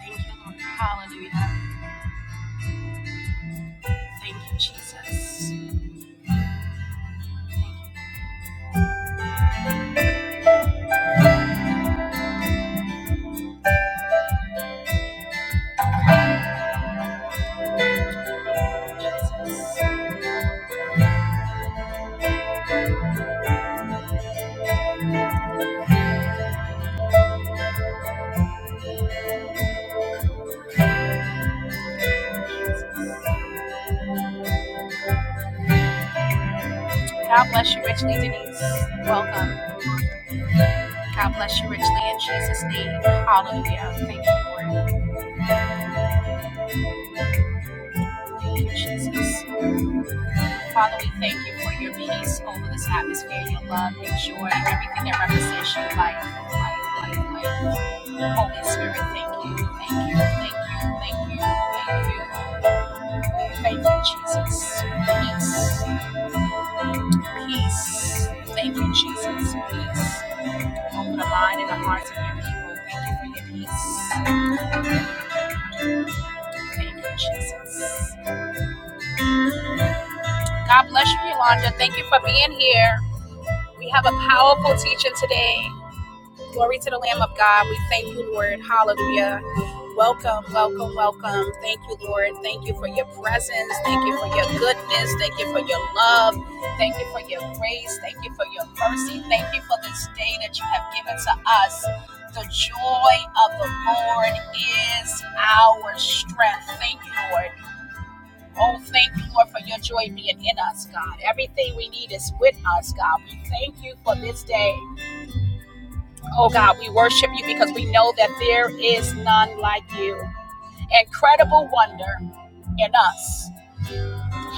Thank you, Lord. Hallelujah. Thank you, Jesus. God bless you richly, Denise. Welcome. God bless you richly in Jesus' name. Hallelujah. Thank you, Lord. Thank you, Jesus. Father, we thank you for your peace over this atmosphere, your love, your joy, everything that represents your life, life, life, life. Holy Spirit, thank you, thank you, thank you, thank you, thank you. Thank you, Jesus. Peace, peace. Thank you, Jesus. Peace. Open the mind and the hearts of your people. Thank you for your peace. Thank you, Jesus. God bless you, Yolanda. Thank you for being here. We have a powerful teaching today. Glory to the Lamb of God. We thank you, Lord. Hallelujah. Welcome, welcome, welcome. Thank you, Lord. Thank you for your presence. Thank you for your goodness. Thank you for your love. Thank you for your grace. Thank you for your mercy. Thank you for this day that you have given to us. The joy of the Lord is our strength. Thank you, Lord. Oh, thank you, Lord, for your joy being in us, God. Everything we need is with us, God. We thank you for this day. Oh God, we worship you because we know that there is none like you. Incredible wonder in us,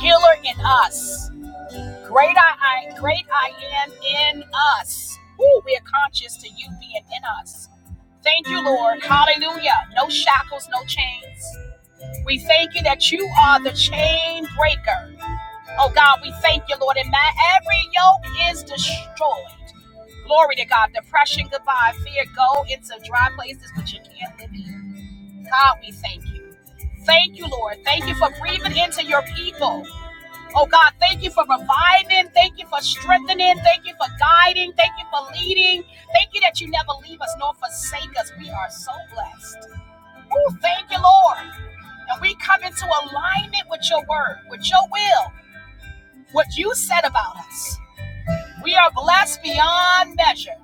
healer in us, great I, I great I am in us. Ooh, we are conscious to you being in us. Thank you, Lord. Hallelujah. No shackles, no chains. We thank you that you are the chain breaker. Oh God, we thank you, Lord. And my every yoke is destroyed. Glory to God. Depression, goodbye. Fear, go into dry places which you can't live in. God, we thank you. Thank you, Lord. Thank you for breathing into your people. Oh God, thank you for reviving. Thank you for strengthening. Thank you for guiding. Thank you for leading. Thank you that you never leave us nor forsake us. We are so blessed. Oh, thank you, Lord. And we come into alignment with your word, with your will what you said about us. We are blessed beyond measure.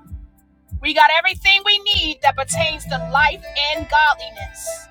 We got everything we need that pertains to life and godliness.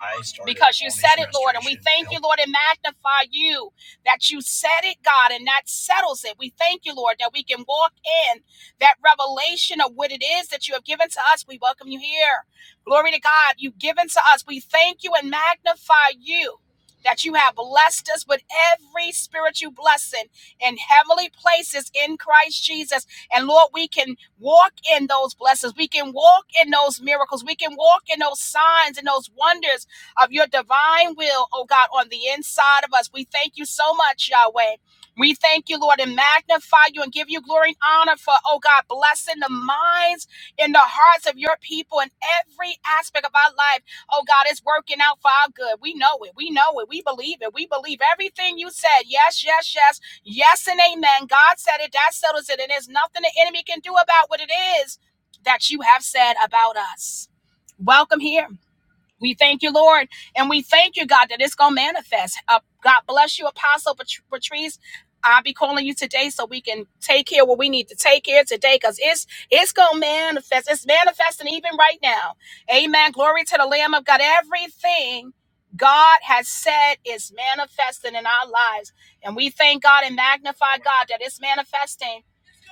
I started because you said it, Lord. And we thank Yep. you, Lord, and magnify you that you said it, God, and that settles it. We thank you, Lord, that we can walk in that revelation of what it is that you have given to us. We welcome you here. Glory to God, you've given to us. We thank you and magnify you. That you have blessed us with every spiritual blessing in heavenly places in Christ Jesus. And Lord, we can walk in those blessings. We can walk in those miracles. We can walk in those signs and those wonders of your divine will, oh God, on the inside of us. We thank you so much, Yahweh. We thank you, Lord, and magnify you and give you glory and honor for, oh God, blessing the minds and the hearts of your people in every aspect of our life. Oh God, it's working out for our good. We know it. We know it. We believe it. We believe everything you said. Yes, yes, yes. Yes, and amen. God said it. That settles it. And there's nothing the enemy can do about what it is that you have said about us. Welcome here. We thank you, Lord, and we thank you, God, that it's gonna manifest. Uh, God bless you, Apostle Pat- Patrice. I'll be calling you today so we can take care what we need to take care today, cause it's it's gonna manifest. It's manifesting even right now. Amen. Glory to the Lamb of God. Everything God has said is manifesting in our lives, and we thank God and magnify God that it's manifesting.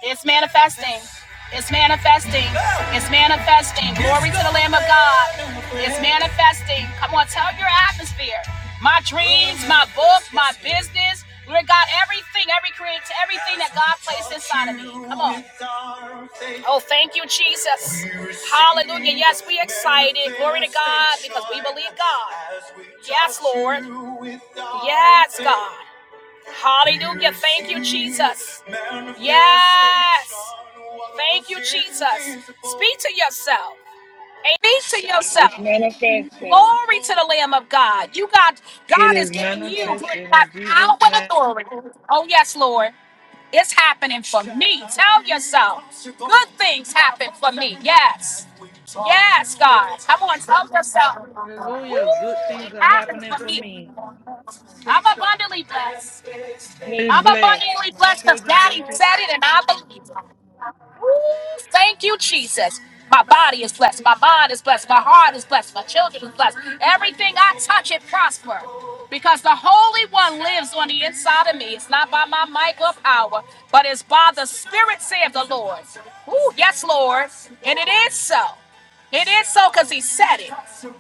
It's manifesting. It's manifesting. It's manifesting. Glory to the Lamb of God. It's manifesting. Come on, tell your atmosphere. My dreams, my book, my business. Lord God, everything, every create, everything that God placed inside of me. Come on. Oh, thank you, Jesus. Hallelujah. Yes, we excited. Glory to God because we believe God. Yes, Lord. Yes, God. Hallelujah. Thank you, Jesus. Yes. Thank you, Jesus. Speak to yourself. Speak to yourself. It's manifesting. Glory to the Lamb of God. You got It God is is giving you manifested that in power Jesus' and name. authority. Oh yes, Lord. It's happening for me. Tell yourself. Good things happen for me. Yes. Yes, God. Come on, tell yourself. Hallelujah. Good Ooh, it things are happens happening for for me. me. I'm abundantly blessed. Be I'm blessed. abundantly My blessed because children, Daddy grandchildren. said it and I believe it. Ooh, thank you, Jesus. My body is blessed. My mind is blessed. My heart is blessed. My children is blessed. Everything I touch, it prosper. Because the Holy One lives on the inside of me. It's not by my might or power, but it's by the Spirit, saith the Lord. Ooh, yes, Lord. And it is so. It is so because he said it.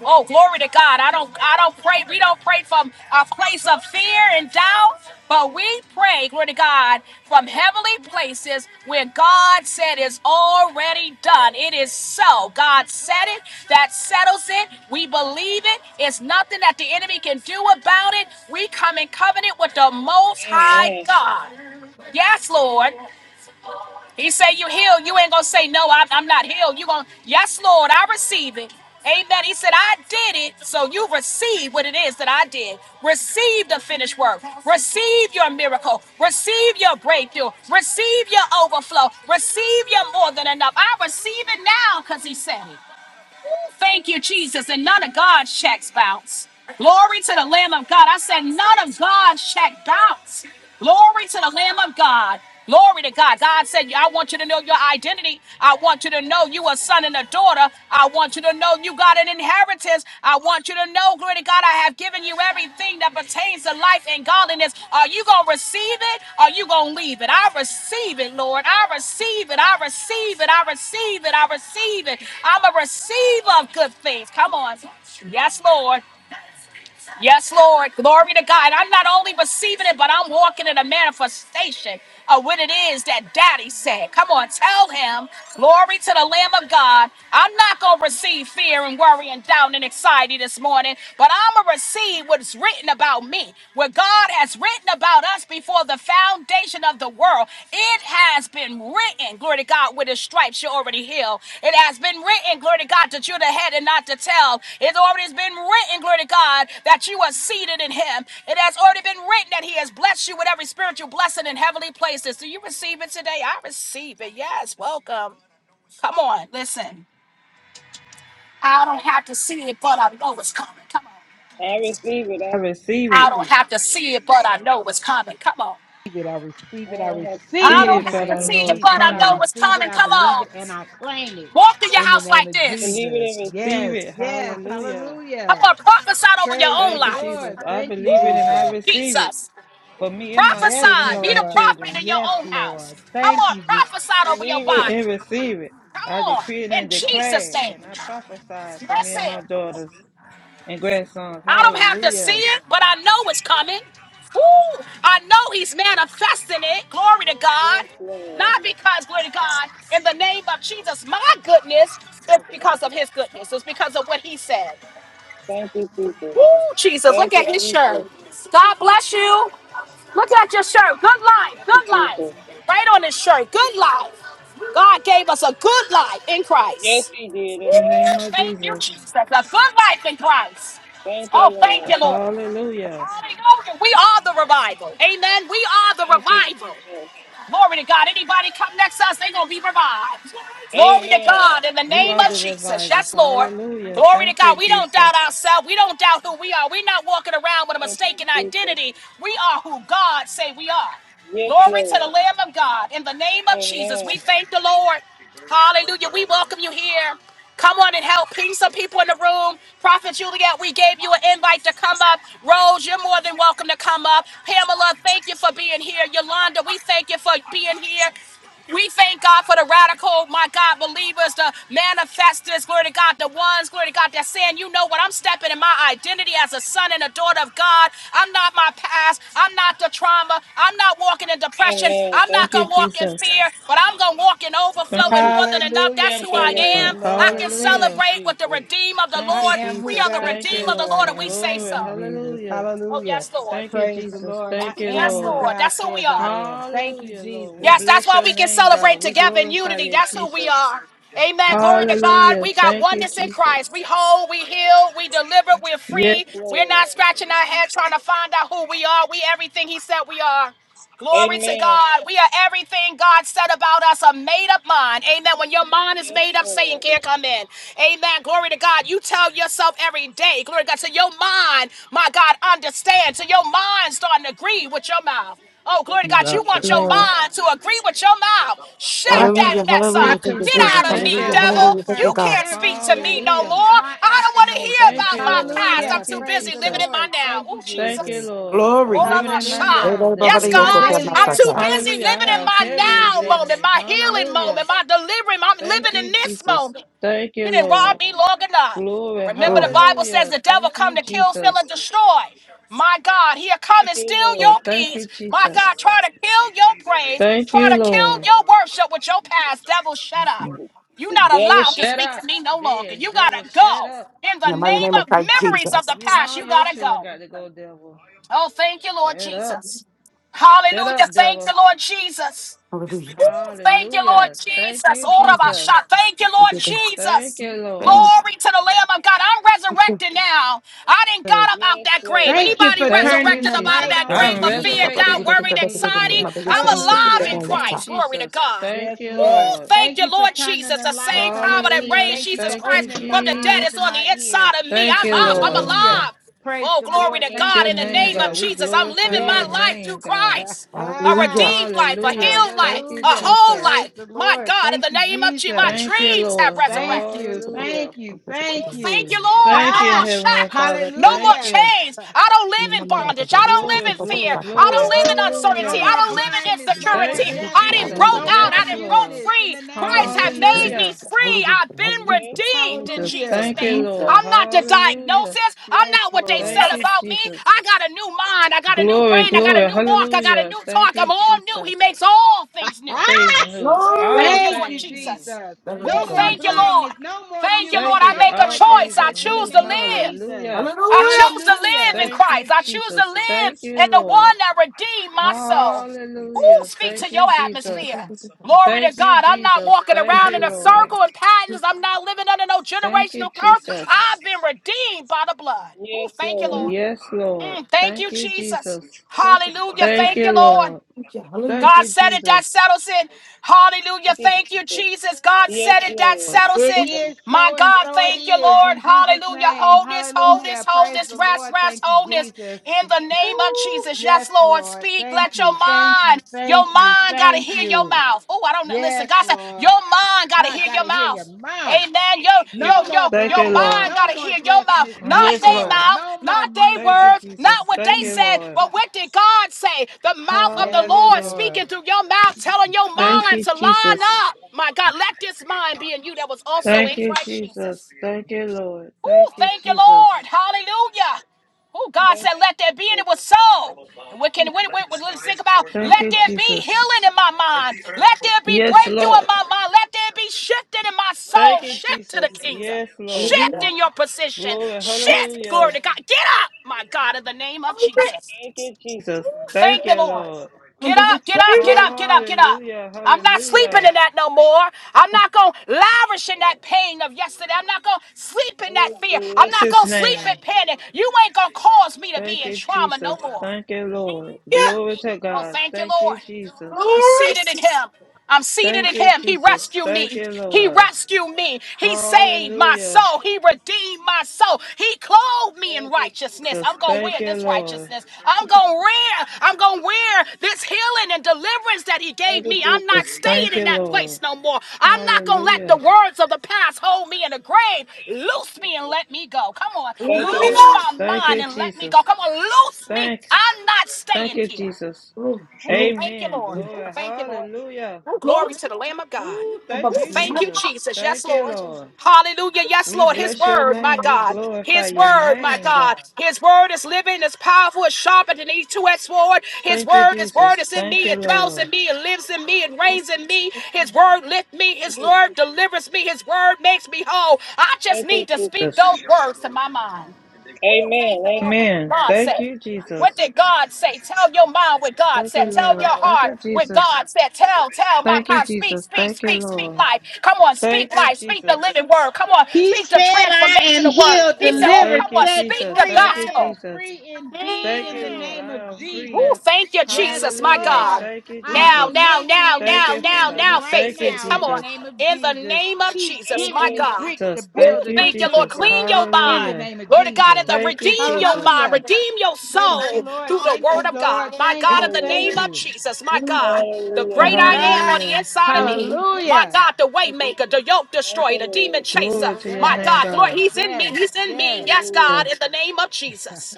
Oh, glory to God. I don't I don't pray. We don't pray from a place of fear and doubt, but we pray, glory to God, from heavenly places where God said it's already done. It is so. God said it. That settles it. We believe it. It's nothing that the enemy can do about it. We come in covenant with the most high Amen. God. Yes, Lord. He say you healed. You ain't gonna say no. I'm, I'm not healed. You gonna yes, Lord. I receive it. Amen. He said, I did it. So you receive what it is that I did. Receive the finished work. Receive your miracle. Receive your breakthrough. Receive your overflow. Receive your more than enough. I receive it now because he said it. Thank you, Jesus. And none of God's checks bounce. Glory to the Lamb of God. I said, none of God's check bounce. Glory to the Lamb of God. Glory to God. God said, I want you to know your identity. I want you to know you a son and a daughter. I want you to know you got an inheritance inheritance. I want you to know, glory to God, I have given you everything that pertains to life and godliness. Are you going to receive it? Are you going to leave it? I receive it, Lord. I receive it. I receive it. I receive it. I receive it. I'm a receiver of good things. Come on. Yes, Lord. Yes, Lord. Glory to God. I'm not only receiving it, but I'm walking in a manifestation of what it is that Daddy said. Come on, tell him. Glory to the Lamb of God. I'm not going to receive fear and worry and doubt and anxiety this morning, but I'm going to receive what's written about me, what God has written about us before the foundation foundation of the world, it has been written, glory to God, with his stripes you're already healed. It has been written, glory to God, that you're the head and not the tail. It already has been written, glory to God, that you are seated in him. It has already been written that he has blessed you with every spiritual blessing in heavenly places. Do you receive it today? I receive it. Yes, welcome. Come on, listen. I don't have to see it, but I know it's coming. Come on. I receive it. I I, receive it. I don't have to see it, but I know it's coming. Come on. receive it. I I receive it. I don't have to receive I it See don't in it, the have but to name I of see know it, it's but Jesus. I I know coming. it's receive it. coming. I Come believe on. it and I claim it Walk through your in the house name like of I this. believe it Jesus. and receive Yes, it. yes. Hallelujah. Come Hallelujah. on, prophesy over your Praise the own Thank you, life. Jesus. Lord. I Thank you, Woo, believe it and I Jesus. receive it Jesus. for me and my Prophesy. Yes, children and Be the Lord. prophet grandchildren. in your Yes, own house. Lord. Come Thank on, you, Jesus. prophesy I over your believe it. body. And receive it. Come I on, decree it in and declare Jesus' it, name. and I prophesy it for me and Listen, my daughters. and great songs. I don't have to see Hallelujah. it, but I know it's coming. Woo, I know he's manifesting it. Glory to God. Yes, Lord. Not because, glory to God, in the name of Jesus, my goodness, it's because of his goodness. It's because of what he said. Thank you, Jesus. Woo, Jesus, Thank look you, at his Jesus. shirt. God bless you. Look at your shirt. Good life, Thank you, good Jesus. life. Right on his shirt, good life. God gave us a good life in Yes, Christ. He did it. In the name of Thank you, Jesus. Jesus. A good life in Christ. Thank you, Oh, thank Lord. you, Lord. Hallelujah. Hallelujah. We are the revival. Amen. We are the Thank you, revival. Jesus. Glory to God. Anybody come next to us, they're going to be revived. Glory to Amen. God in the We name are of the Jesus. revivals. Yes, Lord. Hallelujah. Glory to Thank God. you, We don't Jesus. doubt Thank ourselves. We don't doubt who we are. We're not walking around with a you, mistaken Jesus. identity. We are who God say we are. Yes, Glory to the Lord. Lamb of God. In the name of Jesus, Amen. we thank the Lord. Hallelujah. We welcome you here. Come on and help. Ping some people in the room. Prophet Juliet, we gave you an invite to come up. Rose, you're more than welcome to come up. Pamela, thank you for being here. Yolanda, we thank you for being here. We thank God for the radical, my God, believers, the manifestors, glory to God, the ones, glory to God, that's saying, you know what I'm stepping in my identity as a son and a daughter of God. I'm not my past. I'm not the trauma. I'm not walking in depression. Amen. I'm not Thank Thank you, going to walk in Jesus. fear, but I'm going to walk in Thank overflow and you, more than enough. Jesus. That's Hallelujah. Thank who you, I Praise Lord. the am. I Lord. can Thank Hallelujah. you, celebrate with the Jesus. redeem of the Thank I you, Lord. am who We Jesus. are the God Thank you, redeem of says the I Lord, Lord. and we am. say Thank Glory. you, so. Jesus. Hallelujah. Oh, Hallelujah. yes, Lord. Thank you, Praise the Jesus. Lord. I Thank you, Yes, am who Lord. Lord. God That's who we says are. I am. Thank you, Hallelujah, Lord. We Yes, Jesus. that's bless why your we can name, God. celebrate We together in glorify unity. you, That's who we Jesus. are. Amen. Glory to God. Hallelujah. We got Thank you, oneness in Christ. Jesus. We whole, we heal, we deliver, we're Yes, free. We're not Lord. scratching our head trying to find out who we are. We everything He said we are. Glory to Amen. God. We are everything God said about us, a made up mind. Amen. When your mind is Yes, made up, Satan Lord. can't come in. Amen. Glory to God. You tell yourself every day, glory to God, So your mind, my God, understand. So your mind, starting to agree with your Thank mouth. you, Oh, Jesus. glory to You God. Thank got You want you, that. your Lord. mind to agree with your mouth. Shut I, that Amen. mess Thank I you, up. Get Jesus. confirm out of it. Thank me, you, I devil. Lord. You affirm it can't speak every to me day. no This Hallelujah. is more. my I don't want to hear affirmation. Thank about you, my Lord. past. I'm Thank Hallelujah. too you, Praise busy the living in Jesus. my Lord. now. Thank Oh, you, Thank you, Jesus. Jesus. Lord. I'm Lord, I'm living a in my child. now, Hallelujah. Yes, devil. My You God. li- daily I'm too busy Hallelujah. affirmation. living I in have Thank my you, heaven now Jesus. within moment, me. my healing Hallelujah. moment, my delivering. I'm Thank living in you, this Jesus. moment. Thank you, You didn't Lord. rob me long enough. Glory. Remember, the Bible says Hallelujah. the devil Thank come you, to kill, steal, Jesus. and destroy. My God, he'll come Thank and you, steal Lord. your Thank peace. you, My God, try Jesus. to kill your praise, Thank try you, to kill Lord. your worship with your past. Devil, shut up. You're not Devil, allowed to shut speak up. to me no longer. There's You devil, gotta shut up. go. In the name of memories of the You and past, all you your gotta children go. got to go, devil. Oh, thank you, Lord Shut up. Jesus. Shut Hallelujah. up, Thank devil. you, Lord Jesus. Ooh, Thank you, Lord Hallelujah. Thank Jesus. you, Jesus. Orabasha. Thank you, Lord Thank Jesus. you, Lord. Glory to the Lamb of God. I'm resurrected now. I didn't got up out Yes, that grave. Lord. Thank you Anybody for Thank turning you, resurrected the up out of Jesus. light that on grave I'm in of fear, me. doubt, resurrected. Thank you, worry, and anxiety? Jesus. Hallelujah. I'm alive in Hallelujah. Thank you, Christ. Glory to Jesus. God. Thank Yes, you, Ooh, Lord. Lord. thank Thank you, you for Lord turning Jesus. the The lights same on power in that me. Hallelujah. raised Thank you Jesus for Thank you, Christ opening my from the dead eyes Jesus. is and on my the ears. inside of me. Thank I'm you, up. I'm Lord. Hallelujah. alive. Praise Oh, the We glory Lord. to bless Thank God. your you, In the name, name of God. Jesus. We Jesus, I'm glorify living your my Yes. life through name, God. Christ. A redeemed life, a Hallelujah. healed Thank life, you, a Hallelujah. whole Jesus. Praise life. the My Lord. God, in Thank the you, name of Jesus, my Jesus. Thank you, dreams have Lord. Thank resurrected. you. Thank Hallelujah. you. Thank Ooh, Thank you. you, Lord. Thank No you, Ah! more Heavenly shackles. Father. No more Thank Hallelujah. you. chains. I don't live in Woo! bondage. I don't live Glory, in glory, fear. I don't glory. live in No uncertainty. I Hallelujah. more don't live in blindness, no more Thank insecurity. you, I didn't deafness, Jesus. broke no out. more I Yes, didn't broke Lord. muteness in free. the name of Christ had made Jesus. me Hallelujah. free. I've been redeemed in Jesus. Jesus' Hallelujah. Thank you, name. Lord. I'm not the Hallelujah. diagnosis. I'm Yes, not what they Lord. Thank said you, about me. I Jesus. got a new mind. I got a new Glory, brain. I got a glory. new walk. I got a Hallelujah. new Thank talk. you, I'm all new. He Jesus. makes all things new. Things Ah, new. Ooh, All thank you, thank Lord you, things new. Jesus. Jesus. Thank No Ooh, you, more thank you, Jesus. Lord. blindness, no more Thank you, Thank Lord. muteness, you I that no make a more all things choice. are I deafness in the choose new. to name of live. Jesus. Hallelujah. I choose to live Hallelujah. in Thank Christ. you, I choose to Jesus. live Thank you, in the Lord. one that redeemed my soul. Ooh, Hallelujah. speak Thank to your you, Jesus. atmosphere. Glory Thank to you, God. I'm not Jesus. walking Thank around you, in a Lord. circle and patterns. I'm not living under no Thank you, generational curse. Jesus. I've been redeemed by the blood. Ooh, Yes, thank you, Lord. Lord. Yes, Lord. Mm, thank you, Thank you, Jesus. Jesus. Hallelujah. Thank Thank you, you, Lord. Lord. Thank God you, said it, Jesus. that settles it. Hallelujah. Thank you, Thank you, Jesus. Jesus. God Yes, said it, that Lord. settles It it. is My so and God, so it thank you, is Lord. in Jesus' Hallelujah. name. Wholeness, wholeness, Hallelujah. Praise wholeness, the rest, Lord. rest, Thank you, wholeness. Jesus. In the Woo. name of Jesus. Yes, Yes, Lord. Lord. Speak. Thank Let your you. Thank you. mind, your Thank you. mind got to Thank hear your you. mouth. Oh, I don't know. Listen, Yes, God said, Lord. your mind got to I hear got to your hear your mouth. mouth. Amen. Yo, Thank you, yo, No Jesus. yo, more Thank your you, blindness, Lord. mind no gotta more hear your mouth, deafness, not no Yes, their Lord. more, mouth, no more not their Thank you, muteness. words, Jesus. not what Thank they you, said, Lord. but what did God say? The mouth of the yes, Lord Hallelujah. Lord. speaking through your mouth, telling your Huh? Thank mind you, to line Jesus. up. My God, let this mind be in you that was also Thank in you, Christ Jesus. Jesus. Thank you, Lord. Thank Oh, you, thank you, Lord. Jesus. Hallelujah. Oh, God Thank said, let there be, you, and it was so. And Jesus. we can we, we, we- let's think about Thank let you, there be Jesus. healing in my mind. Let there be Yes, breakthrough in Lord. my mind. Let there be shifting in my Thank soul. you, Shift to Jesus. the kingdom. Yes, Lord. Shift in your position. Glory. Shift, glory Hallelujah. to God. Get up, my God, in the name of Jesus. Thank you, Jesus. Thank Thank you, you, Lord. Lord. Get up, get up, get up, get up, get up. Hallelujah. I'm not sleeping Hallelujah. in that no more. I'm not going to Yes, lavish in Lord. that pain of yesterday. I'm not going to sleep in that Oh, fear. I'm bless not his going to sleep name. in panic. You ain't going to cause me to be Thank in you, trauma no Jesus. more. Thank you, Lord. Glory to Oh, God. thank you, Thank you, Lord. Jesus. I'm seated in him. I'm seated Thank in you, him. He Jesus. rescued Thank me. you, He Lord. rescued me. He saved my Hallelujah. soul. He redeemed my soul. He clothed me in Thank you, righteousness. Jesus. I'm going to Thank wear you, this Lord. righteousness. I'm going to wear I'm going to wear this healing and deliverance that he Thank gave you, me. I'm not Jesus. staying Thank in you, that Lord. place no more. I'm not going to let the Hallelujah. words of the past hold me in the grave. Thank you, Loose Jesus. me and let me go. Come on. Thank you, Loose Lord. my Thank mind you, and let me Jesus. go. Come on. Loose me. Thank, I'm not thank staying you, here. Jesus. Ooh, thank you, Amen. Lord. Ooh, Glory. thank you, Lord. Hallelujah. Ooh, glory to the Lamb of God. Ooh! thank Ooh, you, thank you, Jesus. Jesus. Yes, Thank you, Lord. Lord. Hallelujah. Yes, We Lord. His bless your word, my name. We God. glorify His your word, my name, God. God. His word is living, is powerful, is sharper than any two-edged sword. His Thank you, word, his word Jesus. is in Thank me. you, It dwells Lord. in me. It lives in me. It reigns in me. His word lift me. His Thank you, word Jesus. delivers me. His word makes me whole. I just Thank need to you, speak those words to my Jesus. mind. Amen. Thank the Lord. What did Amen. God Thank say? you, Jesus. What did God say? Tell your mind what God Thank you, said. Tell your Lord. Thank you, heart what Jesus. God said. Tell, tell my Thank you, God. Speak, Jesus. speak, Thank you, speak, speak Lord. life. Come on, speak Thank you, life. Speak the Jesus. living word. Come on, He speak the said, I am transformational word. healed, He said, Oh, delivered, Thank come you, on, set speak Jesus. the free. Thank you, I am gospel. Jesus. free indeed Thank in you, the Lord. name I of am Ooh, free. Jesus. thank you, Yes, Jesus, my Hallelujah. God. Lord. Thank you, I am a Now, Jesus. now, mason now, in his Thank now, you, now, kingdom now, Father. right faith Thank you, is. now Come in the on. Jesus. name of In the Jesus. name of He's Jesus, Thank given my you, me God. bricks to Jesus. Ooh, Thank build a you, new thank you, Lord. Jesus. kingdom Clean your in the mind. Hallelujah. name of Lord of God, and Jesus. the Thank you, redeem your Jesus. mind, Hallelujah. redeem your Praise the soul Lord. through the Thank Thank you, word you, of Lord. God. My Jesus. Thank Thank God, you, you. in the Thank name Lord. of you. Jesus, my God, the Hallelujah. great I am on the Hallelujah. inside of me. My Hallelujah. God, the way Thank you, maker, the Jesus. yoke Thank destroyer, you, the demon Lord. chaser. Glory to your My Yes. name, God, Lord, God. he's in me, Yes. he's in me. Yes. Yes, God, Hallelujah. in the name of Jesus.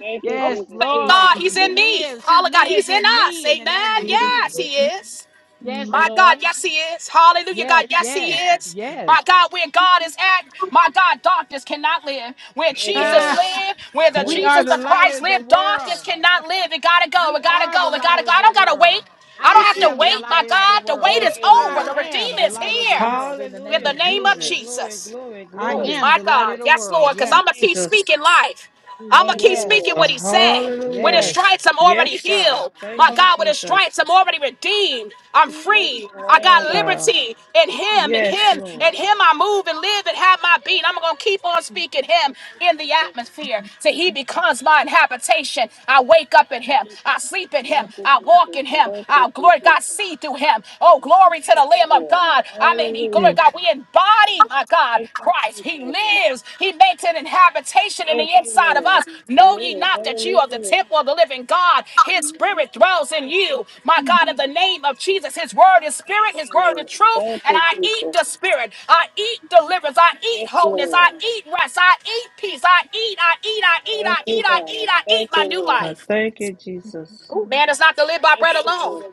Thank you, Yes, Jesus. Thank Thank God Lord. you, he's He in Jesus. me. lives. He Holla God, lives he's in in us. me in the name of Amen. Yes, Jesus. he is. Yes, My Thank you, God, Lord. yes, he Jesus. is. Hallelujah, Yes, God, yes, he yes, is. yes. My God, where God is at, my God, darkness cannot live. Where Jesus Ah, Amen. lived, Thank where the we you, Jesus are the of Jesus. light Christ of the lived, darkness world. cannot live. It gotta go, We it gotta are the go, it light gotta go. of I the don't gotta wait. world. Thank I you, don't I have Jesus. to am the wait, my light of the God. The wait Thank world. is you, over. I The Lord. am Redeemer the is light of the here. world in the In name the Hallelujah. of name of Glory, Jesus. glory, Jesus. glory, I Oh glory. am my the light God. of the Yes, world. Lord, Thank because you, Yes, I'm going to keep speaking Jesus. life. I'm going Thank to keep yes, you, speaking what Lord. he said. With his yes. Hallelujah. stripes, I'm already Yes, God. healed. Thank My Hallelujah. you, God, with his Jesus. stripes, I'm already redeemed. I'm Bless free. your I name, got God. liberty in him, in Yes, him, Lord. in him. I move and live and have my being. I'm going to keep on speaking him Thank you, in the Jesus. atmosphere till he becomes my habitation. I wake up in Thank him. you, I Jesus. sleep in him. Thank you, I walk Jesus. in him. Thank you, I, glory, Jesus. God, see through him. Oh, glory to the Yes, Lamb of Lord. God. I mean, he- glory Hallelujah. God, we embody, my God, Thank you, Christ. He Jesus. lives. He makes an habitation in Thank the you, inside of Lord. us. Know ye Glory. not that you are the Hallelujah. temple of the living God. His spirit dwells in Thank you, you. My Jesus. God, in the name of Jesus, his word is Thank spirit, his you, word is Lord. truth. Thank And you, I eat Jesus. the spirit. I eat deliverance. I eat Yes, wholeness. I Lord. eat rest. I eat peace. I eat, I eat, I eat, Thank I you, eat, I God. eat, I eat Thank my you, new Lord. I life. thank you, Jesus. Man is not to live by Thank bread you, alone, Lord.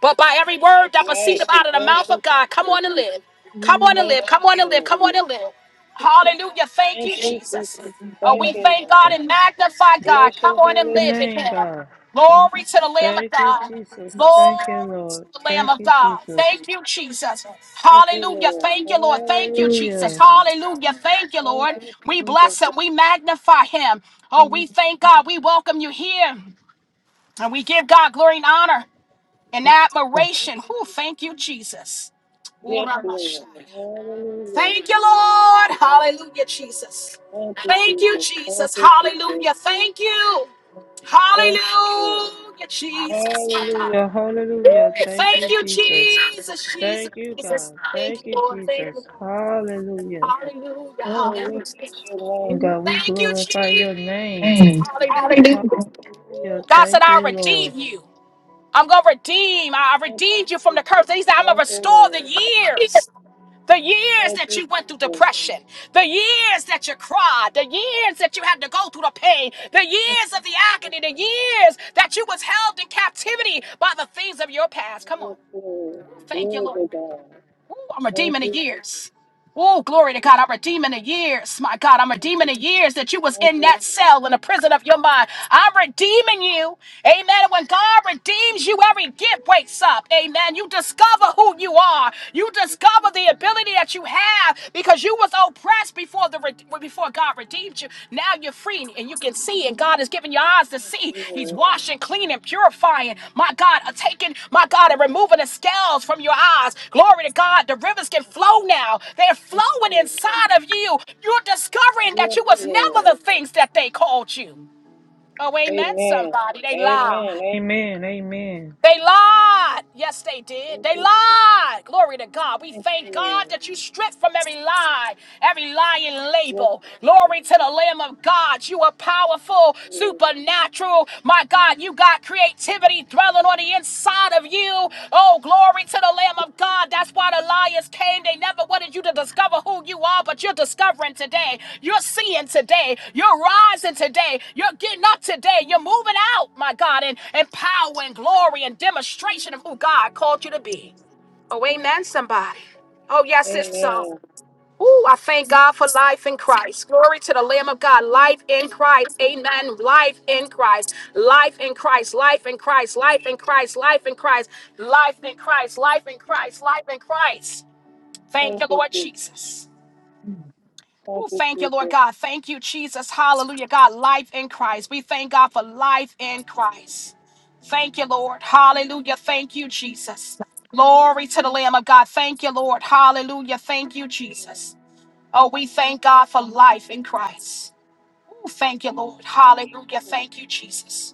but by every word That's that right. proceedeth out of the Thank mouth you, of God. Come Jesus. on and live. Come on and Thank live. Come you, on and live. Lord. Come on and live. Hallelujah. Thank Thank you, you, Jesus. Jesus. Oh, Thank we you, thank God Lord. and magnify God. Bless Come your on holy and Your live in name, Him. God. Glory to the Lamb of Thank you, God. Jesus. Glory Thank you, to Lord. the Lamb Thank of you, God. Jesus. Thank you, Jesus. Thank you, Hallelujah. Lord. Thank you, Lord. Thank you, Jesus. Hallelujah. Hallelujah. Thank you, Lord. Thank you, We Jesus. bless Him. We magnify Him. Oh, we thank God. We welcome you here. And we give God glory and honor and Thank admiration. you, Who Jesus. thank you, Jesus. Yes, Ora Lord. mashaya. Hallelujah. Thank you, Lord. Hallelujah, Jesus. Thank you, Thank you, Jesus. Thank Jesus. you, Jesus. Hallelujah. Thank you. Thank you, Lord. Hallelujah, Jesus. Hallelujah. Yeah, hallelujah. Thank Thank you, you, Jesus. Jesus, Jesus, Thank you, Jesus. God. Thank you, Thank you, Lord. Thank you. Jesus. Hallelujah. Hallelujah. Oh, we bless Hallelujah. your name. God, we Thank you, glorify your name. Jesus. Hallelujah. Hallelujah. God said, Thank I you, Lord. redeem you. I'm gonna redeem. I I Thank you, redeemed you from the curse. Jesus. And he said, I'm gonna Thank you, restore the Lord. years. The years Thank that you, you went through Jesus. depression, the years that you cried, the years that you had to go through the pain, the Thank years you, of the Jesus. agony, the years that you was held in captivity by the things of your past. Come on. Yes, Lord. Thank you, Glory Lord. to God. Ooh, I'm Thank redeeming the you, Jesus. years. Oh, glory to God. I'm redeeming the years. My God, I'm Thank you, redeeming the Jesus. years that you was Thank in you, that Lord. cell in the prison of your mind. I'm redeeming you. Amen. When God redeems you, every gift wakes up. Amen. You discover who you are. You discover the ability that you have because you was oppressed before the re- before. God redeemed you. Now you're free and you can see, and God is giving your eyes to Thank you, Jesus. Thank see. you, He's Lord. washing, cleaning, purifying. My God, uh, taking, my God, and removing the scales from your eyes. Glory to God. The rivers can Thank you, flow Jesus. now. They're Thank you, flowing Lord. inside of you. You're discovering that Yes, you was never Lord. the things that they called you. Oh, amen, Amen. somebody. They lie. Amen. Amen. Amen. They lied. Yes, they did. Thank They you, Jesus. lied. Glory to God. We Thank you, thank God Lord. that you stripped from every lie, every lying Yes, label. Lord. Glory to the Lamb of God. You are Thank powerful, you, Lord. supernatural. My God, you got creativity dwelling on the inside of you. Oh, glory to the Thank Lamb you, of God. Jesus. That's why the lions came. They never wanted you to discover who you are, but you're discovering today. You're seeing today. You're rising today. You're getting up today. You're moving out, my God, in, in power and glory and demonstration of who God called Thank you to you, be. Jesus. Oh, amen, somebody. Oh, yes, it's so. Amen. Ooh, I thank God for life in Christ. Glory to the Lamb of God. Life in Christ. Amen. Life in Christ. Life in Christ. Life in Christ. Thank Life in you, Jesus. Christ. Life in Christ. Life in Christ. Life in Christ. Life in Christ. Thank Thank you, you, Lord Jesus. Jesus. Thank Oh, you, thank you, Lord Jesus. God. Thank you, Jesus. Hallelujah, God. Life in Christ. We thank God for life in Christ. Thank you, Lord. Hallelujah. Thank you, Jesus. Glory to the Lamb of God. Thank you, Lord. Hallelujah. Thank you, Thank you. Jesus. Oh, we thank God for life in Christ. Ooh, Thank you, Lord. Hallelujah. Thank you, Lord. Thank you, Jesus.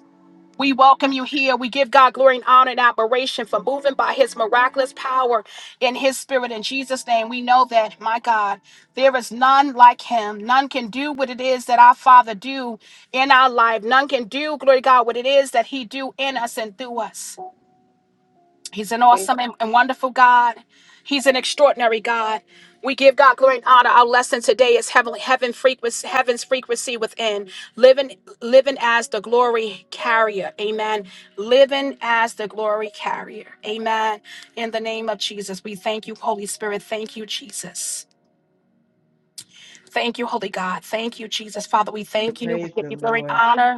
We welcome you here. We Thank give you, God Jesus. glory and honor and admiration for moving by his miraculous power in his spirit. In Jesus' name, we know that, my God, there is none like him. None can do what it is that our Father do in our life. None can do, glory to God, what it is that he do in us and through us. He's an Thank you. Amen. awesome and, and wonderful God. He's an extraordinary God. We give God glory and honor. Our lesson today is heavenly heaven frequency, heaven's frequency within. Living living as the glory carrier. Amen. Living as the glory carrier. Amen. In the name of Jesus, we thank you, Holy Spirit. Thank you, Jesus. Thank you, Holy God. Thank you, Jesus. Father, we thank you. We Praise give the you glory and Lord. honor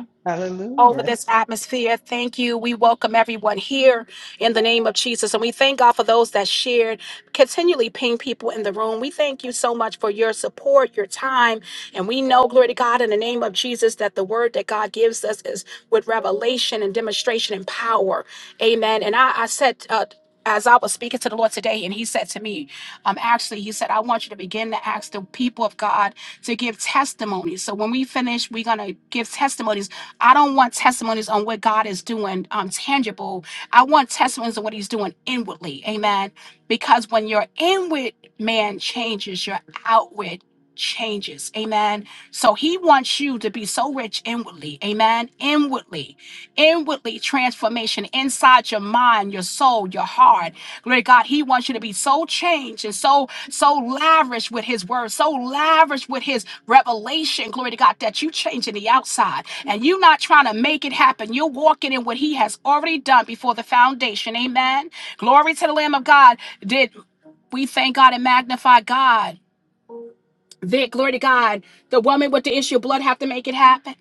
over Hallelujah. this atmosphere. Thank you. We welcome everyone here in the name of Jesus. And we thank God for those that shared, continually ping people in the room. We thank you so much for your support, your time. And we know, glory to God, in the name of Jesus, that the word that God gives us is with revelation and demonstration and power. Amen. And I, I said, uh, as I was speaking to the Lord today, and He said to me, um, actually, He said, I want you to begin to ask the people of God to give testimonies. So when we finish, we're going to give testimonies. I don't want testimonies on what God is doing um, tangible. I want testimonies on what he's doing inwardly. Amen. Because when your inward man changes, your outward changes. Amen. So he wants you to be so rich inwardly. Amen. Inwardly inwardly transformation inside your mind, your soul, your heart. Glory to God, He wants you to be so changed and so so lavish with His word, so lavish with His revelation. Glory to God that you change in the outside and you're not trying to make it happen. You're walking in what He has already done before the foundation. Amen. Glory to the Lamb of God. Did we thank God and magnify God? Vic, glory to God, the woman with the issue of blood have to make it happen.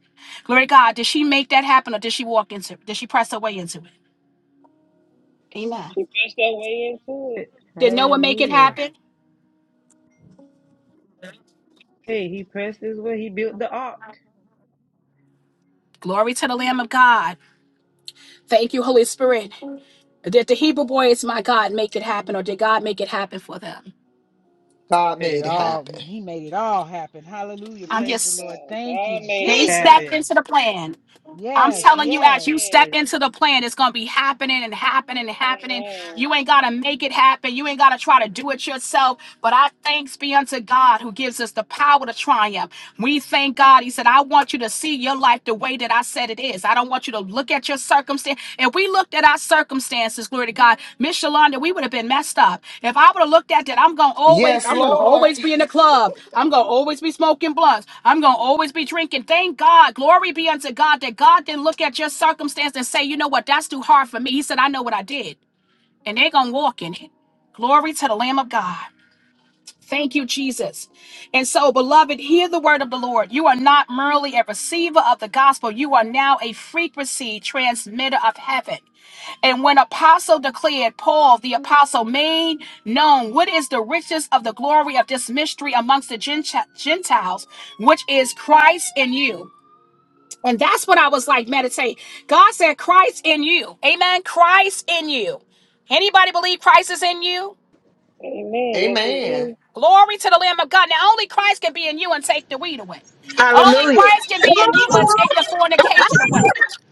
Glory to God. Did she make that happen or did she walk into it? Did she press her way into it? Amen. pressed that way into it. Did Noah make it Hallelujah. happen? Hey, he pressed his way. He built the ark. Glory to the Lamb of God. Thank you, Holy Spirit. Did the Hebrew boys, my God, make it happen or did God make it happen for them? God It made it Happen. all happen. he made it all happen. Hallelujah. I'm Yes, Praise the just, Lord. God. Thank you, God made they it happen. Jesus. stepped into the plan. I'm Yes, telling you, Yes, as yes. you step yes. Yes. into the plan, it's gonna be happening and happening and happening. Amen. You ain't gotta make it happen. You ain't gotta try to do it yourself. But I thanks be unto God who gives us the power to triumph. We thank God. He said, I want you to see your life the way that I said it is. I don't want you to look at your circumstance. If we looked at our circumstances, glory to God, Miss Shalonda, we would have been messed up. If I would have looked at that, I'm gonna always, Yes, I'm gonna Lord. always be in the club. I'm gonna always be smoking blunts. I'm gonna always be drinking. Thank God, glory be unto God that God didn't look at your circumstance and say, you know what, that's too hard for me. He said, I know what I did, and they're gonna walk in it. Glory to the Lamb of God. Thank you, Jesus. And so, beloved, hear the word of the Lord. You are not merely a receiver of the gospel, you are now a frequency transmitter of heaven. And when apostle declared, Paul the apostle made known what is the riches of the glory of this mystery amongst the Genti- Gentiles, which is Christ in you. And that's what I was like, meditate. God said, Christ in you. Amen. Christ in you. Anybody believe Christ is in you? Amen. Yes, it Amen. do. Glory to the Lamb of God. Now, only Christ can be in you and take the weed away. Only Hallelujah. Christ can Come be in you and take the fornication on. away.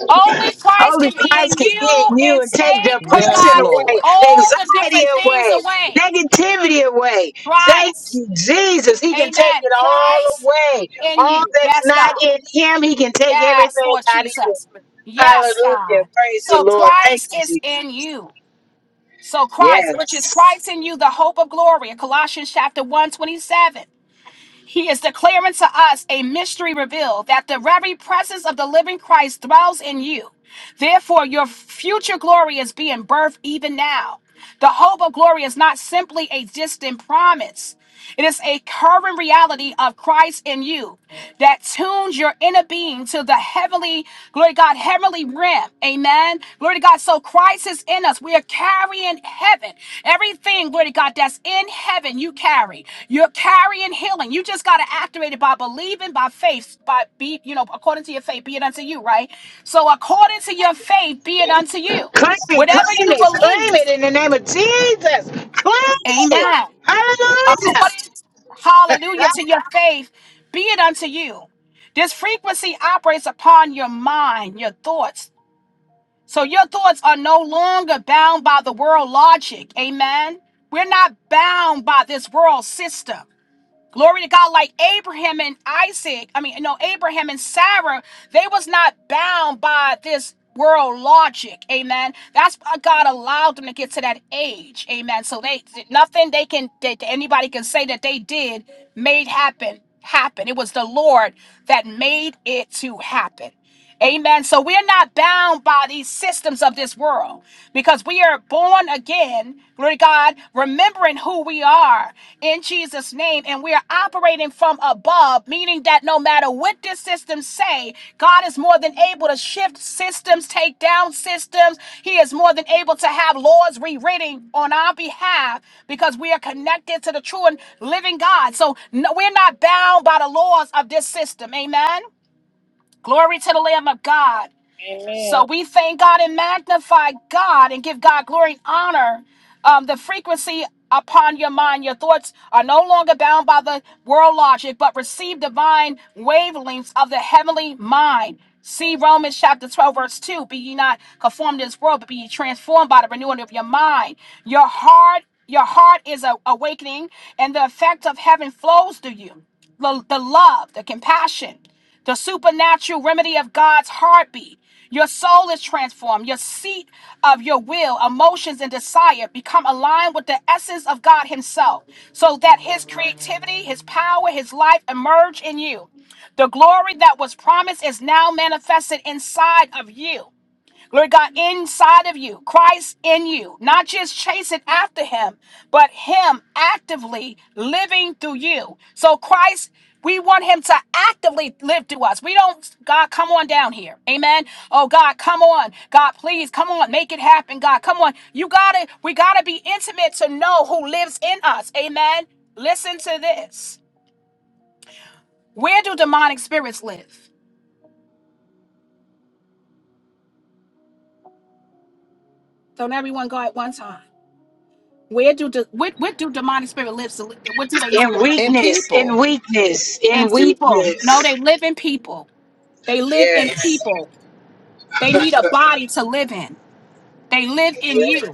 Only Christ Only can be in Christ can get you in you and and take take, glory to Yes, depression God, away, Lord. all the anxiety different things away, away. negativity away. Thank Christ. you, Jesus. He can take Amen. it all Christ away. in All you. that's Yes, not God. in Him, He can take Yes, everything Lord out of you. Jesus. Yes, Hallelujah. God. Praise the So Lord. Thank Christ you, is Jesus. in you. So Christ, which is Yes. Christ in you, the hope of glory. In Colossians chapter 1, He is declaring to us a mystery revealed that the very presence of the living Christ dwells in you. Therefore, your future glory is being birthed even now. The hope of glory is not simply a distant promise. It is a current reality of Christ in you that tunes your inner being to the heavenly, glory to God, heavenly realm. Amen. Glory to God. So Christ is in us. We are carrying heaven. Everything, glory to God, that's in heaven, you carry. You're carrying healing. You just got to activate it by believing, by faith, by be, you know, according to your faith, be it unto you, right? So according to your faith, be it unto you. Claim it, Whatever claim you it, believe, claim it in the name of Jesus. Claim it. amen Hallelujah. according, hallelujah, to your faith, be it unto you. This frequency operates upon your mind, your thoughts. So your thoughts are no longer bound by the world logic. Amen. We're not bound by this world system. Glory to God, like Abraham and Isaac, I mean, no, Abraham and Sarah, they was not bound by this world logic. Amen. That's why God allowed them to get to that age. Amen. So they nothing they can that anybody can say that they did made happen happen. It was the Lord that made it to happen. Amen. So we're not bound by these systems of this world because we are born again, glory to God, remembering who we are in Jesus' name, and we are operating from above, meaning that no matter what this system say, God is more than able to shift systems, take down systems. He is more than able to have laws rewritten on our behalf because we are connected to the true and living God. So no, we're not bound by the laws of this system. Amen. Glory to the Lamb of God. So Amen. we thank God and magnify God and give God glory and honor. Um, the frequency upon your mind, your thoughts are no longer bound by the world logic, but receive divine wavelengths of the heavenly mind. See Romans chapter 12, verse 2. Be ye not conformed to this world, but be ye transformed by the renewing of your mind. Your heart, your heart is a- awakening, and the effect of heaven flows through you. The, the love, the compassion the supernatural remedy of God's heartbeat. Your soul is transformed. Your seat of your will, emotions, and desire become aligned with the essence of God Himself, so that His creativity, His power, His life emerge in you. The glory that was promised is now manifested inside of you. Lord God, inside of you, Christ in you, not just chasing after him, but him actively living through you. So, Christ, we want him to actively live through us. We don't, God, come on down here. Amen. Oh, God, come on. God, please, come on. Make it happen, God. Come on. You got to, we got to be intimate to know who lives in us. Amen. Listen to this. Where do demonic spirits live? Don't everyone go at one time. Where do de- what what do demonic spirit live? So what do they need? In And weakness, in people, weakness, in And people. No, weakness. they live in people. They live in Yes. people. They need a body to live in. They live in you.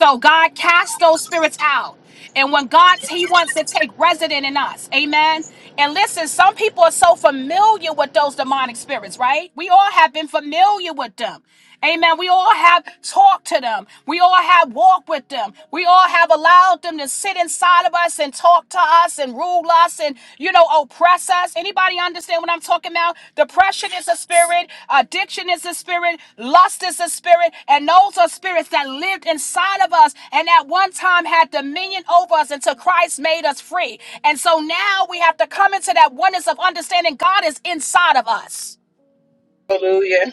So God casts those spirits out. And when God, He wants to take resident in us. Amen. And listen, some people are so familiar with those demonic spirits, right? We all have been familiar with them. Amen. We all have talked to them. We all have walked with them. We all have allowed them to sit inside of us and talk to us and and rule us and, you know, oppress us. Anybody understand what I'm talking about? Depression is a spirit, addiction is a spirit, lust is a spirit, and those are spirits that lived inside of us and at one time had dominion over us until Christ made us free. And so now we have to come into that oneness of understanding God is inside of us. Hallelujah.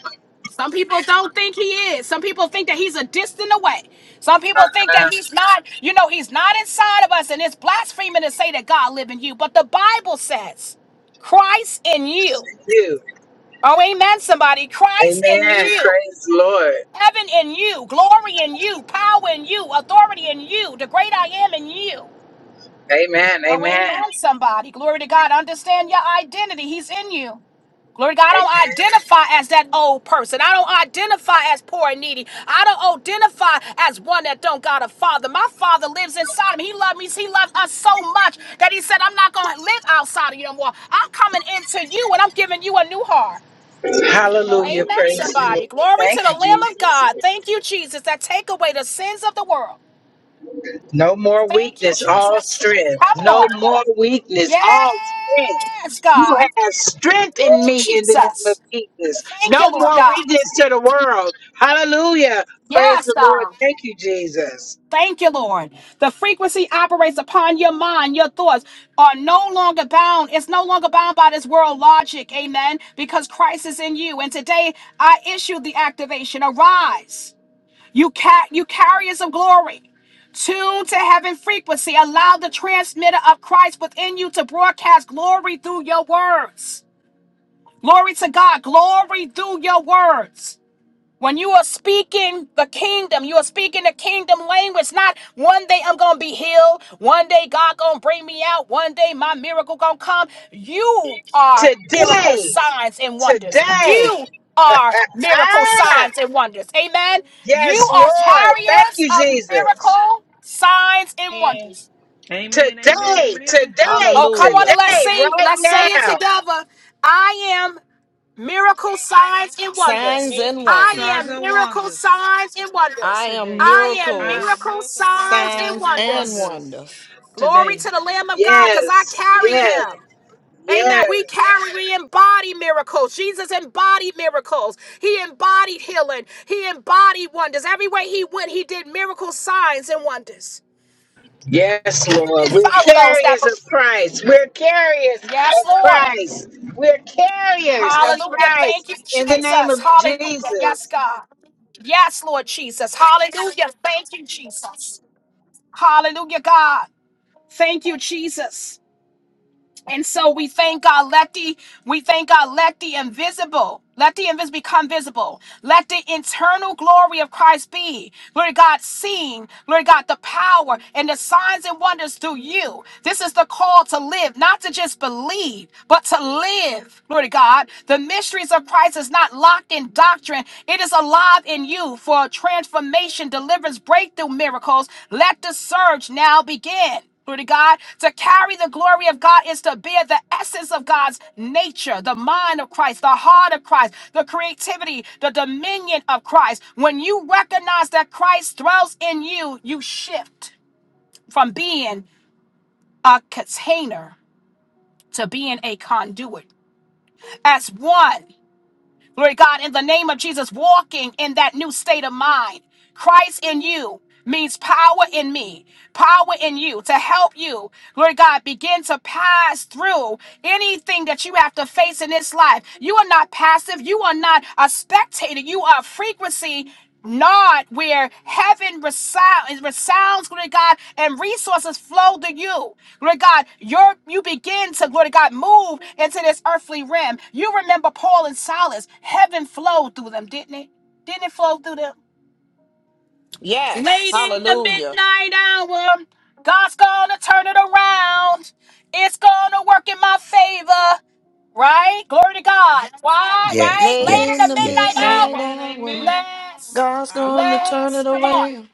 Some people don't think he is. Some people think that he's a distant away. Some people think that Thank he's not, you know, he's not inside of us and it's blaspheming to say that God live in you. But the Bible says Christ in you. you. Oh, amen, somebody. Christ in Amen. you. Praise the Lord. Heaven in you. Glory in you. Power in you. Authority in you. The great I am in you. Amen. Oh, Amen. amen, somebody. Glory to God. Understand your identity. He's in you. Glory to God, I don't Amen. identify as that old person. I don't identify as poor and needy. I don't identify as one that don't got a father. My father lives inside of me. He loves me. He loves us so much that he said, I'm not going to live outside of you no more. I'm coming into you and I'm giving you a new heart. No, Hallelujah. amen, Praise the somebody. Lord. Glory to Thank you, the Lamb of Jesus. God. Thank you, Jesus, that take away the sins of the world. No more Thank you, weakness, all Jesus. strength. Come No on. more weakness, all strength. Yes, You God. have strength Woo, in me in the name of Jesus. Jesus. Thank you, No Lord more God. weakness to the world. Hallelujah. Praise Yes, the God. Lord. Thank you, Jesus. Thank you, Lord. The frequency operates upon your mind. Your thoughts are no longer bound. It's no longer bound by this world logic. Amen. Because Christ is in you. And today I issue the activation. Arise. You ca- you carriers of glory. Tune to heaven frequency. Allow the transmitter of Christ within you to broadcast glory through your words. Glory to God. Glory through your words. When you are speaking the kingdom, you are speaking the kingdom language. Not one day I'm gonna be healed. One day God gonna bring me out. One day my miracle gonna come. You are miracle Today, signs and wonders. today. You are miracle signs and wonders. Amen. You Yes, are Lord. Thank carriers you, of Jesus. miracle signs and Amen. wonders. Amen, amen, Today, amen. today, Oh, come on and hallelujah. let's today, sing. Let's say right it now. together. I am miracle signs and I'm a wonders. Signs and miracle. I Signs wonders. am and miracle wonders. signs and I wonders. am today. I am I am miracles, miracle miracle signs signs and and signs and wonders. wonders wonders. Glory to today. the Lamb of God because I Yes, carry yes, him. Amen. yes. We carry, we embody miracles. Jesus embodied miracles. He embodied healing. He embodied wonders. Everywhere he went, he did miracle signs and wonders. Yes, Lord. And We're follow those that carriers of believe. Christ. We're carriers Yes, of Lord. Christ. We're carriers of Hallelujah. Christ Thank you, in the name Jesus. of Hallelujah. Yes, Jesus. God. Yes, Lord Jesus. Hallelujah. Thank you, Jesus. Hallelujah, God. Thank you, Jesus. And so we thank God, let the we thank God, let the invisible, let the invisible become visible. Let the internal glory of Christ be. Lord God, seen, Lord God, the power and the signs and wonders through you. This is the call to live, not to just believe, but to live. Lord God, the mysteries of Christ is not locked in doctrine. It is alive in you for transformation, deliverance, breakthrough miracles. Let the surge now begin. Glory to God. To carry the glory of God is to bear the essence of God's nature, the mind of Christ, the heart of Christ, the creativity, the dominion of Christ. When you recognize that Christ dwells in you, you shift from being a container to being a conduit. As one. Glory to God, in the name of Jesus, walking in that new state of mind. Christ in you means power in me, power in you to help you, Glory to God, begin to pass through anything that you have to face in this life. You are not passive, you are not a spectator, you are a frequency not where heaven resounds, resounds, glory to God, and resources flow to you. Glory to God, your you begin to, glory to God, move into this earthly realm. You remember Paul and Silas, heaven flowed through them, didn't it? Didn't it flow through them? Yes, Late in the hallelujah. midnight hour, God's gonna turn it around. It's gonna work in my favor. Right? Glory to God. Why? Right? Yes, Late Late in in the yes, the midnight yes. midnight hour. Amen. hour, Amen. Bless. God's I going to believe it and turn Bless. it Come receive on. it. around.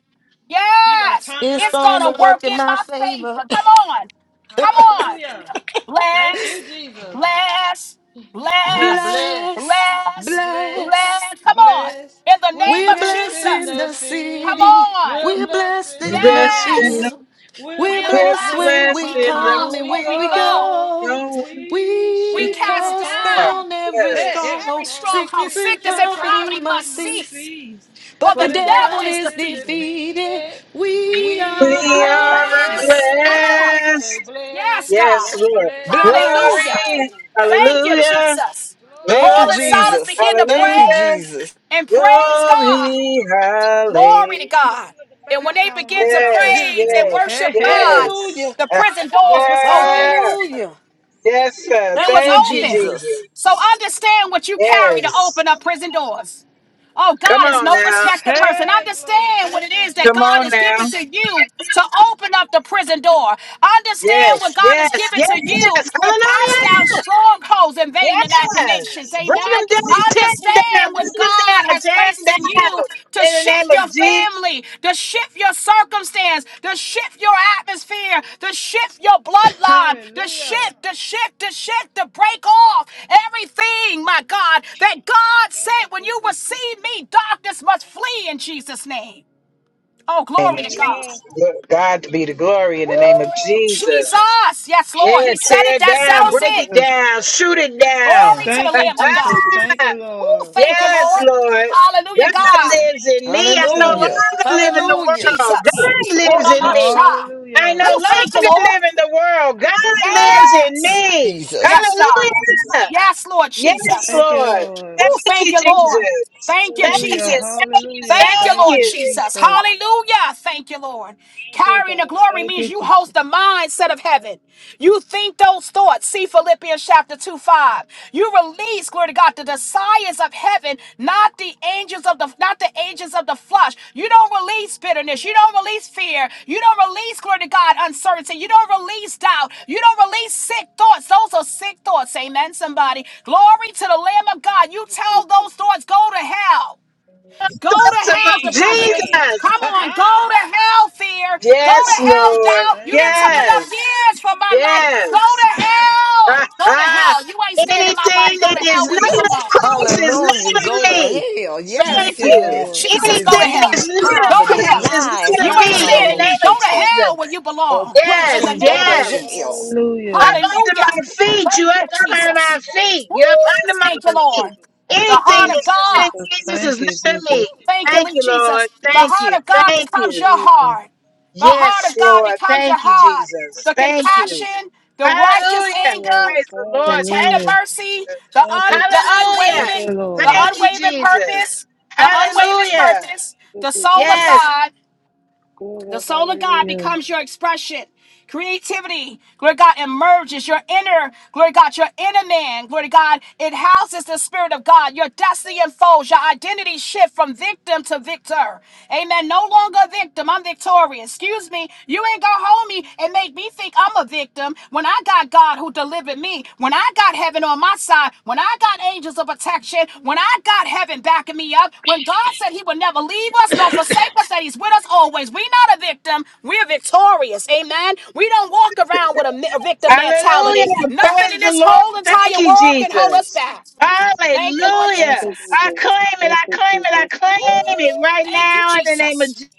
He done Yes, turned it It's it's going to gonna around. work work in in my my favor. favor. Come on, come on. Hallelujah. Thank Bless, you, Jesus. bless, We're bless, blessed. bless, We're bless, blessed. bless. bless. Come on, Blessed. in the We're name We're of blessed blessed in Jesus. in the the Come city. city. on. We're We're blessed blessed in in the the Rest in the, Yes, field. field. We're we We're are we're blessed blessed blessed when when we when we blessed we in come and the come come when and and we when when we we go. go. go. throne. We We We shall cast cast hold down on. down every Eh, eh, Yes. every stronghold. struggle, stronghold. Sickness and sickness, Sickness and and poverty poverty must poverty must must cease. cease, cease. for But For the the the devil devil devil is is is defeated. defeated. defeated. We We We are We are are are blessed. blessed. Come blessed. on. blessed. Say Yes, blessed. God. Yes, Lord. Blessed. Blessed. Hallelujah. Glory, Hey! Thank you, hallelujah, Jesus. Thank you, Paul Glory. and glory, Silas Jesus. begin to Thank you, pray hallelujah, Jesus. and praise God. glory, hallelujah. Glory to God. Play And when that they song when begin we get to off of Yes, him praise and today. yes, worship Hey, God, hey. yes. Hallelujah. the prison doors Yes, was open. Lord. Hallelujah. yes, sir. It Thank was you, Thank you, open. Jesus. Jesus. So understand what you carry to Yes. open up prison doors. Oh, Come God is on no now. respecter person. Hey, glory. Understand what Thank it you, is that Come Jesus. God on has given now. to you to open up the prison door. Understand Yes, what God yes, has given yes, to you yes. to cast Hallelujah. down strongholds and vain imaginations. Yes. Bring Amen. them down. Tear them down. Understand Bring what them God down. has Tear placed them in you down. to In the name shift of your Jesus. family, to shift your circumstance, to shift your atmosphere, to shift your bloodline, to Hallelujah. shift, to shift, to shift, to break off everything, my God, that God Thank you, said, when you Jesus. receive me, darkness must flee in Jesus' name. Oh, glory name of to God. Amen. Jesus. God to be the glory in Woo, the name of Jesus. Jesus. Yes, Lord. Yeah, He said tear it. it That Thank down, settles you, break it it. Jesus. down, shoot it down. Glory to the Thank you, Lamb of Jesus. God. Thank you, Oh, Lord. thank you, yes, Lord. Lord. Hallelujah, God God. lives Thank in you, me. I Jesus. no Hallelujah. longer live in the Ooh, Hallelujah. world. Jesus. Thank God you, lives Lord. in me. Oramasha. I Hallelujah. no Oh, thank you, longer Lord. live in the world. Thank God you, lives Jesus. in Yes. me. Jesus. Yes, God. Hallelujah. Thank you, Yes, Lord Jesus. Yes, Jesus. Thank you, Lord. Lord. Oh, Thank thank you, you, Lord. Jesus. Thank you, Thank you. Thank Hallelujah. Jesus. you. Hallelujah. Thank you, Thank Thank Lord you, you. Jesus. Jesus. Thank Hallelujah. Thank you, Lord. you, Carrying the God. glory Thank means you, you Jesus. host the Thank mindset of heaven. You think those thoughts. See Philippians chapter 2, 5. You release, glory to God, the desires of heaven, not the angels of the not the angels of the flesh. You don't release bitterness. You don't release fear. You don't release, glory to God, uncertainty. You don't release doubt. You don't release sick thoughts. Those are sick thoughts. Amen. Somebody. Glory to the Lamb of God. You you, tell Jesus. those thoughts, go to hell. Go to Thoughts hell, about depression. Amen. Jesus. Come on, go Oh, to hell, fear. Go Glory to Yes, to hell, God. Lord. doubt. Thank You didn't you, took enough Jesus. Yes. years for my life. Yes. Go to Ha, hell. Go to ha. hell. You ain't standing in my body. Anything Go that to is hell not where you of belong. Christ is Hallelujah. not Thank Go of to you, me. hell. Jesus. Yes, Thank Thank you, you. Ooh, sickness, Lord. Jesus, Anything go to hell. that's disease, Thank not Go you, of poverty, to hell. Christ Jesus. is lies. not You of Thank How me you, ain't can I in the standing not Lord. me. name Go of to shake it? hell where Jesus. you belong. In the Yes, Oppression, go name of to yes. hell. Jesus. Up Hallelujah. under Hallelujah. my feet. You Thank up you, under my Jesus. feet. Ooh, You're up under my thank Thank you, you, feet. Lord. Jesus. The Anything heart Thank of that's you, not of God. Jesus. Jesus Thank is you, not of me. Jesus. Thank you, Thank Lord you, Lord. Jesus. The Thank you. heart of God Thank becomes you. your Hallelujah. heart. The heart Yes, of God Lord. becomes your Thank you, heart. Jesus. The Thank you. compassion, the righteous Hallelujah. Thank you, anger, Lord. Praise the the Lord. Thank tender Hallelujah. mercy, you. the Thank un, you, the Jesus. Thank Hallelujah. unwavering, you, the Lord. Thank you, unwavering Jesus. purpose, the unwavering Hallelujah. purpose, Thank the you, Jesus. soul of Yes. God. The Glory, soul of God hallelujah. becomes your expression. Creativity, glory to God, emerges your inner, glory to God, your inner man, glory to God. It houses the Spirit of God. Your destiny unfolds. Your identity shift from victim to victor. Amen. No longer a victim. I'm victorious. Excuse me. You ain't gonna hold me and make me think I'm a victim when. When I got God who delivered me, when I got heaven on my side, when I got angels of protection, when I got heaven backing me up, when God said he would never leave us nor forsake us, that he's with us always. We're not a victim, we're victorious. Amen. We don't walk around with a mi- a victim Hallelujah. mentality. Nothing in Praise the this Lord. whole Thank entire you, world can hold us Jesus. back. Thank you, Thank you, Jesus. Lord Thank Hallelujah. you, Jesus. I Jesus. claim it. Thank I you, claim it. I Jesus. Ooh, claim it right Thank you, now in the name of Jesus. Jesus.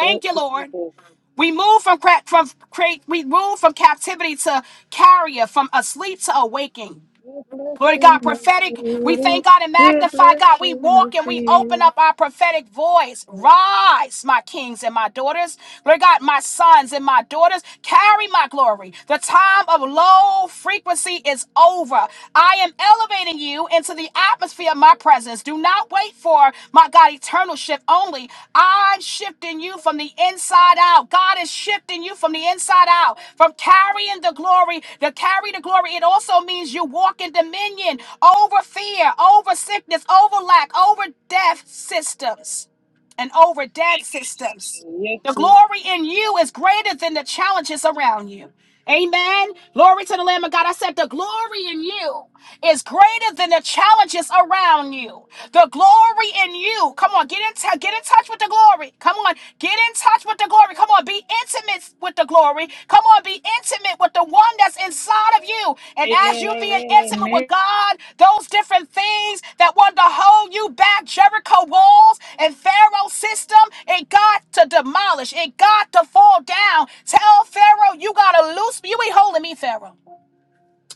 Thank you, you, Lord. Jesus. We move from cra- from create. We move from captivity to carrier, from asleep to awaking. We're Lord blessing God, the prophetic, we thank city. God and We're magnify God. We blessing the walk and we open field. up our prophetic voice. Thank Rise, my kings and my daughters. Lord God, my sons and my daughters, carry my glory. The time of low frequency is over. I am elevating you into the atmosphere of my presence presence. Do not wait for, my God, eternal shift only. I'm shifting you from the inside out. God is shifting you from the inside out, from carrying the glory to carry the glory. It also means you walk in dominion over fear, over sickness, over lack, over death systems, and over dead you, systems. Jesus. Yes, The Lord. glory in you is greater than the challenges around you. Amen. Glory to the Lamb of God. I said, The glory in you is greater than the challenges around you. The glory in you. Come on, get in, t- get in touch with the glory. Come on, get in touch with the glory. Come on, be intimate with the glory victory. Come on, be intimate with the one that's inside of you. And as Amen, you being amen, intimate with amen, God, those different things that want to hold you back, Jericho walls and Pharaoh's system, it got to demolish. It got to fall down. Tell Pharaoh, you got to loose me. You ain't holding me, Pharaoh.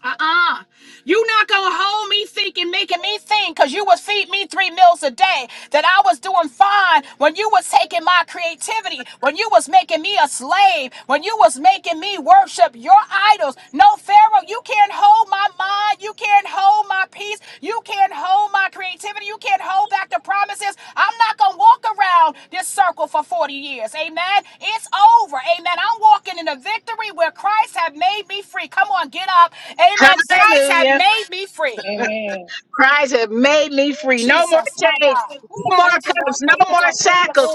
Uh-uh. You not gonna hold me thinking, making me think, cause you would feed me three meals a day. That I was doing fine when you was taking my creativity, when you was making me a slave, when you was making me worship your idols. No, Pharaoh, you can't hold my mind you can't hold my peace. You can't hold my creativity. You can't hold back the promises. I'm not going to walk around this circle for 40 years. Amen. It's over. Amen. I'm walking in a victory where Christ have made me free. Come on, get up. Amen. Christ have Hallelujah. made me free. amen. Christ have made me free. No more Jesus, my chains, God. Ooh, no more thank you, Lord. cuffs, Thank no you, more Lord. Thank you, shackles.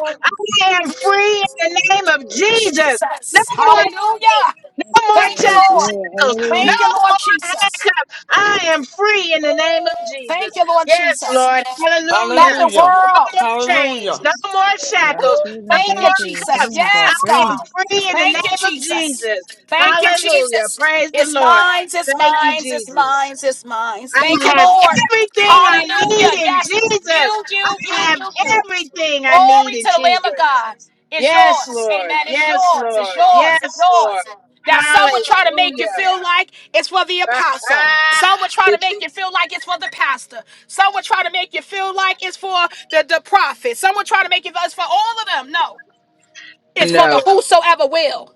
I am free in the name of Jesus. No Jesus. more chains, Hallelujah. Thank no you, more Thank you, Lord. Lord. shackles, Thank no Glory, you, Lord more Jesus. handcuffs. I am free in the name of Jesus. Thank you, Lord Yes, Jesus. Lord. Hallelujah. Not the Hallelujah. No world. more chains, Hallelujah. no more hallelujah. Our shackles, children, Thank no you, more grandchildren, Jesus. cuffs. families are Yes, I free. am God. free in the Thank you, name of Jesus. Jesus. Thank you, Hallelujah. Jesus. Praise the It's Lord. mine, it's Thank you, mine, it's Jesus. mine, it's mine. I Thank you, have Lord. everything I Hallelujah. need in Yes. Jesus. You, I you, you, have you, you. everything I need Glory to in the Lamb of Jesus. God. It's Yes, yours. Lord. Amen. It's yours. Yes, It's Lord. yours. Yes, Lord. It's yours. Now, some Hallelujah. would try to make you feel like it's for the apostle. Some would try to make you feel like it's for the pastor. Some would try to make you feel like it's for the, the prophet. Some would try to make you feel it's for all of them. No, it's for the no. whosoever will.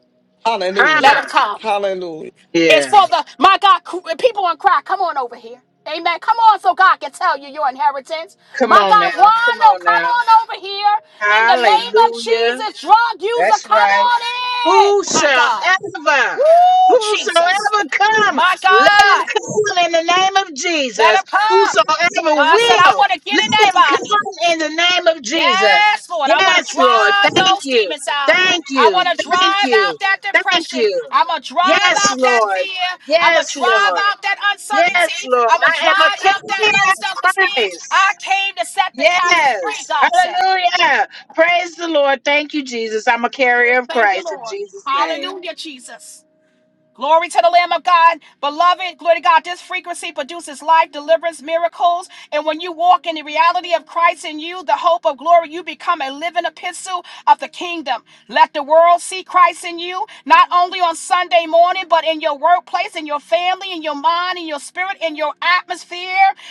Let Hallelujah. them Huh. come. Hallelujah. It's Yeah. for the, my God, cr- people in cry. Come on over here. Amen. Come on so God can tell you your inheritance. Come My on now. God, Come Wando, on come now. on over here. In the name of Hallelujah. Jesus, drug user, That's come right. on Who in. My shall God. ever, Woo, Jesus. whosoever come, My let him God. come in the name of Let Jesus. him come. Whosoever God said, I will, want to get in that let him body. come in the name of Jesus. Yes, Lord. I want to Yes, Lord. drive Thank those you. demons out. Thank I you. want to Thank drive you. out that Thank depression. you. I'm going to drive Yes, out that Lord. fear. I'm going Yes, to drive Lord. out that Yes, uncertainty. Lord. I'm going to I am a drive out that carrier low of self esteem. Christ. I came to set the captives free, Yes. God said. Hallelujah. Praise the Lord. Thank you, Jesus. I'm a carrier of Thank you, Lord. Christ in Jesus' name. Hallelujah, Jesus. Glory to the Lamb of God. Beloved, glory to God. This frequency produces life, deliverance, miracles. And when you walk in the reality of Christ in you, the hope of glory, you become a living epistle of the kingdom. Let the world see Christ in you, not only on Sunday morning, but in your workplace, in your family, in your mind, in your spirit, in your atmosphere.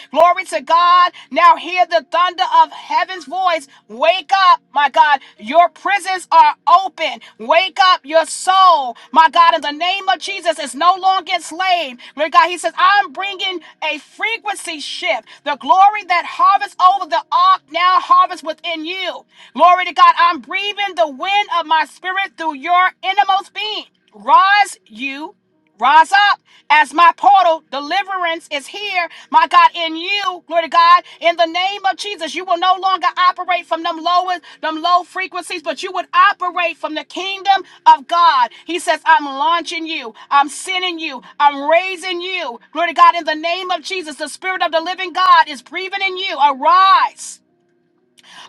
Glory to God. Now hear the thunder of of heaven's voice. Wake up, my God. Your prisons are open. Wake up your soul, my God. In the name of Jesus, it's no longer enslaved. Lord God, He says, I'm bringing a frequency shift. The glory that harvests over the ark now harvests within you. Glory to God. I'm breathing the wind of my spirit through your innermost being. Rise, you. Rise up as my portal deliverance is here, my God, in you, glory to God, in the name of Jesus. You will no longer operate from them lowest, them low frequencies, but you would operate from the kingdom of God. He says, I'm launching you, I'm sending you, I'm raising you. Glory to God, in the name of Jesus, the spirit of the living God is breathing in you. Arise,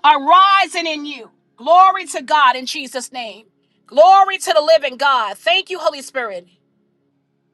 arising in you. Glory to God in Jesus' name. Glory to the living God. Thank you, Holy Spirit.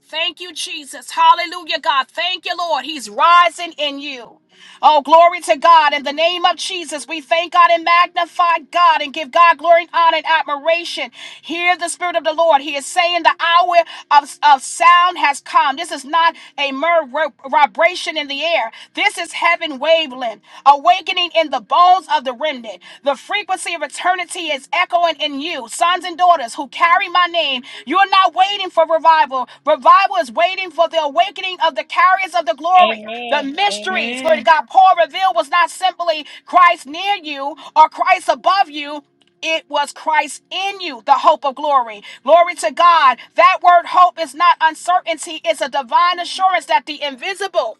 Thank you, Jesus. Hallelujah, God. Thank you, Lord. He's rising in you. Oh, glory to God. In the name of Jesus, we thank God and magnify God and give God glory and honor and admiration. Hear the Spirit of the Lord. He is saying the hour of, of sound has come. This is not a mere ro- vibration in the air. This is heaven waveling, awakening in the bones of the remnant. The frequency of eternity is echoing in you. Sons and daughters who carry my name, you're not waiting for revival. Revival is waiting for the awakening of the carriers of the glory. The Amen, mysteries, glory to amen, God, Paul revealed was not simply Christ near you or Christ above you. It was Christ in you, the hope of glory. Glory to God. That word hope is not uncertainty, it's a divine assurance that the invisible.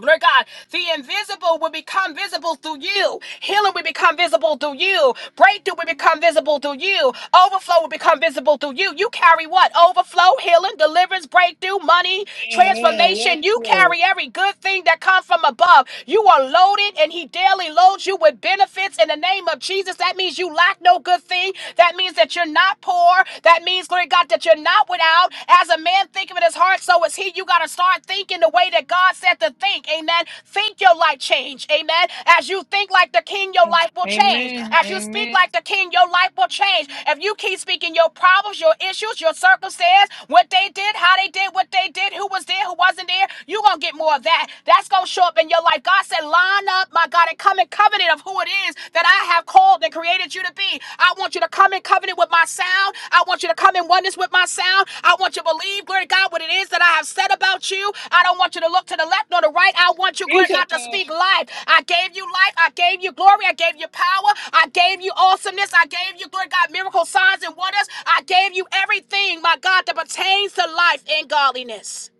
Lord God, the invisible will become visible through you. Healing will become visible through you. Breakthrough will become visible through you. Overflow will become visible through you. You carry what? Overflow, healing, deliverance, breakthrough, money, amen. Yes, transformation. You Lord. carry every good thing that comes from above. You are loaded, and He daily loads you with benefits in the name of Jesus. That means you lack no good thing. That means that you're not poor. That means, glory, God, that you're not without. As a man thinketh in his heart, so is he. You got to start thinking the way that God said to think. Amen. Think your life change. Amen. As you think like the king, your life will change. Amen, As you speak amen. like the king, your life will change. If you keep speaking your problems, your issues, your circumstance, what they did, how they did, what they did, who was there, who wasn't there, you're going to get more of that. That's going to show up in your life. God said, line up, my God, and come and cover it of who it is that I have called and created you to be. I want you to come in covenant with my sound. I want you to come in oneness with my sound. I want you to believe, glory to God, what it is that I have said about you. I don't want you to look to the left nor the right. I want you, Free glory to your God, to speak life. I gave you life. I gave you glory. I gave you power. I gave you awesomeness. I gave you, glory to God, miracle signs and wonders. I gave you everything, my God, that pertains to life and godliness.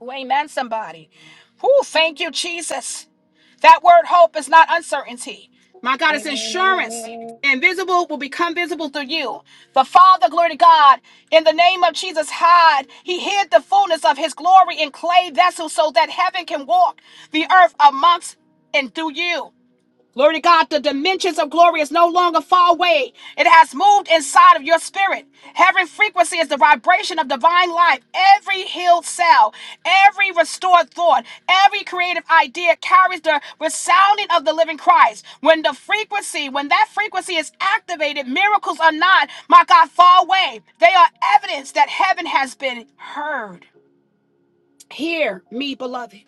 Oh, amen, somebody. Who? thank you, Jesus. That word hope is not uncertainty. My God, it's Amen, insurance. amen, Invisible will become visible through you. The Father, glory to God, in the name of Jesus, hide. He hid the fullness of his glory in clay vessels so that heaven can walk the earth amongst and through you. Glory to God, the dimensions of glory is no longer far away. It has moved inside of your spirit. Every frequency is the vibration of divine life. Every healed cell, every restored thought, every creative idea carries the resounding of the living Christ. When the frequency, when that frequency is activated, miracles are not, my God, far away. They are evidence that heaven has been heard. Hear me, beloved.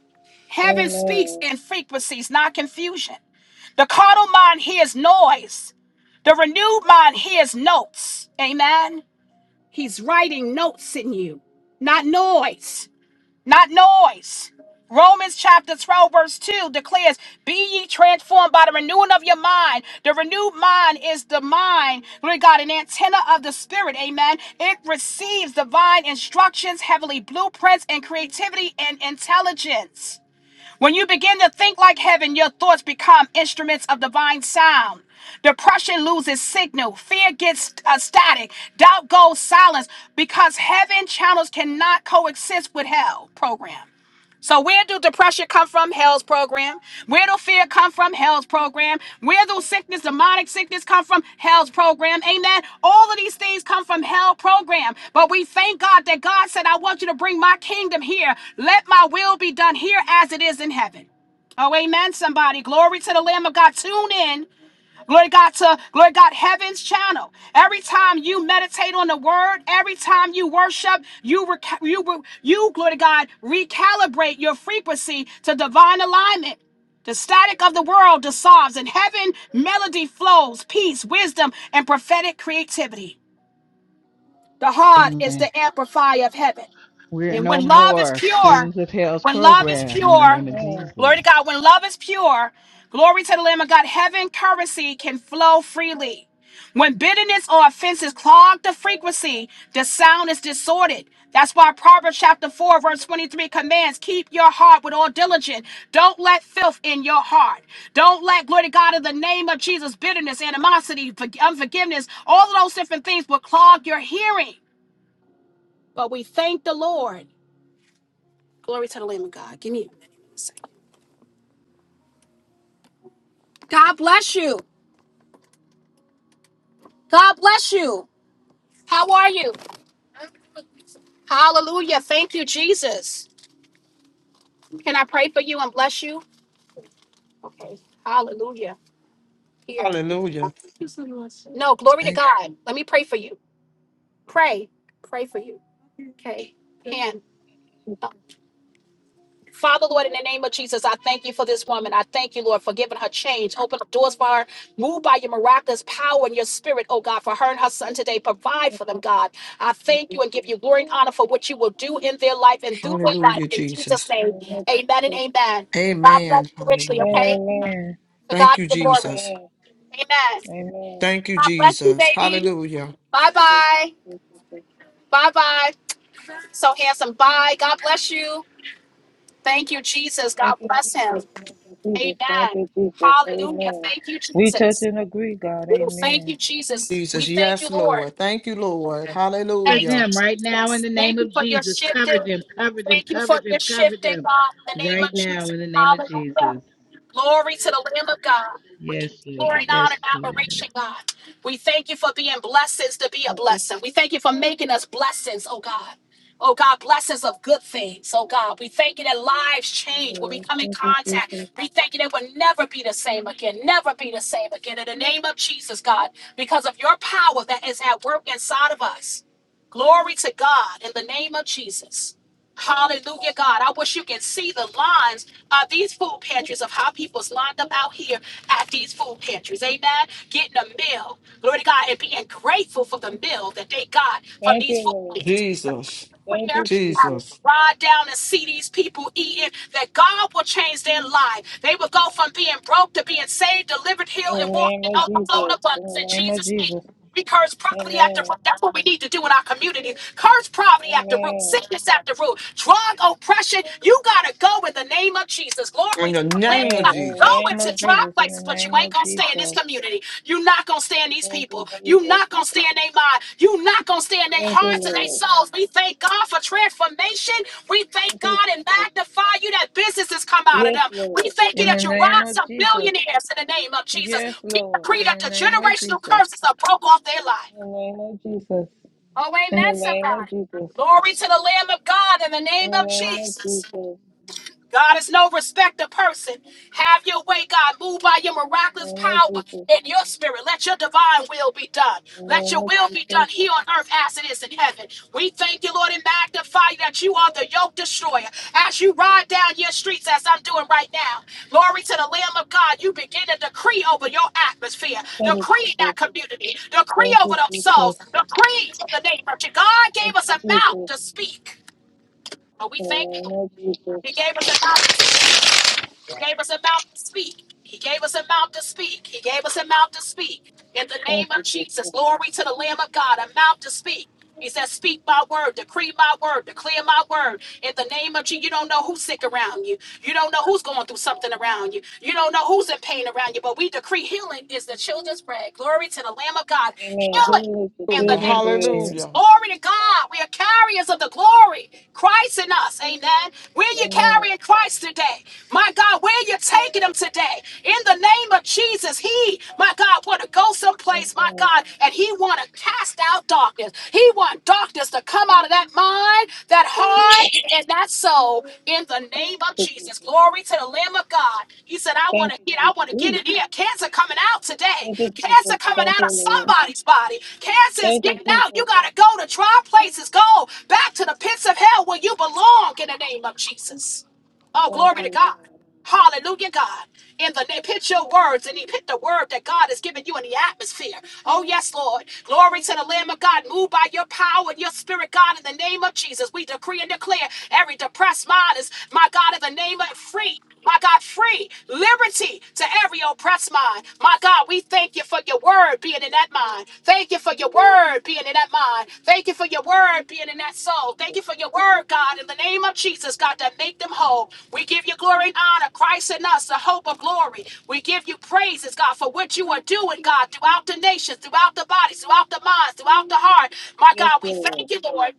amen, Heaven speaks amen. in frequencies, not confusion. The carnal mind hears noise. The renewed mind hears notes. Amen. He's writing notes in you, not noise, not noise. Romans chapter 12, verse 2 declares, Be ye transformed by the renewing of your mind. The renewed mind is the mind, glory to God, an antenna of the spirit. Amen. It receives divine instructions, heavenly blueprints, and creativity and intelligence. When you begin to think like heaven, your thoughts become instruments of divine sound. Depression loses signal. Fear gets uh, static. Doubt goes silence because heaven channels cannot coexist with hell program. So where do depression come from? Hell's program. Where do fear come from? Hell's program. Where do sickness, demonic sickness come from? Hell's program. Amen. All of these things come from hell program. But we thank God that God said, I want you to bring my kingdom here. Let my will be done here as it is in heaven. Oh, amen, somebody. Glory to the Lamb of God. Tune in. Glory God to glory God heaven's channel. Every time you meditate on the word, every time you worship, you reca- you re- you glory God recalibrate your frequency to divine alignment. The static of the world dissolves, and heaven melody flows, peace, wisdom, and prophetic creativity. The heart is Amen. the amplifier of heaven. We're And no when love is more pure, students of hell's when love is program in the pure, name of Amen. glory to Jesus. God, when love is pure, glory to the Lamb of God, heaven currency can flow freely. When bitterness or offenses clog the frequency, the sound is distorted. That's why Proverbs chapter 4, verse 23 commands keep your heart with all diligence. Don't let filth in your heart. Don't let, glory to God, in the name of Jesus, bitterness, animosity, forg- unforgiveness, all of those different things will clog your hearing. But we thank the Lord. Glory to the Lamb of God. Give me a minute. a God bless you. God bless you. How are you? Hallelujah. Thank you, Jesus. Can I pray for you and bless you? Okay. Hallelujah. Here. Hallelujah. No, glory to Thank, God. Let me pray for you. Pray. Pray for you. Okay. Hand. Thank you, Jesus. Father, Lord, in the name of Jesus, I thank you for this woman. I thank you, Lord, for giving her change. Open up doors for her. Move by your miraculous power and your spirit, oh God, for her and her son today. Provide Yes, for them, God. I Lord Thank thank you, you and give Jesus. you glory and honor for what you will do in their life and through their life. hallelujah, In Jesus' Jesus. name, Amen, Lord amen and Jesus. amen. God Amen. bless you richly, Hallelujah. okay? Amen. To God Thank you, be the glory. Jesus. Amen. Amen. Amen. Thank you, God bless you, Jesus. baby. Hallelujah. Bye bye. Jesus. Bye bye. So handsome. Bye. God bless you. Thank you, Jesus. Thank God you, bless him. Jesus. Thank you, Jesus. Thank you, Amen. Jesus. Thank you, Jesus. Hallelujah. Amen. Thank you, We touch Jesus. and agree, God. Ooh, thank you, Amen. Jesus. We Jesus. thank Yes, you, Lord. Lord. Thank you, Lord. Cover Thank Hallelujah. you, them right now in Jesus. the name Thank you of for your Jesus. Cover shifting. them, cover them, Thank you cover for them, your cover shifting, them God, in the name Thank right of you, now Jesus. in the Jesus. name of Hallelujah. Jesus. Glory to the Lamb of God. We give you Yes, glory Lord. and honor Yes, and Lord. admiration, God. We thank you for being blessings to be a Thank you, blessing. We thank you for making us blessings, oh God. Oh God, blessings of good things. Oh God, we thank you that lives change when we Jesus. come in Thank you, Jesus. contact. We thank you that we'll never be the same again, never be the same again. In the name of Jesus, God, because of your power that is at work inside of us. Glory to God in the name of Jesus. Hallelujah, God. I wish you can see the lines of these food pantries of how people's lined up out here at these food pantries. Amen. Getting a meal. Glory to God. And being grateful for the meal that they got from Thank you, these food Lord. pantries Jesus, Thank prayer. you, Jesus. Thank uh, you, Jesus. Jesus. Ride down and see these people eating, that God will change their life. They will go from being broke to being saved, delivered, healed, In and the walking name in of overflow Jesus. and In abundance the in name of Jesus' name. Jesus. We curse poverty at the Amen. root. That's what we need to do in our community. Curse poverty at the root, Amen. sickness at the root, drug oppression. You got to go in the name of Jesus. In Glory to the the Amen. name Lamb. of In the Jesus. Go name into of dry Jesus. In the places, but you name ain't of gonna stay Jesus. in this community. you not gonna stay in these Thank you, people. Jesus. you not gonna stay in their mind. you not gonna stay in their Thank you, hearts and their Lord. souls. We thank God for transformation. We thank Thank you, God and Jesus. magnify you that businesses come out of Yes, them. We Lord. thank you In the that you name rise of up Jesus. millionaires in the name of Jesus. Yes, We Lord. decree In that the the name of generational Jesus. curses are broke off their life. In the name of Jesus. Oh, In the amen, name of somebody. Jesus. Glory to the Lamb of God in the In name the of name of Jesus. Jesus. God is no respecter person. Have your way, God. Move by your In the miraculous name of power Jesus. in your spirit. Let your divine will be done. In the Let name your of will be Jesus. done here on earth as it is in heaven. We thank you, Lord, and magnify you that you are the yoke destroyer. As you ride down your streets, as I'm doing right now, glory to the Lamb of God, you begin to decree over your atmosphere, Thank you, decree Jesus. that community, decree Thank over you, those souls, Jesus. decree for the name of God. God gave Thank us you, a mouth Jesus. to speak. But we In the thank you. name of He Jesus. gave us a mouth gave us a mouth to speak. He gave us a mouth to speak. He gave us a mouth to speak. In the Thank name you, of Jesus, Jesus. glory to the Lamb of God, a mouth to speak. He says, Speak my word, decree my word, declare my word. In the name of Jesus, you don't know who's sick around you. You don't know who's going through something around you. You don't know who's in pain Thank around you. you, But Jesus. we decree healing is the children's bread. Glory to the Lamb of God. Amen. Healing Who is the in the Hallelujah. name children bread? Hallelujah. Glory to God. We are carriers of the glory. Christ in us. Amen. Where you Amen. carrying Christ today? My God, where you taking him today? In the name of Jesus, he, my God, want to go someplace, my Amen. God, and he want to cast out darkness. He want darkness to come out of that mind, That that heart and that soul in the name of Thank you, Jesus. Jesus. Glory to the Lamb of God. He said, I want Thank to you, get, I Jesus. want to get Ooh. it here. Cancer coming out today. Thank you, Cancer Jesus. coming Thank out you, of Lord. somebody's body. Cancer is Thank you, getting out. You Jesus. got to go to dry places. Go back to the pits of hell where you belong in the name of Jesus. Oh, Thank glory to you, God. Lord. Hallelujah, God. In the name, put your words and he put the word that God has given you in the atmosphere. Oh, yes, Lord. Glory to the Lamb of God. Move by your power and your spirit, God, in the name of Jesus. We decree and declare every depressed mind is, my God, in the name of free. My God, free liberty to every oppressed mind. My God, we thank Thank you for your word being in that mind. Thank you for your word being in that mind. Thank you for your word being in that Thank you, soul. Thank Jesus. you for your word, God, in the name of Jesus, God, that make them whole. We give you glory and honor. Christ in us, the hope of glory. We give you praises, God, for what you are Thank doing, you, God, throughout Jesus. the nations, throughout the bodies, throughout the minds, throughout the heart. My Yes, God, we Lord. thank you, Lord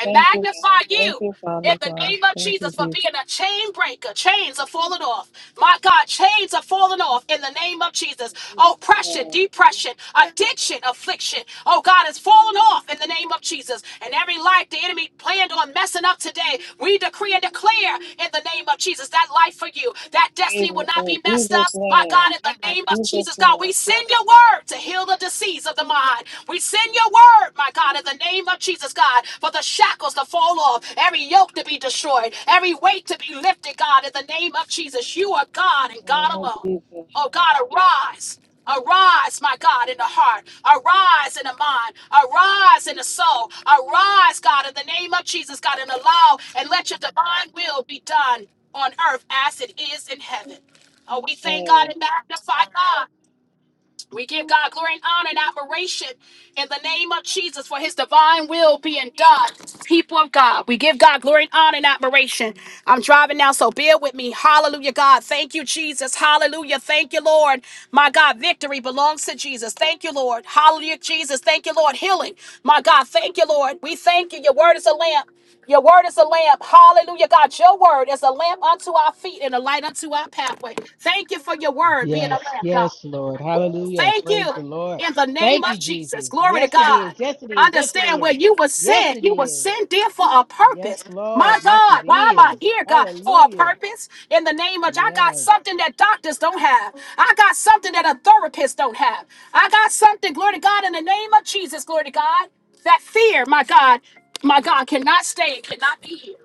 and Thank you, God. magnify Thank you you, in Father the God. name of Thank you, Jesus for Jesus. being a chain breaker. Chains are falling off. My God, chains are falling off in the name of Jesus. In Jesus' Oppression, name. depression, addiction, affliction. Oh God, it's falling off in the name of Jesus. And every life the enemy planned on messing up today, we decree and declare in the in the name of Jesus. That life for you, that destiny will Amen. not be In messed Jesus' up. My name. God, in the In name of Jesus' Jesus, God, name. we send your word to heal the disease of the mind. We send your word, my God, in the name of Jesus, God, for the shackles to fall off, every yoke to be destroyed, every weight to be lifted, God, in the name of Jesus. You are God In and the God name of alone. Jesus. Oh God, arise. Arise, my God, in the heart. Arise in the mind. Arise in the soul. Arise, God, in the name of Jesus, God, and allow and let your divine will be done on earth as it is in heaven. Oh, we thank God Amen. and magnify God. We give God glory and honor and admiration in the name of Jesus for his divine will being done. People of God, we give God glory and honor and admiration. I'm driving now, so bear with me. Hallelujah, God. Thank you, Jesus. Hallelujah. Thank you, Lord. My God, victory belongs to Jesus. Thank you, Lord. Hallelujah, Jesus. Thank you, Lord. Healing. My God, thank you, Lord. We thank you. Your word is a lamp. Your word is a lamp. Hallelujah, God. Your word is a lamp unto our feet and a light unto our pathway. Thank you for your word being a Yes, lamp, God. yes, Lord. Hallelujah. Thank Praise you. the Lord. In the name Thank you, of Jesus. Jesus. Glory to Yes, it is. God. Yes, it is. Yes, it Understand where is. you were Yes, sent. it You were is. sent there for a purpose. Yes, My Lord. Yes, God, it why am I is. here, God? For a Hallelujah. purpose? In the name of, I got Yes. something that doctors don't have. I got something that a therapist don't have. I got something, glory to God, in the name of Jesus, glory to God. That fear, my God, my God, cannot stay, cannot be here.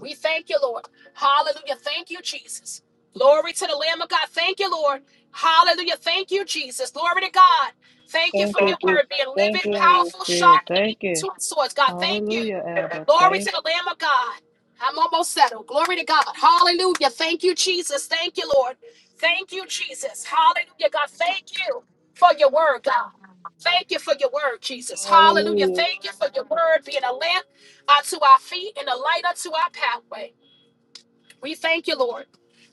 We thank you, Lord. Hallelujah. Thank you, Jesus. Glory to the Lamb of God. Thank you, Lord. Hallelujah. Thank you, Jesus. Glory to God. Thank you Thank for you, your Jesus. word being Thank living, you, Holy powerful, Spirit. sharp, and Thank even you. two swords. God, thank you. Hallelujah, Abba. Glory to Thank you. the Lamb of God. I'm almost settled. Glory to God. Hallelujah. Thank you, Jesus. Thank you, Lord. Thank you, Jesus. Hallelujah. God, thank you for your word, God. Thank you for your word, Jesus. Hallelujah. Hallelujah. Thank you for your word being a lamp unto our feet and a light unto our pathway. We thank you, Lord.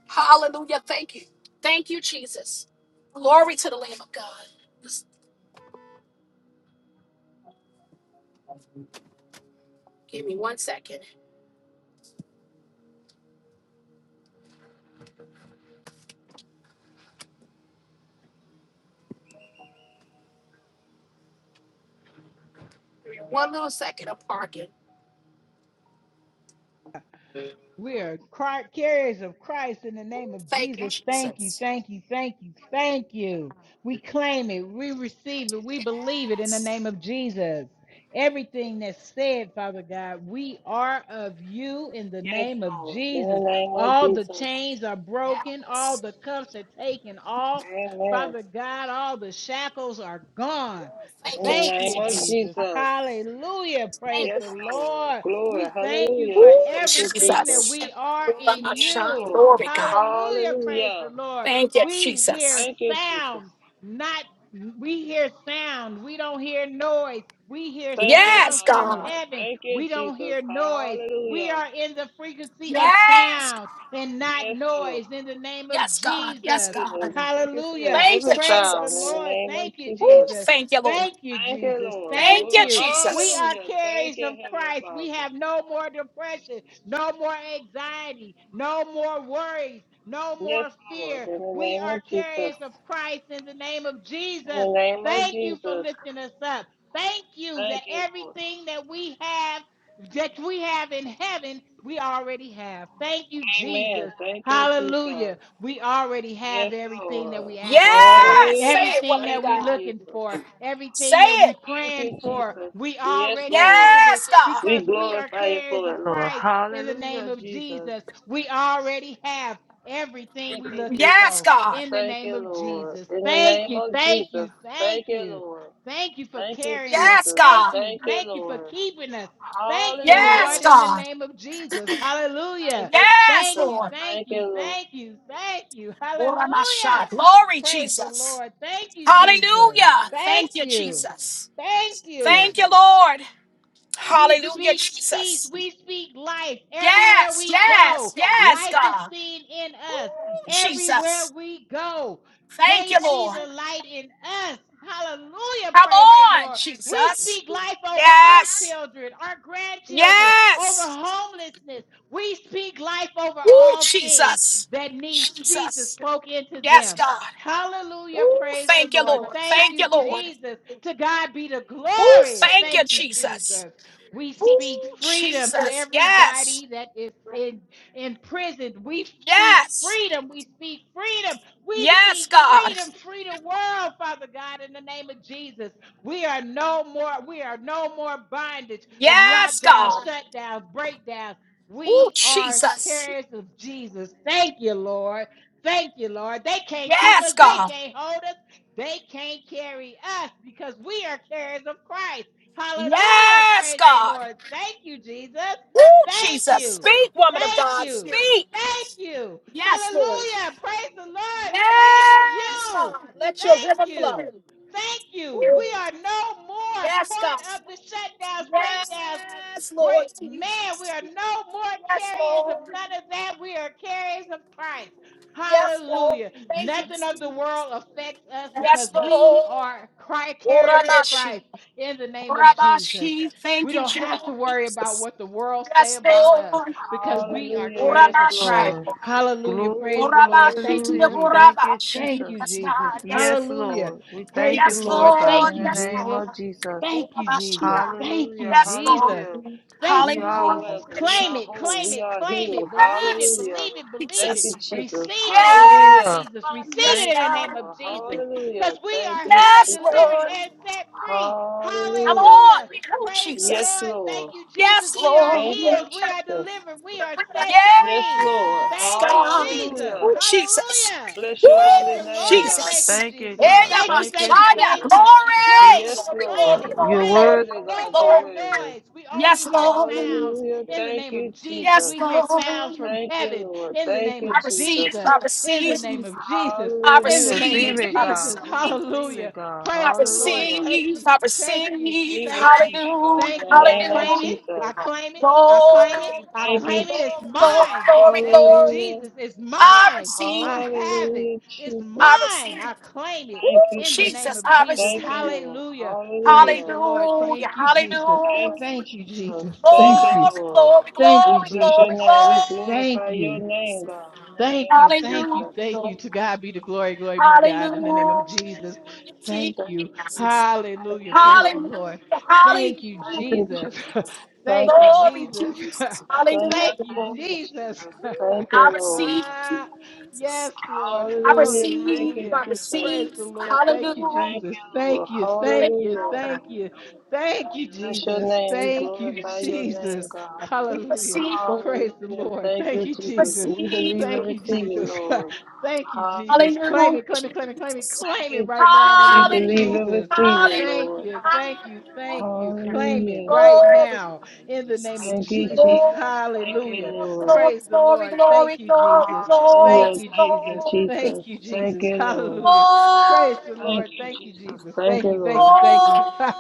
Hallelujah. Thank you. Thank you, Jesus. Glory to the Lamb of God. Just give me one second. Give me one little second of parking. We are cri- carriers of Christ in the name of Thank you, Jesus. Thank you, Jesus. thank you, thank you, thank you. We claim it, we receive it, we believe it in the Yes. name of Jesus. Everything that's said, Father God, we are of you in the Yes, name of Lord. In the Jesus. name of All the Jesus. chains are broken, all Yes. the cuffs are taken off. Amen. Father God, all the shackles are gone. In Thank you, the Thank name you, of Jesus. Jesus. Jesus. Hallelujah. Praise Thank you. Yes, the Lord. Lord. Lord. Glory. We thank you Hallelujah. for Ooh, Thank you, everything Jesus. that Jesus. we are in Yes, you. Lord. Glory, God. Hallelujah. Praise Hallelujah. the Lord. Thank you, We hear Jesus. Thank you, Jesus. sound, not we hear sound. We don't hear noise. We hear Thank you, sounds Yes, Father from God. God. heaven. Thank you, We don't Jesus. hear noise. We Hallelujah. are in the frequency of Yes. sound and not Yes, Lord. noise in the name of Yes, God. Yes, Jesus. We in the God. frequency of Hallelujah. Thank you, heaven Praise the sound Jesus. in the Lord. name of Thank you, Ooh, Jesus. Jesus. Thank you, Lord. Thank you, Thank you, Jesus. Lord. Thank Thank you, Glory. you. We Jesus. are Hallelujah. Thank carriers you, of Heavenly Christ. We Father. have no more depression, no more anxiety, no more worries, no Yes, more Lord. fear. In the We name are of Jesus. carriers of Christ in the name of In Jesus. the name of Thank you for Jesus. lifting us up. Thank you that Thank you, Lord. everything that we have, that we have in heaven, we already have. Thank you, Amen. Jesus. Thank you, Hallelujah. Jesus. We already have Yes, everything that Lord. we asking for, Yes. Say Hallelujah. it, everything woman of Thank that we you, God. looking Jesus. for, Say everything that we it. Thank praying you, for. Jesus. We Yes, already Lord. have it Yes, God. because We we are glorify you carriers for of it, Lord. Christ in the name Hallelujah, of Jesus. Jesus. We already have everything Thank we you, looking Jesus. Yes, for God. in the Thank name you, of Lord. Jesus. In the Thank name you. of Thank Jesus. you. Thank Thank you, you. Lord. Thank you for Thank you, carrying us. Yes, Jesus. Thank God. you. Thank you, Thank you for Lord. keeping us. Thank you, Yes, Hallelujah. Lord, in the God. name of Jesus. Hallelujah. Thank you, Yes, Thank Jesus. you, Lord. thank Thank you, you, Lord. thank you, thank you. Ora masha. Hallelujah. Glory, Praise the Jesus. Lord. Thank you, Jesus. Hallelujah. Thank Thank you, you. Jesus. Thank you. Thank you, Lord. We Hallelujah, speak peace. Jesus. We speak life everywhere Yes, we go. yes, yes, Life is God. seen in us Ooh, everywhere Jesus. we go. Thank They you, see Lord. the light in us. Hallelujah. Come Praise the on, Lord. We Jesus. speak life over our Yes. children, our grandchildren, over Yes. homelessness. We speak life over Woo, all things Jesus. that need Jesus Jesus. spoke into Yes, them. God. Hallelujah. Praise the Thank you, Lord. Lord. Thank Thank you, you, Lord. Jesus. To God be the Woo, glory. thank you, Thank you, Jesus. Jesus. We Woo, speak freedom to Jesus. Yes. everybody that is in in prison. We speak Yes. freedom. We speak freedom. We speak Yes, God. freedom. Free the world, Father God, in the name of Jesus. We are no more, we are no more bondage of Yes, lockdowns, God. shutdowns, breakdowns. Woo, We are Jesus. carriers of Jesus. Thank you, Lord. Thank you, Lord. They can't keep Yes, us. They God. can't hold us. They can't carry us because we are carriers of Christ. Hallelujah. Yes, Praise the God. Lord. Thank you, Jesus. Woo, Thank Jesus. you. Speak, woman of Thank God. you. Speak. Thank you. Yes, Lord. Hallelujah. Praise the Lord. Thank Yes, God. you. Let your Thank river flow. you. Thank you. We Woo. are no more Yes, part God. of the shutdowns, breakdowns, Yes, Break, Lord man, we Jesus. are no more Yes, carriers of Lord. none of that. We are carriers of Christ. Yes, Lord. Hallelujah. Thank you. Nothing of the world affects us because Yes, we Lord. are Christ carriers of Orabashi. Christ in the name of Jesus. Orabashi. We Thank you, don't have to worry about Jesus. what the world say Yes, about us Lord. because we are Hallelujah. Yes, carriers of Christ. Orabashi. Lord. Hallelujah. Praise Glory, the Lord. Orabashi Thank to you, the hallelujah. Jesus. Thank you, Orabashi. Thank you, Jesus. Yes, Jesus. God. Yes. Yes, Hallelujah. Lord. We Praise thank you the Yes, for it, Lord. God, Lord. Thank in you, the Yes, name Jesus. of Lord. Jesus. Thank you, Orabashi. Jesus. Thank you, Hallelujah, Yes, Lord. Jesus. hallelujah. Thank We you, are well, Jesus. Hallelujah, we Claim are it, whole, claim Jesus. we it, are claim healed. it. Believe it, Yes. Hallelujah. believe it, believe Thank Jesus. it. you, Jesus. Receive it in the name of Yes, Hallelujah. Jesus. God. Receive Yes, Thank it in the you, God. name Lord. of Jesus. Because Hallelujah. we Thank are you, healed, Yes, Jesus. delivered, Lord. and set free. Come Hallelujah. on. Hallelujah. Oh, Praise the Yes, Jesus. Lord. Thank Lord. you, Yes, Jesus. We are Lord. Thank you, healed. We are Jesus. delivered. We are set Yes, free. Lord. Yes, Thank you, God. Jesus. Hallelujah. Oh, Jesus. Hallelujah. Bless your Praise holy Oh, the name, Lord. God. Thank Jesus. you, Thank you, Jesus. Hey, God. Thank you, Thank thank you, you, Messiah. thank Jesus. you. Glory. Claim Yes, it, Glory, claim Lord. glory, it, You're glory, claim it. glory, worthy, No glory, God. You're more glory. worthy. noise. We only Yes, hear Lord. sounds Hallelujah. in the Thank name you, of Jesus. Jesus. Yes, We hear sounds Lord. from Thank you, heaven Lord. in the Thank name you, I of Jesus. receive, Jesus, I in receive, the name of Jesus, I Hallelujah. in We the name receive receive, of it, I God. Jesus. We receive. receive it, Hallelujah. God. Praise I the Lord. Hallelujah. Thank receive, you, I thank you, receive, We thank you. receive it, God, hallelujah, in Thank the you. I name of claim hallelujah, it. I Jesus. claim it. I Lord, claim it. We I thank Lord, you, claim it. It's Jesus. Lord, mine in the glory, name of glory. Hallelujah. Jesus. It's I mine. receive, I have it. Hallelujah, It's I Jesus. mine. receive, I claim it Woo, Thank you, in the Jesus. name Jesus, of I Jesus. Thank receive, you, Lord. Hallelujah. Praise Hallelujah. the Lord. hallelujah, Thank you, Jesus. Thank you, hallelujah, Thank you, Jesus. Jesus. Thank Thank you, you. glory, Lord. glory, Thank We you, glory, bless your glory, Jesus. name. We glory, Thank glorify you. your name, God. In the Thank name you, of thank you, Jesus. thank hallelujah, you. To God be the glory, glory be to God in the name hallelujah, of Jesus. Thank Thank you. you, Jesus. Jesus. Thank Hallelujah. you, Praise Lord. the Hallelujah. Lord. Hallelujah. Thank you, Thank you, Jesus. Jesus. Thank thank you, you, Glory, Lord. Jesus. Jesus. Thank you, thank Hallelujah. you, thank you, Jesus. Jesus. Thank you, I Lord. receive Jesus. yes, Lord. I Hallelujah. Thank receive. you, Hallelujah. I Jesus. Praise receive. the Lord. Thank you, Hallelujah. Thank Jesus. you, Lord. Thank you, thank you, Hallelujah. Hallelujah. thank you. Thank you, We bless your Jesus. name. Jesus. We Thank you, glorify your name, Jesus. God. We Hallelujah. receive. Lord. Praise the Hallelujah. Lord. Thank Thank you, you, We Jesus. Jesus. We receive. believe and Thank Lord. you, receive it, Jesus. Lord. Thank you, Ha- Jesus. Claim Hallelujah. it, claim it, claim it, claim it, Jesus. Thank claim you, it right now in Jesus. the We name of believe Hallelujah. and Jesus. receive it, Hallelujah. Thank Lord. you, thank you, thank you. Hallelujah. Claim it Hallelujah. right Glory. now in the name of Thank you, Jesus. Jesus. Thank you, Hallelujah. Lord. Glory, Praise the glory, glory, Lord. glory, glory, Thank you, glory, Jesus. glory, Thank Hallelujah. you, Thank you, Jesus. glory. Jesus. Thank you, Thank Jesus. you, Lord. Hallelujah. Praise the Thank Lord. you, Thank you, Jesus. Jesus. Thank Thank you, you, thank Lord. you, thank you.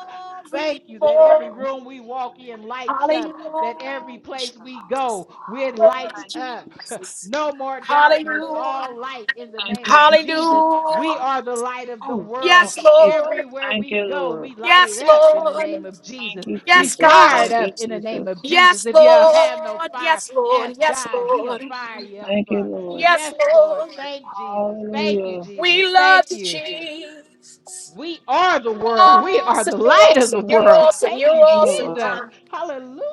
Thank you that glory, every Thank room you, we walk Jesus. in lights up, that Thank every you, Hallelujah. Jesus. place we Jesus. go, we're Glory, lights Thank you, up. Jesus. Jesus. No more Thank you, darkness, Jesus. Hallelujah. all light in the Thank you, name of Jesus. Jesus. We Hallelujah. are the light of the Oh, thank world. Yes, you, Jesus. Lord. Everywhere Thank we you, go, Lord. we light it Yes, up in the name Lord. of Thank Jesus. you, We Yes, Jesus. fire God. it Thank up you, in the name Jesus. of Jesus. Yes, If you don't have no Lord. fire, Yes, Lord. ask Yes, Thank God, you, He'll Lord. fire Jesus. you up Thank you, for. it. Lord. Yes, Yes, Lord. Lord. Thank Jesus. Thank you, Hallelujah. Jesus. We love Thank you, you. Jesus. We are the You're world. We are awesome. the You're light Thank of the you, awesome. You're world. Jesus. awesome. Thank You're Thank you, you, awesome. Lord. Jesus. God.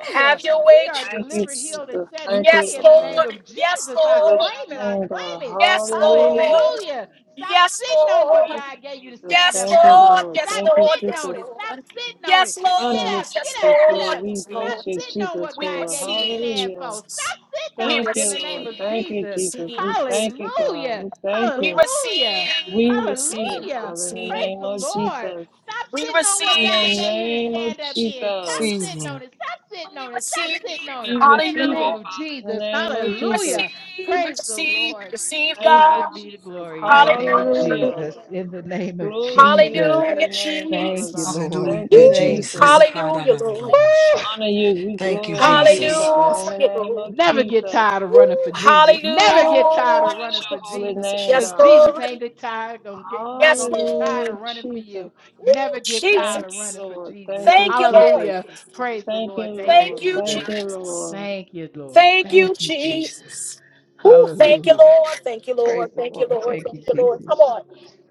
Have your We way. are Jesus. Thank you, delivered, healed, and Jesus. set Thank you, free Yes, in the Lord. name Lord. of Yes, Jesus. I Bless claim Lord. it. your I name, God. claim it. Yes, Hallelujah. Lord. Hallelujah. Stop Yes, sitting on what Lord. Thank God gave you you, to Jesus. stand Yes, up Thank you, on. Lord. Lord. Yes, Lord. Yes, Stop Thank you, Lord. sitting Yes, on Jesus. it. Stop Lord. sitting on it. We honor Get you, up. Yes, Get up. Jesus, for Get Lord. up. we Yes, Stop bless Lord. you, sitting on Jesus, what We God for gave you to receive stand hallelujah. for. Stop Jesus. sitting We on Thank it in you, the name Lord. of Thank receive. you, Jesus. Jesus. receive, We thank you, receive. God. Hallelujah. We thank We you. receive, Hallelujah. we We receive it, receive, Hallelujah. we Father, in the receive, Praise name we the of receive. Lord. Jesus. Stop We sitting on what In receive, the God gave you to name of stand up in. Stop Jesus. sitting Jesus. on Evening, it. Stop sitting we on it. Stop receive, sitting on it. We In the receive name it, hallelujah. of Father, in the Jesus. name We of Jesus. receive, Hallelujah. we Praise the receive, we Lord. receive To Thank you, God God. be the Jesus. glory. In the name of Hallelujah. Hallelujah. Jesus. In the name of Glory to your Jesus. holy Hallelujah, name, Father Thank you, Jesus. God. Lord. Thank Woo. Hallelujah, you, Jesus. Thank Jesus. you. We Hallelujah, Lord. Woo! Ha-da-da-da-da-bo-shake. honor you. We Thank you, Thank glorify you, you, Jesus. God, in Jesus. the Hallelujah, name Lord. of Never Jesus. get tired of Woo. running for Jesus. Never get tired Hallelujah, of Bless running your for holy Jesus. Jesus. name, Because Yes, God. Jesus Lord. ain't get tired, gonna get not Yes, gonna get tired Lord. Hallelujah, of running for you. Jesus. Woo, Never get tired Thank of you, Jesus. running for Lord. Thank Jesus. you, Thank you, Lord. Jesus. Hallelujah. Praise the Thank Lord. you, Thank you, Thank Lord. you, Thank Jesus. you, Jesus. Lord. Thank you, Lord. Thank you, Thank you, Jesus. Jesus. Ooh, thank you, Hallelujah. Lord. Thank you, Praise Lord. the Thank you, Lord. Lord. Thank Thank you, you, Lord. Come Jesus. on.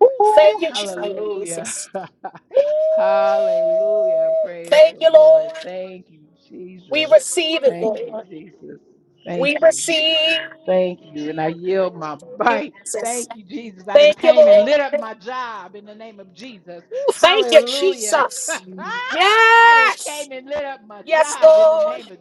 Ooh, thank Ooh, you, hallelujah. Jesus. Ooh, Hallelujah. Praise thank the you, Lord. Lord. Thank you, We Jesus. receive it, Thank you, Lord. Jesus. We Thank you. receive. Thank you. And Thank I yield my you, bike. Jesus. Thank you, Jesus. I done Thank you, came and Lord. lit up my job in the name of Jesus. Ooh, thank you, Hallelujah. Jesus. I done Yes. came and lit up my Yes, job in the Lord. name of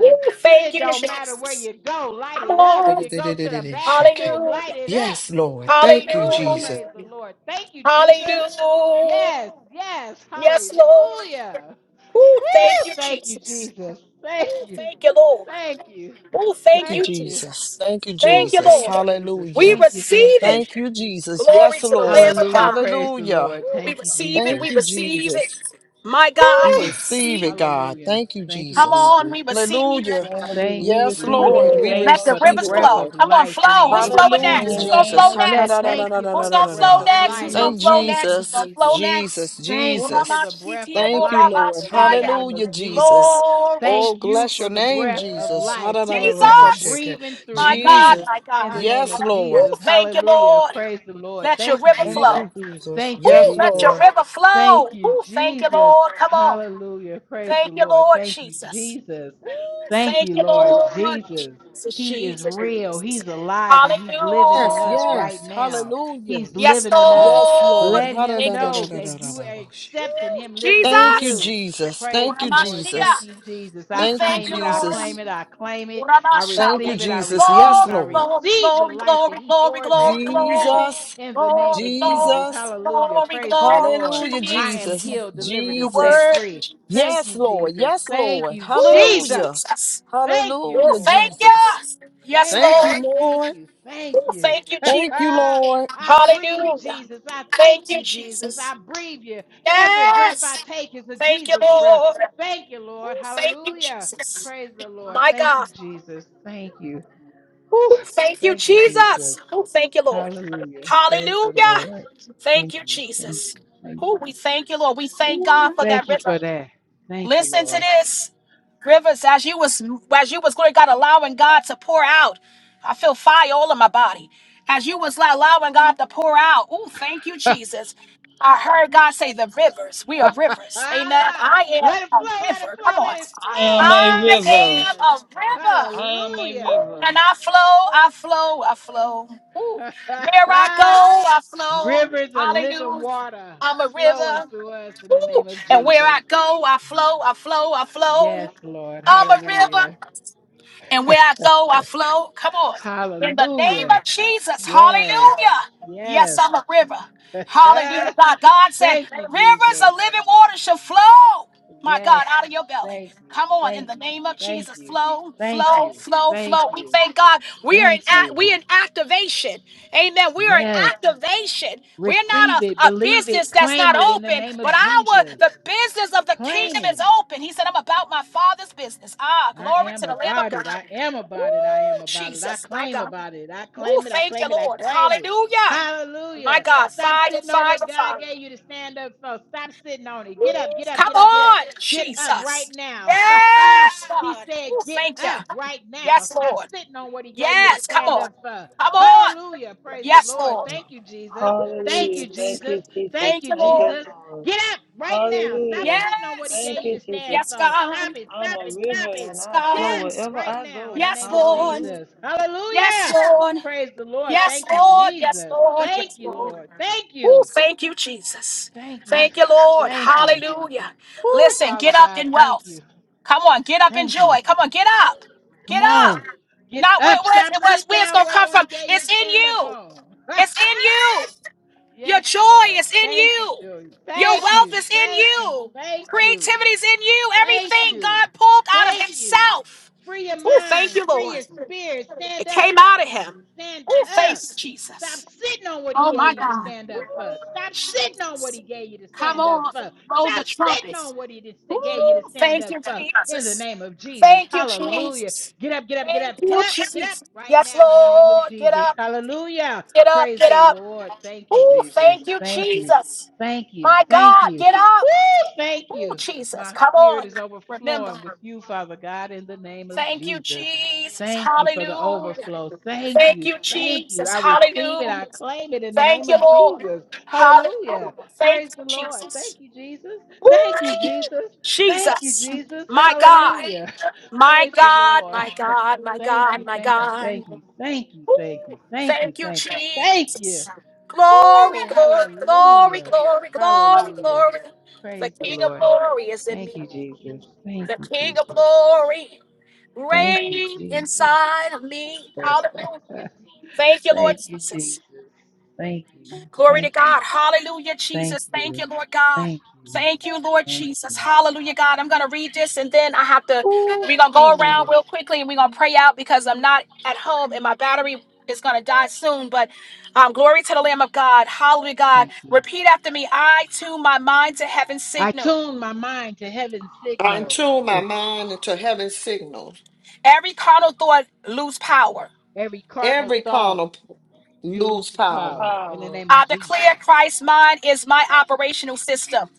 Ooh, thank It you, don't matter where Jesus. you go, light Come it up. If on. you go to the Da-da-da-da-da-da-shake. bathroom, Hallelujah. light it up. Yes, Lord. Thank you, Hallelujah. Hallelujah. Jesus. Praise the Lord. Thank you, Jesus. Hallelujah. Yes, yes. Yes, Lord. Hallelujah. Oh, thank Woo! you, Thank you, Jesus. Jesus. Thank Oh, you. thank you, Lord. Thank you. Oh, Thank thank you, Thank you, you. Jesus. Jesus. Thank you, Thank Woo, you, Jesus. thank you, Lord. Jesus. We Hallelujah. Thank you, thank receive you. it. Thank you, Jesus. Glory Yes, to the Lord. Lamb of Hallelujah. God. Praise the Hallelujah. Lord. We Thank you, receive it. Thank Jesus. We you, receive it. Jesus. My God, We Woo. we receive receive. it, God. Hallelujah. Thank you, Thank you, Come Jesus. on, Jesus. we receive. In Hallelujah. the name of Jesus. Thank We you, Yes, receive it Jesus. in Lord. the We Woo! Thank name you Let the of for the receive rivers it, Jesus. breath flow. of Lord. I'm gonna life in the flow. We Who's name of flowing receive it in Hallelujah, the next? Who's Jesus. gonna name Jesus. flow of ha ka Let da next? da thank da Jesus. da you da Who's for da the gonna da breath flow da of next? Who's life. Hallelujah. gonna Thank flow Thank next? you, Who's Jesus. gonna flow Jesus. next? Jesus, Thank you for the Jesus. breath Uramashitiya of Thank you, life Lord. in the dorabashaya. name Hallelujah, of Jesus. Jesus. Glory. Thank Oh, you bless for your the name, breath of Jesus. life. Thank you for Jesus, Ha-da-da-da-da-bo-shake. breathing through my God, Jesus. me my in the God. name Yes, of Woo, Lord. Jesus. thank you, Hallelujah. Lord. Praise the Lord. Let your Thank you, river Thank Jesus. flow. you, Jesus. Thank you, Woo, Yes, let your Jesus. Lord. river flow. Thank you, Woo, thank you, Jesus. Lord. Come on. Hallelujah. Praise the Thank you, Lord. Lord Thank you, Jesus. Jesus. Thank Thank you, you, Lord Lord Jesus. Jesus, He is Jesus, real. Jesus. He's alive and he's living in Yes, us Hallelujah. right yes. now. Hallelujah. He's Yes, living in us. Yes, Lord. Lord. Let We him thank you, know Jesus. that you are Ha-da-da-da-da-da-da-da-da-da-da. accepting Woo. him living in Thank you, Jesus. you. Jesus. Praise Thank the you, Lord. Oramashia. Thank Jesus. you, Jesus. I We Thank you, thank claim you, it. I Lord. claim Jesus. it. I claim it. I Thank Oramashaya. you, receive it. I Jesus. Yes, receive. Glory, I Lord. glory, receive the glory, life that glory, he glory, pours glory, into me glory. Jesus, in the name Glory, of glory, Jesus. Jesus. Hallelujah. glory, Praise the glory, Lord. Hallelujah, I am Jesus. Jesus. healed, delivered, The and set Jesus. word, free. Thank Jesus. Yes, you, Lord. Jesus. Yes, Thank Lord. you, Woo, Jesus. Hallelujah. Jesus. Thank you, Woo, Hallelujah, Lord. thank Jesus. you. Yes, Thank Thank you, you, Lord. thank Lord. you, thank Woo, you. thank you, Jesus. Thank you, Lord. I breathe Hallelujah. Jesus. I thank Thank you, you, Jesus. Jesus. I breathe you. Every breath I Yes. take is a Thank you, Jesus breath. Lord. Thank you, Lord. Thank you, Hallelujah. Jesus. Praise the Lord. My Thank you, God. Jesus. Thank you. Whew. Who thank you, Thank you, Jesus. Jesus. Oh, thank you, Lord. Hallelujah. Praise the Hallelujah. Lord. Thank Thank you, you. Thank you. Jesus. Thank Oh, we you. thank you, Lord. We thank Ooh, God for that thank you river. for that. Thank you, Listen to Lord. this. Rivers, as you was as you was glory God allowing God to pour out. I feel fire all in my body. As you was like allowing God to pour out. Oh, thank you, Jesus. I heard God say the rivers. We are rivers. Amen. I let it am a flow, let it river. Come flow, on. let it I am flow in the a name of river. I am Jesus. a river. I am a Hallelujah. river. And I flow, I flow, I flow. Ooh. Where I go, I flow. Rivers of living Hallelujah. water I'm a flowing river. through us in the Ooh, name of And where Jesus. I go, I flow, I flow, I Yes, flow. Lord. I'm a river. Hallelujah. And where I go, I flow. Come on. In the name Hallelujah. of Jesus. Yes. Hallelujah. Yes, Yes. I'm a river. Hallelujah, God. God said, Thank you, rivers Jesus. of living water shall flow, my Yes. God, out of your belly. Thank you. Come on, in Thank the you. name of Thank Jesus, you. flow, Thank flow, you. flow, Thank flow. We you. thank God. We are in Thank act, you. we in activation. Amen. We are in Yes. activation. We're not Receive it, a, a believe business it, that's claim not it in the open, name but of our Jesus. the business of the Claim kingdom is it. open. He said, I'm about my father's business. Ah, I glory am to the Lamb of about God. it. I am Woo, about it. I am about it. I Jesus, my claim God. about it. I Oh, claim it. I thank you, claim it. I Lord. claim it. Hallelujah. My Hallelujah. God, Stop fire, sitting on fire, what God fire. gave you to stand up for. Stop sitting on it. Get up, get up, Come get up, get up. on, Get up right Jesus. now. Yes, he God. said, Oh, Get thank you. up right now. Yes, Stop Lord. sitting on what He gave you to Yes, come stand on. up for. Come on. Hallelujah. Praise the Yes, Lord. Lord. Thank you, Jesus. Thank Hallelujah. you, Jesus. Thank you, Jesus. Jesus. Thank Thank you, you, Thank you, Lord. Jesus. Lord. Get up right now. Stop Hallelujah. sitting on what He Yes. Thank gave you you, to Jesus. stand Yes, for. God. Stop it. I'm Stop a it. Stop river it. and Yes, I Yeah, flow God. wherever right I now in the go. Yes, name of Lord. Hallelujah. Jesus. Yes, Hallelujah. Lord. Praise the Lord. Yes, Thank you, Lord. Yes, Jesus. Lord. Thank Yes, you, Lord. Lord. Thank Oh, you. thank you, Jesus. Thank you. Thank you, Lord. Thank you. Hallelujah. Whoo, Listen, Father get up God, in thank wealth. you. Come on, get up in Thank you. joy. Come on, get up. Come Get up. on. Get Not where up. where's Stop. it was, Sit where it's down. gonna What come only from. gave you to It's in stand up you. on? It's in you. Your yes, joy Lord. is in Thank you, you. Joey. Your Thank wealth you. is in Thank you. you. Thank you. Creativity is in you. Thank Everything you. God pulled out of Thank you. Himself. Free your Oh, thank mind. you, Free Lord. your spirit. Stand It up. came out of Him. Stand Oh, thank up. you, Jesus. Stop sitting on what he Oh gave my you to God. stand up for. Stop sitting on what Jesus. he gave you to Come stand up on. for. Blow Stop the sitting on trumpets. what he dis- gave you to Ooh, stand thank up you, for. In the Jesus. name of Jesus. Thank you, Hallelujah. Jesus. Get up, get up, get Thank up, get you, up, get up Jesus. right Yes, now in the name of Lord. Get Jesus. up. Hallelujah. Get up. Praise Get the up. Lord. Thank you, Ooh, Jesus. thank you, Thank you. Jesus. Thank you. My Thank God, you. get up. Woo! Thank Ooh, you. Jesus. My Come spirit on. is Remember. overflowing with you, Father God, in the name of Thank you, Jesus. Jesus. Thank you for the Hallelujah. overflow. Thank Thank you. you, Thank you. Jesus. I receive it. Hallelujah. I claim it in the Thank name you, of Lord. Jesus. Hallelujah. Hallelujah. Thank Praise you, the Lord. Jesus. Thank you, Jesus. Thank you, Ooh, Jesus. Thank you, Jesus. Jesus. My God. Hallelujah. My Praise the God. Lord. My God. My Thank God. you. My Thank you. God. Thank you. Thank you. Ooh, Thank you. Thank you. thank you, Thank you. Thank you. Jesus. Glory, Woo. glory, glory, Hallelujah. glory, glory, Hallelujah. glory. The Praise the King of Lord. glory is in Thank me. you, Jesus. Thank The you, King of Jesus. glory Thank you, reign Jesus. inside of me. Hallelujah. Thank you, Lord Thank you, Jesus. Jesus. Thank you. Glory to Thank you. God. Hallelujah, Thank Jesus. Thank you. you, Lord God. Thank you. Thank you, Lord Thank Jesus. you. Hallelujah, God. I'm going to read this and then I have to, Ooh, we're going to go hallelujah. around real quickly and we're going to pray out because I'm not at home and my battery is going to die soon. But um, glory to the Lamb of God. Hallelujah, God. Thank you. Repeat after me I tune my mind to heaven's I signal. tune my mind to heaven's I signal. tune my Oh, mind into heaven's signal. Every carnal thought lose power. Every cardinal Every thought carnal p- lose use power. power in the power name of I declare Jesus. Christ's mind is my operational system.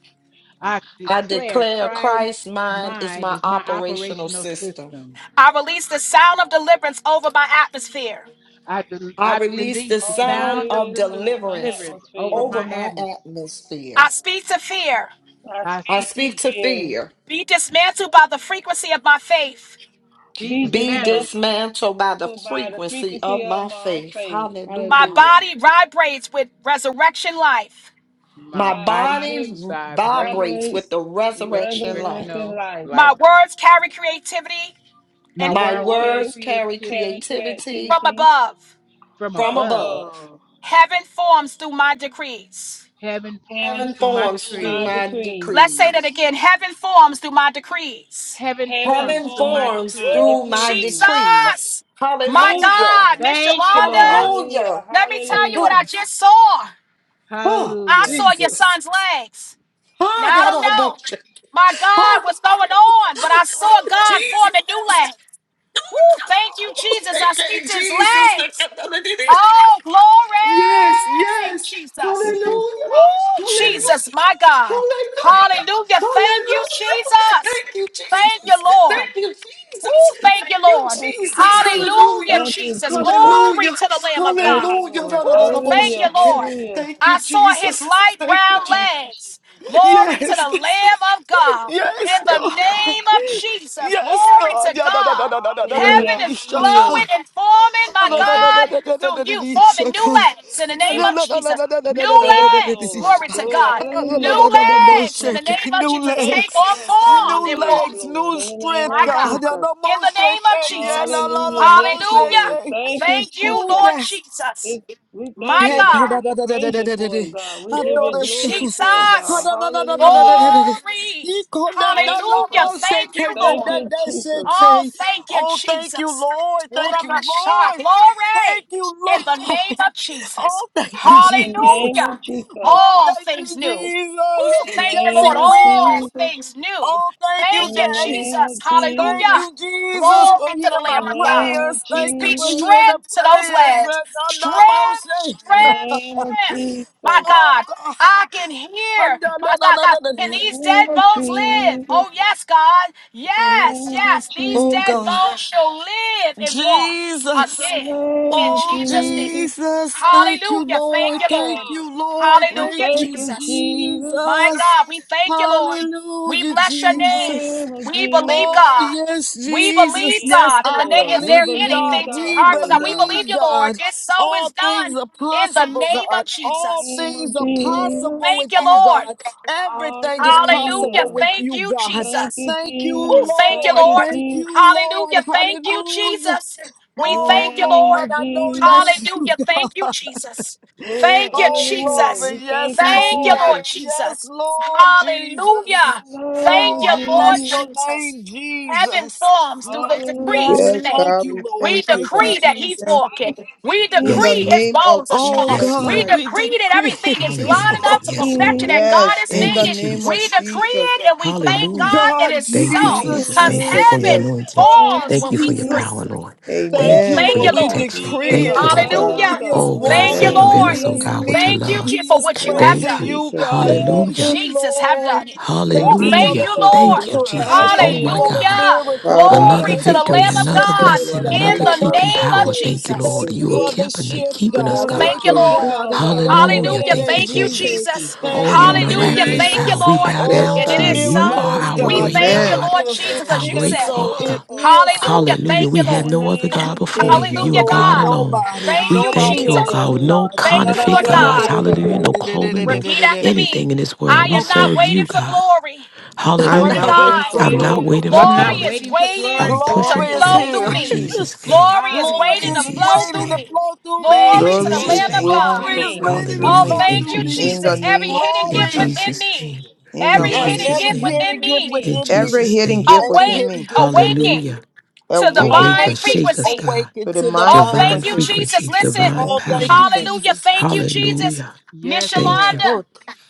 I I declare declare Christ's Christ's mind is mind my is my operational operational system. system. I release the sound of deliverance over my atmosphere. I, del- I I release release the the of sound sound of of delirious del- over my deliverance deliverance over atmosphere. over my my atmosphere. I atmosphere. speak to fear. I I I speak speak speak, to to fear. fear. be dismantled by the frequency of my faith. be Be Be dismantled dismantled dismantled by the to by the frequency frequency of of my my faith. faith. My Hallelujah. Hallelujah. body vibrates with resurrection life. My My My body body body vibrates vibrates with vibrates the resurrection regularly life. in resurrectional My light. life. words carry creativity My and My My words carry words words carry carry creativity creativity from creativity above. from from from above. above. above. Heaven forms through my decrees. Heaven Heaven forms Heavens through my forms forms through through my decrees. my decrees. Let's say that decrees. again. Heaven forms through my decrees. Heaven Heavens forms Heaven through forms my through forms my decrees. through my decrees. decrees. Jesus, my Thank you, Hallelujah. God, Lord. Miss Thank you, Yolanda, Lord. Hallelujah. Hallelujah. let me tell you what Huh, I Hallelujah. just saw. huh, I Hallelujah. saw your Jesus. son's legs. Now Huh, I da, don't da, know, bullshit. my God, Huh, what's going on, but I saw oh, God form a new Jesus. leg. Ooh, thank you, Jesus. I Thank speak you, to his Jesus. legs. Oh, Yes, glory, yes. Thank Jesus. you, Hallelujah. Jesus. Ooh, Thank you, Lord. Hallelujah. Jesus, my God. Jesus. Hallelujah. Hallelujah. Thank you, Hallelujah. Jesus. Thank you, Thank Jesus. Thank you, you, Jesus. Lord. Thank you, Jesus. Oh, Jesus. thank you, Thank you, Lord. Thank you, Jesus. Jesus. Hallelujah, Hallelujah. Thank you, Jesus. Jesus. Glory Hallelujah. to the Lamb of Thank God. you, Hallelujah. Lord. Da, da, da, Oh, da, bo- thank you, Hallelujah. shaking. Lord. Hallelujah. Thank you, I saw his Jesus. light Thank you, brown Jesus. Thank you, legs. Jesus. Glory to Yes. the Lamb of God. Yes, In the Thank you, God. name of Jesus. Jesus. Yes, Glory God. to Yeah, da, da, da, God. da, da, da, da, da, da, da, Heaven Hallelujah. da, is Hallelujah. shaka. flowing and forming, my New Thank you, legs, God, Jesus. through you, forming new legs in the name Thank of you, Jesus. Jesus. New Thank you, legs. Lord. Glory to Glory. God. Hallelujah. New Thank you, legs in the Jesus. name of Jesus. Thank you Take on for her son, form new new and legs, walk. legs, Lord. new In the name strength, My of God. God. Jesus. In the name of Jesus. Hallelujah. Yes, Hallelujah. Lord. Thank you, Thank you, Oh, Jesus. Lord yes. Jesus. It's, we thank My you, Hey, God, God. God. da, da, We da, da, da, praise da, you da, da, for it, da. God. We I give know Woo, you this glory God. for it, Ah, God. Jesus. da, da, da, da, da, da, da, da, Hallelujah. da, da. Glory. Ye come, da, Thank da, you, la, Hallelujah. ma, Father se, Thank God. you, ke, da, Thank Lord. da, you, da, Jesus. se, Oh, ke. thank you, Oh, thank you, Jesus. Lord. Thank you, Urabasha. Lord. Thank Glory you, in the Lord. name of Jesus. Oh, thank you, In the name Jesus. of Hallelujah. Jesus. Oh, In All thank you, things new. Jesus. Oh, the thank you, Yes, He name Lord. of will. All Jesus. things new. Oh, thank you, In Thank you, the Daddy. name Jesus. of Thank Hallelujah. Jesus. you, Jesus, for Glory to hearing the In my the Lamb of God. name of prayers. We Thank you speak for Jesus, hearing the strength to those prayers. lads. Ah, da, Strength, da, ma, se. in the strength, name of strength. My Jesus, Oh God, God, I can hear. My God, God, in the can these name dead of bones live? Jesus, Oh, yes, God. in the Yes, name of yes. These Oh dead Jesus, God. bones shall live and walk in Jesus. the again name in of Oh Jesus' name. Jesus. Jesus. Thank you, Hallelujah. Thank Lord. you, Hey, Thank Lord. glory. you, Lord. We Thank Hallelujah, thank you, you, Jesus. Jesus, My Jesus. God, we thank you, Lord. We Hallelujah, bless in your the name. Jesus. name of We believe Jesus. Oh, God. yes, We Jesus. believe Yes, Yes, God. In I the name, Lord. is We there believe, believe God. anything too God We hard for for it, God? We God. believe believe, you, Lord. God. It so All is things done are in the possible, name of God. In the All Jesus. name things of are Jesus. possible Thank with you, you, Lord. God. Everything is Hallelujah. possible Hallelujah. with Thank you, you, God. Thank Jesus. you, Thank you, Oh, Jesus. thank you, Thank Lord. you, Lord. Thank Jesus. you, Lord. Hallelujah. Thank you, Hallelujah. Jesus. We In the Oh, thank you, name Lord. Lord, of I know Jesus, that's you. Hallelujah. Thank you, Jesus. glory, Thank you, Oh, hallelujah. Jesus. glory. We thank Yes, you, Thank you, Lord. Lord Jesus. Yes, Jesus. Lord In Jesus. Hallelujah. the name Thank Oh, of you, I Lord bless your Jesus, Jesus. name, Heaven Jesus. forms M- through the decrees we Yes, Yes, hallelujah. make. thank God, you, we Lord. We thank you, Thank you, God. decree that We he's Jesus. thank you. walking. Thank you, We In the Yes, decree Jesus. his Lord. name of bones are Oh, strong. Yes, Jesus We God, Lord. we Christ. decree that everything is Thank you decrease. lined for Hallelujah. up to Yes, perfection Lord. that Jesus. God Yes, has in Thank the you, made name of We Jesus. decree Jesus. it and we thank Oh, Hallelujah. God that God, it's Thank you, so Thank you, Jesus. Jesus. because Thank you Hallelujah. Jesus. for your Yes. heaven anointing. Thank Oh, falls you, Thank when you we for your decree. Jesus. power, Jesus. Lord. Ooh, Thank Thank you you, Amen. for thank Thank you, your Lord. Thank you We you, Lord. protection. for doing it, Jesus. decree Thank you, Yes, God, it. right Lord. God. now, Hallelujah. He God. is Oh, In the God, Thank you, Amen. name walking. of circumvent He Lord. us, oh, is God, Jesus. with your Thank you leaping. love. Je- He for is what you Thank have you, Thank done. praising you. Thank you, Jesus. you, God. Yes. Thank Hallelujah. Jesus. you, Jesus have Lord. done it. Oh, Thank Thank you, you Thank for thank you, the Hallelujah. you, Jesus. Lord. Lord. Thank you, miracle, Glory, God. Jesus. Oh, Thank you my hallelujah. for the God. Hallelujah. miracle, Father, you God. Thank are Glory Another to Thank you the for victory, faithful. Lamb you, of Jesus. shifting another God You it, are blessing, God. in That great, another oh the God. keeping We emotion, name of power. thank can- you, Thank you, Jesus. Lord. Thank Jesus. you You are for Thank Yes. the keeping, you, shift, Jesus, for keeping us, Oh, doing God. it for Yes, thank God. Thank you, her you, Lord. right Lord. God. now, God. In the Hallelujah. Hallelujah. name Thank you, of Thank you, Thank Jesus. Jesus. you, Jesus. For her Jesus. Oh, Thank your son. you, In the Hallelujah. miraculous name Thank you, of power. Jesus. We Lord. bow Jesus. Yes, down And it to Oh, you. God. is We You bless so. are miracles, you. Hallelujah. our We We God. great thank praise you, you Amen. God, Lord for it, Miracles. It God. Jesus, as We our you give is great you said it. so. glory It Father. for it, is God. so Hallelujah. in We Hallelujah. Thank you, We see In have Jesus' you. Lord. the no name. other name God of before Thank you. you, Jesus. You Hallelujah, are Lord. God God. alone. Nobody, Thank We you, thank nobody you, Hallelujah, oh Jesus. like God. you, Lord. No God. Thank you, Bless counterfeit Lord your gods. God. name, God. Hallelujah. No clothing, no Repeat after me. anything in this world. I We am Okay, not serve you, waiting for God. glory. I I'm am Glory to not not Hallelujah. waiting waiting God. I'm not for for I'm waiting not for glory. glory. waiting for I'm glory. Glory not glory. is waiting for waiting glory. I'm to Glory pushing Glory is is flow through waiting through here. in on me. me. Jesus' name. Glory is Glory waiting In to is Hallelujah. flow Jesus' waiting through to name. me. flow through Praise me. In Glory Glory the is to Glory the waiting Lord. Jesus' to Lamb is of Thank name. you, waiting flow God. through Glory to is me. flow Jesus. waiting to through Oh, Hallelujah. me. flow In thank through you, me. In Jesus' the Jesus. name. Every name of hidden In gift Glory. Jesus. within Jesus' me, name. In the In every Every Yes, hidden mighty. Jesus' hidden every gift gift name. within hidden within gift me, In me. within Every me. Jesus' hidden name. gift Every within hidden me. awake, gift within awaken me. Hallelujah. to Awaken Awake divine Awaken us, Awaken, shake us, frequency. God. awaken to the to the mind Oh, into mind Divine thank you, frequency. Jesus. frequency, frequency. divine Listen. frequency. divine Oh, Thank you, thank power. you, Jesus. Hallelujah. Jesus. Thank you, Jesus. Hallelujah. Yes, Miss Thank Lord. you. Yolanda. Oh,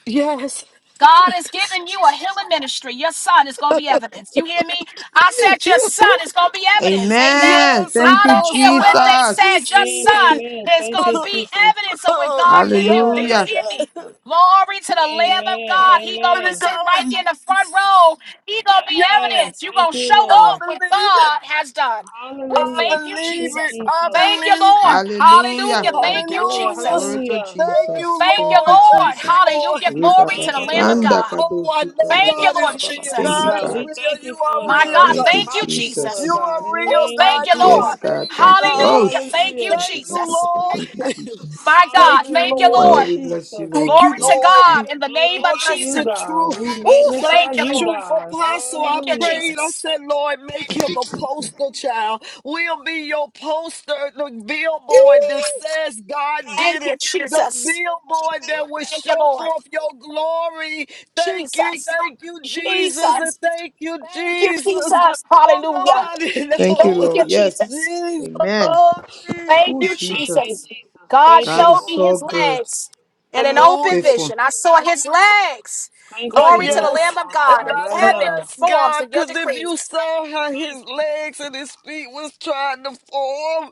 yes. God is giving you a healing ministry. Your son is going to be evidence. You hear me? I said your son is going to be evidence. Amen. Amen. Yes, Thank I you, don't Apostle, care what I they Jesus. said. Your receive Amen. son it. Amen. is Thank going to you, be Jesus. evidence of what Oh, God can do. Do yes, you Amen. Hallelujah. hear yes, me? Glory to the Lamb of Amen. God. He going to be glory to Amen. sitting right God. there in the front row. He going to be Amen. Yes, evidence. you Thank going to you, show I Lord. off what believe it. God has done. Ooh, I Hallelujah. thank you, Thank believe you, it. Jesus. Jesus. I Thank you, believe Lord. it. Thank you, Hallelujah. Hallelujah. Lord. Thank you, Glory. Hallelujah. Jesus. Glory to Hallelujah. Ooh, Thank Jesus. you, Thank you, Thank Lord. you, Thank Lord. Thank you, you, Jesus. Hallelujah. Lord. Jesus. Thank Glory to Thank the you, Lamb of Lord. God. Oh, I know Thank you, We God is Lord bless you real. for it, Jesus. you, God God. is God. We thank real. You you for are it, My God. real, We God, Thank shall you, God. thank you, back you for Jesus. it, Jesus. You are God. In the Ooh, real, name thank God. of you, You Yes, Lord. Jesus. God, are able, thank you. God. Oh, Hallelujah. shut Thank you, Hallelujah. Thank you, Jesus. Thank you, Lord. Jesus. My God, Thank you, thank you, Hallelujah, Lord. Oh, Lord. we Jesus. bless you, Thank Lord. you, Glory Thank to you, Lord. Jesus. God in We the name of Oh, glorify that's Jesus. you, the God. We truth. Ooh, That's magnify thank you, the you, Lord. truth, God. Apostle. I Thank you, Hallelujah. prayed. I Jesus. said, Lord, make Thank you, him a Jesus. poster child. We'll be your poster, the billboard that Ooh, says God Thank did you, it. The Jesus. billboard that will Thank you, show Lord. forth your glory. Thank Jesus. you, thank you, Jesus, and Jesus. thank you, Thank you, Jesus. Jesus. Oh, Hallelujah. nobody Thank you, knows. Thank you, Lord. Jesus. Yes. Jesus, Amen. oh, Jesus. Thank Oh, you, Thank Jesus. you, Jesus. Jesus. God Thank you God showed is for me so his him, God. good. legs in an He's open Hallelujah. faithful. vision. I saw his legs. Thank you Uh, for Glory to doing the it Lamb yes. of for him, And God. God, And I right know heaven now. that's forms God, in your because if you decrees. saw how Thank his you, legs and Jesus. his feet was trying to form,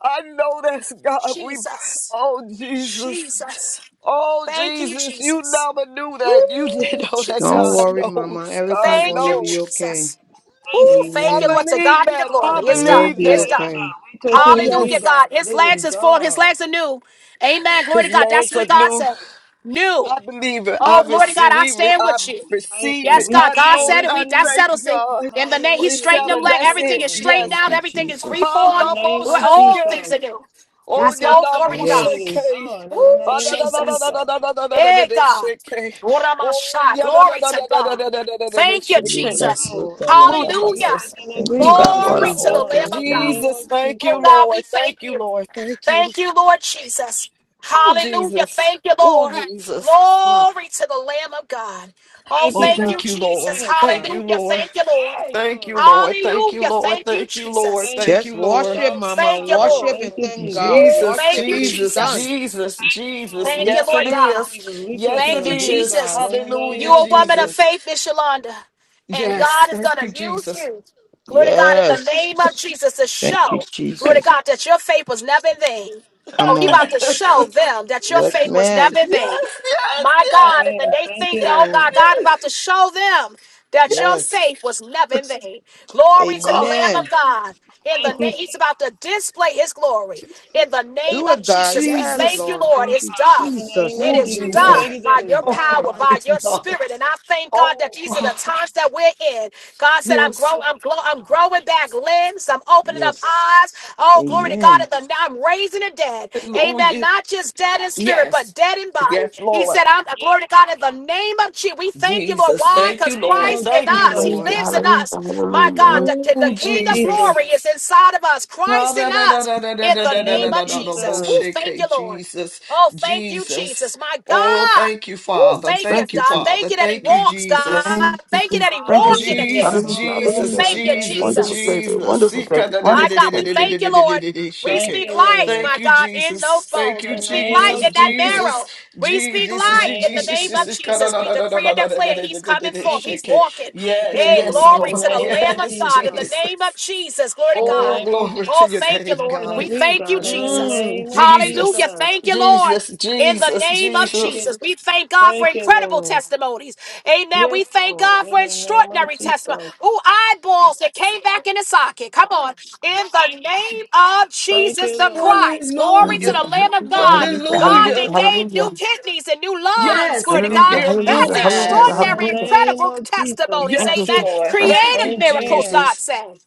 I know that's God. We, Jesus. oh Jesus, Jesus. oh Thank you, Jesus, you Jesus. never knew Ooh, that. You didn't know that Don't God Jesus. worry, Mama. knows. Everything God Thank going to you, be knows. okay. Jesus. Thank Ooh, you, I thank you, Amen. Lord. Jesus. To believe God Yes, be the that. glory. I Lord. It It's will done. believe be It's that. Yeah, done. okay. God. We touch Oh and agree, Hallelujah, yes, God, God. that His it legs is is formed. His done. legs are new. Amen. Glory to his God. That's Thank legs are what you, God new. God. said. New. I believe it. I Oh, glory to God, receive. I We. Thank you, Re- stand I with Lord. you. We thank receive you. it. Yes, We God. I God stand know. said it. with it. We I that you. thank settles it. God. In the name, Oh, He it's Hallelujah. straightened them. Saturday. Yes, Let That's everything it. is Lord. straightened Yes. Thank out. you, Everything is Jesus. Ah, In the reformed. no more name of All things Jesus. are shaking. new. Oh, We That's touch yeah, all no and glory to more agree God. that it is Yes. shaking. done. In the Ooh, Ah, name da, of da, da, da, Jesus. da, da, Jesus. da, da, da, da, da, Hey, da, God. shaking. What am I Oh, shy? yeah, da, da, Glory da, to da, da, da, God. da, da, da, da, da, da, Thank you, Yes, shaking. Libra Jesus. Lord. sota la Oh, da ba We ba Hallelujah. touch Jesus, ba. and Thank you, agree, God, God. It for Glory is Jesus, to all the done Lamb in things the of God. new. name of Jesus. Jesus. Thank Oh you, God, Thank we Lord. thank Thank you, you. Lord. Thank you. Thank you, Lord Jesus. Oh, Hallelujah. Jesus. Thank you, Oh, Lord. Jesus. Mm. Glory to the Lamb of God. Oh, Oh, you, thank God, you, thank you, for Lord. Jesus. doing it, Thank God. you, Hallelujah. Lord. Thank you, Lord. Hey, Thank you, glory. Lord. Thank you, Hallelujah. Lord. Thank you, Thank you, We Lord. Jesus. thank Thank Just you, Ooh, you, God. It's Lord. worship, Mama. Thank you, already done. Woo. Worship Lord. Thank and you, thank Jesus. God. Ooh, Jesus, Thank Worship. you, It is Jesus, done. Jesus. We Jesus, thank you, Jesus. Lord. Thank We you, Yes, it Lord thank you, God. Jesus. is. We touch Yes, and Thank it you, agree, is. God, Jesus. in the name Hallelujah, You a of woman of Jesus. Jesus. faith, Miss Yolanda, and Yes, God is Yes. thank gonna you, use Jesus. you. Glory to God in the name Yes. of Jesus to Thank you, show, glory yes, to Jesus. God, that your faith was never in vain. Oh, Come He on. about to show them that your Yes, faith was yes, ma'am. never in vain. yes, My yes, God, and then Amen. they Thank think you, that, oh God, Lord. God yes, yes, about to show them that your Yes. yes. faith was never in vain. Oh, Glory to the Lamb God. Amen. of God. In the Thank you, name, He's Jesus. about to display His glory. In the name Do of it, Oh, God. Jesus, we Yes, thank Jesus. you, Lord. Do Lord. it, Thank It's you, done. God, in the name Jesus. It of Oh, is Jesus. We Jesus. done thank you Yes. by that it's your Oh, done, power, God, God. by it's your God. spirit. And I thank God that Oh, these are God. the times that we're in. God said, I'm Yes. growing, Thank I'm, you, glow, I'm Lord. growing back limbs. I'm opening up Yes. eyes. Oh, glory to God. Amen. And the, I'm raising the dead. Amen. Hallelujah. Not just dead in spirit, but Yes. dead in body. Yes, He Lord. said, I'm Yes, glory to God in the name of Jesus. We thank you, Lord. Jesus. Lord. In Why? the Thank Because you, name Lord. Christ of in Thank you, us, Jesus. He Lord. lives in us. My God, the, the Oh, name King of of Jesus. Jesus. glory is inside of us. Christ in us In in the the name name of of Jesus. We Jesus. thank you, Ha-da-da-da-da-da-da-da-da-da-da-da-da-da-bo-shake, Lord. Jesus. Oh, thank you, Jesus. Jesus. My Oh, thank you, God. Ooh, Father. thank you, Thank you, God. Father. Thank you that he Thank you, walks, God. Jesus. Thank you that he walking Hallelujah. again. Jesus, Ooh, Jesus, Hallelujah. thank you, Thank you, Jesus, Jesus. Jesus. Jesus. Sika da da da My da da God, da we da da da da Thank thank you, da you, da Lord. da Jesus. da We shake Thank it. speak you, life, Lord. Thank my you, God, in those Jesus. Thank bones. you, In We the speak name life Jesus. of in that Jesus. Jesus, marrow. We Jesus, speak In the life Jesus, in name the of name Jesus. of Jesus. Sika da Jesus. We da da da da decree da and da da da da declare da he's da da coming da forth. Thank you, He's shake it. walking. Jesus. Thank Yes, you, Hey, yes, Lord. In glory Lord. the to the name Lamb of of Yes, God in the Jesus. name of Jesus. Jesus. Glory to In the Oh, God. name of glory Jesus. to Oh, your We thank you, name, touch Lord. and God. We agree, thank you, God. In the Jesus. Mm, name of Jesus. Hallelujah. Jesus, Thank you, Lord. Jesus, In the Jesus, name of Thank you, Jesus. Jesus, we Jesus. thank God for Thank you, incredible Lord. testimonies. Amen. Yes, We thank Lord. God In for the name of extraordinary testimony. Jesus. Ooh, eyeballs that came back in the socket. Come on. In Thank the you, name Jesus. of Thank Jesus you, the Lord. Christ. Glory to Hallelujah. the Lamb of God. God Hallelujah. that gave new kidneys and new Thank you, lungs. Yes, Glory he to Jesus. can God. give Thank new That's you, Lord. eyes. In the extraordinary, name incredible of Jesus. testimonies. Yes, Amen. Lord. Thank Creative you, miracles, Amen. God Jesus. says.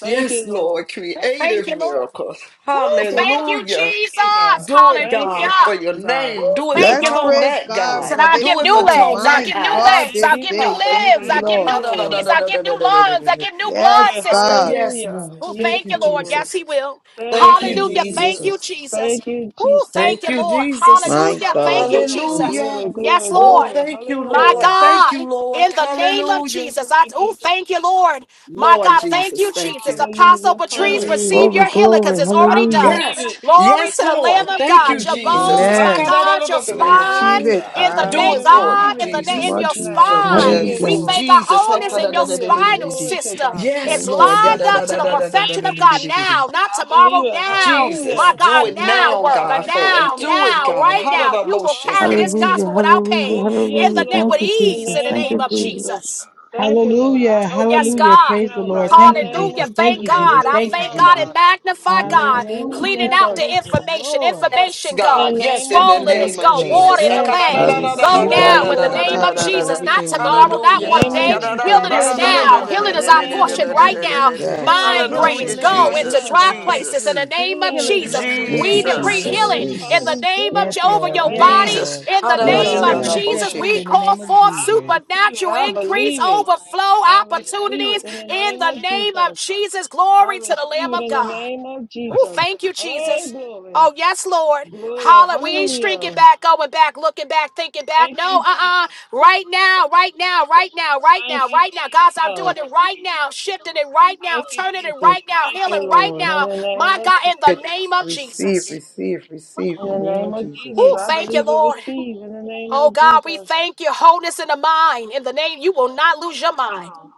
Thank Yes, you, Lord. Lord. Thank Creative you, Lord. miracles. Ooh, Thank you, thank God. you, Hallelujah. Thank Jesus. you, God. Do it, Thank you, God, Hallelujah. for your Father God. name. Ooh, Do it for thank you, Let's Lord. praise Tonette, He God Hallelujah. said, God. for I'll give this Do it for new healing legs. I'll Tonette my give new God, eyes. legs. Thank I'll this you, give new day. Jesus. Thank limbs. you, I'll Thank Hallelujah. give you, Lord. new kidneys. Lord. I'll give new lungs. I'll Ha-da-da-da-da-da-da-da-da-da-da-da. give new blood Yes, Glory. systems. God. Yes, Hallelujah. Lord. Oh, Yes, Thank thank you, you, Lord. Lord. Yes, Jesus. He will. Thank Thank you, Thank you, you, Hallelujah. Thank Jesus. Jesus. you, Jesus. Jesus. Thank you, Jesus. Oh, thank Thank you, you, Thank Lord. Jesus. My Hallelujah. Thank God. you, you, Lord. Jesus. Hallelujah. Glory, Yes, glory, Oh, Lord. glory. thank you, My Lord. Hallelujah. Thank you, God. Lord. In the name of Hallelujah. Jesus, I Thank you, oh thank you, Jesus. Lord. My Lord God, thank Jesus, you, thank Jesus. you. Apostle Hallelujah. Patrice, Oh, Hallelujah. receive your healing because it's I already done. receive yes, it. Glory yes, to I the Lamb Lord, of receive it thank God. you, in Your Jesus' Jesus. bones, How my come name. Amen. God, your We that spine Receive shaking? it. Hallelujah. in I I the believe Do name, it, and receive Lord it. God, receive it in the in name, in Jesus, Jesus' Lord your spine name. Jesus. mind. Thank you, Yes. We Jesus, Lord. thank our Jesus. How wholeness come in your Hallelujah. that spinal shaking? Glory to system. God. Yes, It's Thank you, Lord, lined up Jesus. to the I thank perfection of you, God Jesus. now, not I tomorrow, believe it. now. Jesus, My Hallelujah. do God, it Now, now now, work, Father, a I God. now, For thank you. do now, You're it, God. right How worthy, now. did that God. You will motion carry came? this gospel Hallelujah. without pain Oh, yes, in the net with Lord. In the ease in the name name of of Jesus. Jesus. Thank you, Lord. I Hallelujah. Oh, yes, receive it Hallelujah. right God. Praise the now, Lord. God, in the Thank you, name Hallelujah. Jesus. of Thank Thank Jesus, you, that it God. Jesus. is I Thank you, thank now, God Jesus. and God. magnify In the Jesus. God. name of Cleaning Hallelujah. out the Jesus. Praise the information. Lord. Yes, Information In go. God. the Yes, name in of the Swollen Jesus. is name Yes, of Yes, go. Lord. Water Lord. Jesus. in Hallelujah, I the Yes, I receive legs. it, Lord. God. Go receive In the Ooh, that now in name healing. the I poor of name tap of Lord. Jesus. into Jesus. Poor Not everything in the Lord. name tomorrow, of In not the Jesus. one Thank name God. of day. you. Jesus. Healing Heal, Right is now, deliver, now. and God. Healing In set is the our name free in the portion of name right of Jesus. now. Yeah. Jesus. Healing is Mind Heal my Thank and you, grains Hallelujah, portion deliver go and, right into Jesus. fr- Jesus. now, dry and God. set places in Jesus. the free. name of Heal Healing and is Jesus. my deliver and portion Thank set you, We right free in now. decree the Jesus. name Jesus. of Healing is healing in Jesus. the Yes. prophetess name of Jennifer's Yes, Jehovah, portion Lord. your right Yes, body. now. Jesus. Lord. In the In the Heal and Yes, name name of deliver of God. and Jesus. set Jesus, Jesus. free we in the call name of forth I Jesus. receive it. supernatural I increase, believe it. overflow I receive it opportunities. in the In name the of name of Jesus. Jesus, I glory to receive the Lamb it of in the God. name of Oh, Jesus. thank you, Hey, Jesus. glory. Oh, yes, Lord. Glory. Holler. We ain't streaking Hallelujah. back, going back, looking back, thinking back. Thank No, you, uh Jesus. uh Right now, right now, right now, right Thank now, you, right now. Guys, I'm Jesus. doing it right now, shifting it right now, Thank you, turning it Jesus. right now, Thank you, healing right Lord. In now. the name My of God, in Jesus. the It. name of Receive, Jesus. receive, receive In the in the name name of of Jesus. Jesus, Oh, I thank you, believe and Lord. receive. In the name Oh, of God, Jesus. we thank you. Wholeness in the mind. In the name, you will not lose your Thank you, mind. Lord.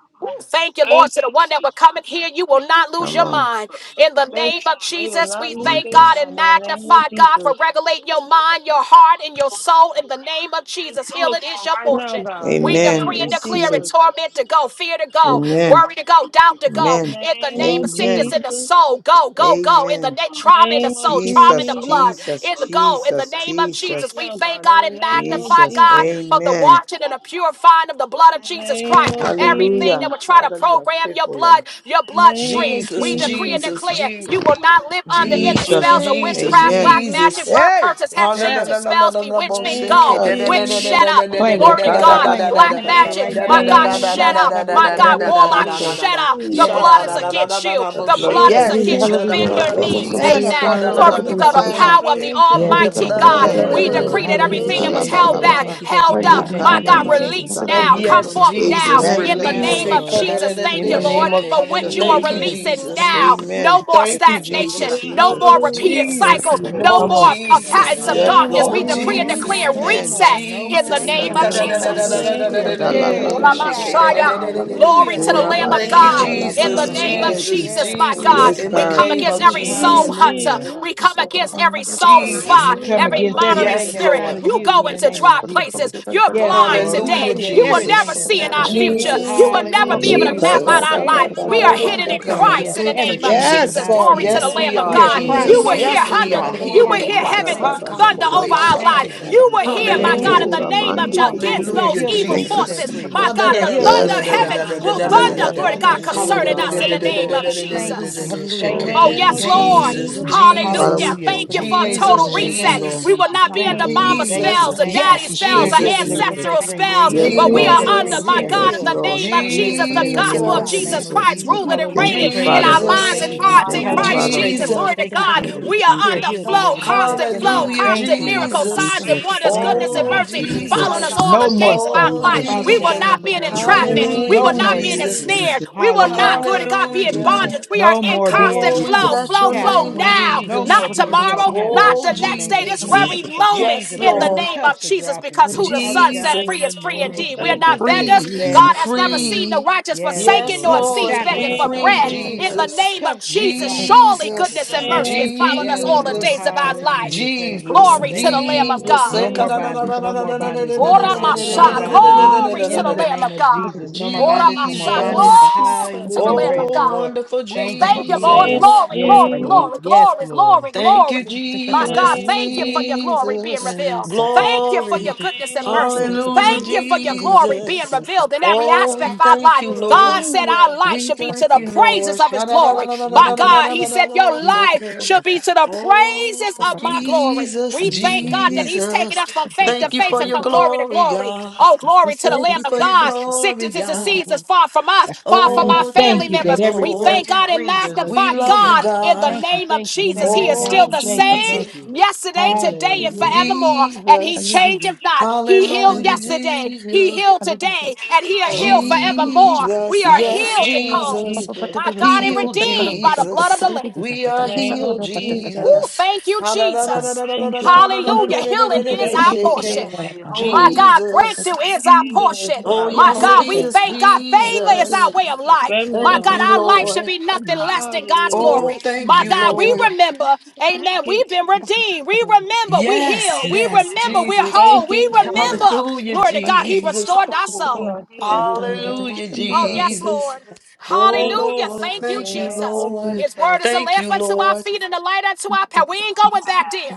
Thank you, Lord. Thank To you, the one that will come Jesus. and hear, you will not lose Come your on. mind. In the Thank name you, of Lord. They will Jesus, not we lose Thank thank their you. God and mind. In the name of magnify God Jesus. for regulating your mind, your heart, and your soul. In the name of Yes, Jesus, do it healing for is 'em your right now, portion. God. In We the Amen. name decree and of declare Receive it it. Jesus. torment to go, fear to go, Amen. worry to go, doubt to go. In the Amen. In the name name of of sickness Amen. in Jesus. the soul, go, go, go. In Amen. the name, In the trauma in the name of soul, trauma in Jesus, the Jesus. blood. Jesus, In the go, in the Jesus, name of Right Jesus, Jesus, we we now, thank God, in God the and name of magnify Jesus. Jesus. God for the Amen. washing and the purifying of the blood In of the Jesus name Christ. of Everything Hallelujah. that Jesus. would try to Father, you are program your faithful, Lord. blood, your In the name bloodstream, of we decree and Jesus. Jesus. declare Jesus. you will not live under any In the Jesus, spells Jesus. of name of Jesus, witchcraft, Amen. black Jesus. magic, Jesus. word Hey, curses, hex, The shades, amen. and spells, In the bewitchment. name Go, of Jesus. witch, shut Jesus. up. Claim it. I Glory to claim it. I God. claim In it. I Black the claim Lekadabasuta it name magic. right of now My in the name God, labababababa. of shut Jesus. Jesus. out, I My believe it. I God, Thank you, believe it. I warlock, believe Glory, it. Jesus. shut out! The Yes, hallelujah. blood is Lord. against you. The The The blood. blood blood is is Yes. against against you. you, Bend your blood of devil. knees. Amen. Jesus. Amen. The Apostle, blood Glory come is to on, the against fire it your up. power of the servant, Yes, The devil. Almighty blood. The Lord. God. Amen. Yes, We blood, Lord. decree that the Hallelujah. everything that blood, the was Praise the held Lord. back, Kalabababa. Thank blood you. Thank you. held Thank you. up. of Thank My you. God my Thank you. God, Jesus. Thank you. release now. Yekadabasutalama. Thank you. Come Yes, forth now Jesus, Amen. Which Right in In the the name now, of release. name Hallelujah. of Lord. Jesus. Jesus. Thank In the you, Hallelujah. name Lord, of Thank for you, which Jesus. you Hallelujah. are Thank you, Jesus. Amen. releasing Jesus. now. Amen. No more Thank you, Thank you, stagnation, Jesus. Glory, no Jesus. more repeated hallelujah. Thank Jesus, cycles, you, Lord. no no Come more on. uh, In Jesus, patterns the of Yes, name darkness. of Lord. oh We More, decree and no Jesus. Jesus, declare more, no Amen. more, reset no in the Jesus. more, In the name no Thank of name of more. In the Jesus. Jesus. name We are of carriers of Jesus. Christ. Shalabababababababa. Glory Hallelujah. to the Praise Lamb In the the of you, God. name Lord. of In Jesus, the Orabasutalabababa. name of Jesus. Yes, Thank Jesus, you. Jesus, yes, my Jesus, God, Yes, in yes. we the God. come name against of Jesus, every soul Jesus, Jesus, hunter. Hallelujah. Jesus. We come against every soul And Jesus. we spot, come every Hallelujah, against monitoring everything Yes, Jesus. that's spirit. not Lord. of You go you in the into name of dry Jesus. places. You're was Yes, in blind Lord. We The come Hallelujah, today. against You Hallelujah. will everything never Jesus. Ba, that's see ba, in not ba. of Yes, our In the you. future. name You Jesus. will of never Hallelujah. be able to Praise Jesus. the Eka, map ba, Lord. Jesus. out ba, our ba, Thank you, life. ba, We are Jesus. hidden Hallelujah, We in come God. Christ against in the Thank you, name of everything that's Yes, Jesus. Jesus. not of God. Glory In to you. the the Yes, Lamb we name of We are, In of are the God. cri- You name Jesus. will of Jesus. carriers hear Yes, of we thunder. are Jesus. Christ. You hidden will Yes, in hear Lord. Christ. heaven Thank you, thunder Jesus. Ikadabasuta over la ba our ba Thank you, ba life. Hakabodeshake. ba ba. You Jesus. will In the hear, We are my name God, healed, Hallelujah. in of the Rakora delivered, and name set of Je- mande de free. Jesus. de de against de We are de those de Hallelujah, healed, de. evil delivered, Thank and you, Jesus. set forces. free. My Jesus. We God, are Thank the healed, you, thunder of delivered, Yes, and Lord. set heaven Jesus. free. will In the Ye thunder, name of glory to God, Jesus. concerning yadabasora Hallelujah. us in mande Praise Thank the the de you, de name de Lord. of de de de. Thank you, Jesus. Jesus. Jesus. In Thank the Oh, you, Shake. Oh, name thank Jesus. you, yes, of Thank you, Lord. Jesus, Jesus. Jesus. Jesus. Father, we Jesus, Hallelujah. Hallelujah. Thank thank you you. for a Praise the Jesus, total Lord. Thank Yes, you, reset. Thank you, Lord. Jesus, We will Jesus. not be under Thank Thank you. you, mama Thank you. Jesus. spells or Jesus. Thank you. Yes, daddy We are spells Thank or you, healed, Jesus. delivered, and Yes, Jesus. ancestral set Thank free. you, We are spells, Jesus. Lord. healed, In the Yes, but delivered, we and God. are name set of under, free. Jesus, We my are Thank you, Jesus. God, in Yes, healed the Jesus. Lord. name of Thank delivered you, and Jesus, the In set the Yes, free gospel name of of in God. the name Yes, Jesus, Jesus of yes, Jesus. Christ, Jesus. ruling and Thank Hallelujah. you, reigning Praise in the And Father. in our do. the Lord. minds Jesus, Thank and you, name of hearts Jesus. in Thank you, Ayara, Jesus. Hallelujah. Christ Father. I'm Praise the Jesus. doing Jesus. Lord. Glory the to Thank you, star, God. Thank the Jesus. you, We star, Jesus. are We are under healed, star, flow, delivered, and set constant yes, free. flow, man, Hallelujah, you know Thank constant that, you. miracles, that, signs Jesus. and Thank Jesus, you, wonders, Thank yes, God. goodness and Lord. Oh, you. Thank mercy you, And I'm not following Jesus. Jesus, us Jesus. standing all No the little more boy, days of our so Oh, suffering. life. little Jesus, Father boy, We will Yes, God, Jesus. not in not the be in name Lord. of In the thank entrapment. Jesus, you, Jesus. We name Hallelujah, will No of not more Jesus, be in a thank Jesus. you, addictions. Jesus. Jesus. snare. Jesus, We I'm will not not, Hallelujah. about glory to, to Praise God, to be in Jesus. Jesus, Hallelujah. bondage. We are No thank you, in more Jesus. being constant Oh, we Jesus, flow, bless I flow, your trust flow name, the captive. Lord, Thank now, you, I No Jesus. more not being trust the Jesus. held tomorrow, Lord. captive not Oh, the in the next name day, of this Jesus. Jesus. Thank very Jesus. you, moment Chains are Yes, in the Jesus. breaking, Lord. name of cuffs are Jesus, dropping. because who the Father Son set God, Thank in free Jesus. you, the is free name Lord. of indeed. We're Thank Jesus, not you, we are beggars. Jesus. Free, set Mm. God has never free. seen the free. righteous Yes, forsaken Yes, nor Lord. In the seeds Lord, Shackles begging we are for name of free, falling bread. off, In the Jesus. Jesus. name of cuffs are Jesus, dropping, surely In Father goodness the Jesus, and God. name mercy has of followed Jesus. us Yes, all the Lord. Jesus, days of our life. Hallelujah. Praise the Jesus, Lord. Glory to Thank the you, In the Lamb name of Jesus. of Jesus. No God. more Jesus. bondage. No more bondage. No more In Ora the bondage. No Masha, more name of bondage. glory Jesus. to the In the Lamb name of of God. Jesus. No more Ora In bondage. the No more Masha, name bondage. of Jesus. glory Jesus. to the Hallelujah. Lamb of Praise the Oh, God. Lord. wonderful Ooh, Thank you, In thank you, the Lord. name Jesus. Jesus. of Glory, Yes, glory, Jesus. Lord. glory, Yes, glory, Lord. glory, Thank glory. you, In My the Jesus, God, name of thank you for your glory Jesus. being Jesus. revealed. Thank you In for your Glory. the goodness and name of mercy. Hallelujah, Thank you Jesus. for your glory being Jesus. revealed in Thank every you, Oh, God. we aspect of our thank life. you, Glory. God Lord. said Hallelujah. our life We should be to thank the you, praises Lord. of his glory. My Yes, God, he said Lord. your life Ha-da-da-da-da-da-da-da-da-da-da-da-da-da-da-da-da-da. should be to the Oh, praises of my glory glory. Jesus, We thank God that He's taking Thank Jesus. us you, from faith to Thank you faith for and your from glory to glory, glory. God. Oh, glory to the Thank Lamb you of for your God. glory, Sickness and God. disease is far from us, far from We our Oh, thank family thank you you, members. that every We breath Lord. thank we God and breathe Jesus. is of We magnify love you, Jesus. God in the God. Thank you, name of thank you, Jesus. thank He you, is thank still Oh, you, the thank you, same Jesus, thank you. yesterday, today, and Hallelujah. forevermore. And He Jesus. changeth not. He healed Hallelujah, yesterday, He Jesus. healed today, Yes, and He'll Lord. heal forevermore. We Jesus, are In the yes, healed at name of home. Jesus, Jesus. My God, and heal redeemed by the blood of Jesus. the Lamb. We In are the name healed, of Jesus. Ooh, Jesus. thank you, Ah, da, da, da, Jesus. da, da, da, da, da, da, da, da, da, da, da, Hallelujah. And da, da, da, Healing God, da, is da, thank our you for Shake portion. being it. made My whole. God, Jesus. breakthrough Thank is our you. Healing is portion. Oh, our My yes, it God, we portion. is, thank God. Healing is Favor our is our children, Jesus. way of grandchildren, life. family My Thank member God, you, our life portion. should Lord. be nothing less than God's Hallelujah. Oh, glory. thank My you, God, we Lord. remember, Thank amen, you, we've been Jesus. redeemed. We remember we Yes, healed. We yes, Yes, remember Lord. we're Jesus. Thank whole. We you, Lord. remember, Hallelujah, glory to God, He We Jesus. are restored our whole. We soul. are healed in the name Hallelujah, of Oh, Jesus. yes, Jesus. Lord. Oh Thank Hallelujah. you, Lord, Lord. Thank In you, thank the you, name Jesus. of Lord. His Jesus. word is a Thank lamp you, unto our Lord. feet and a light unto our path. We ain't going back there.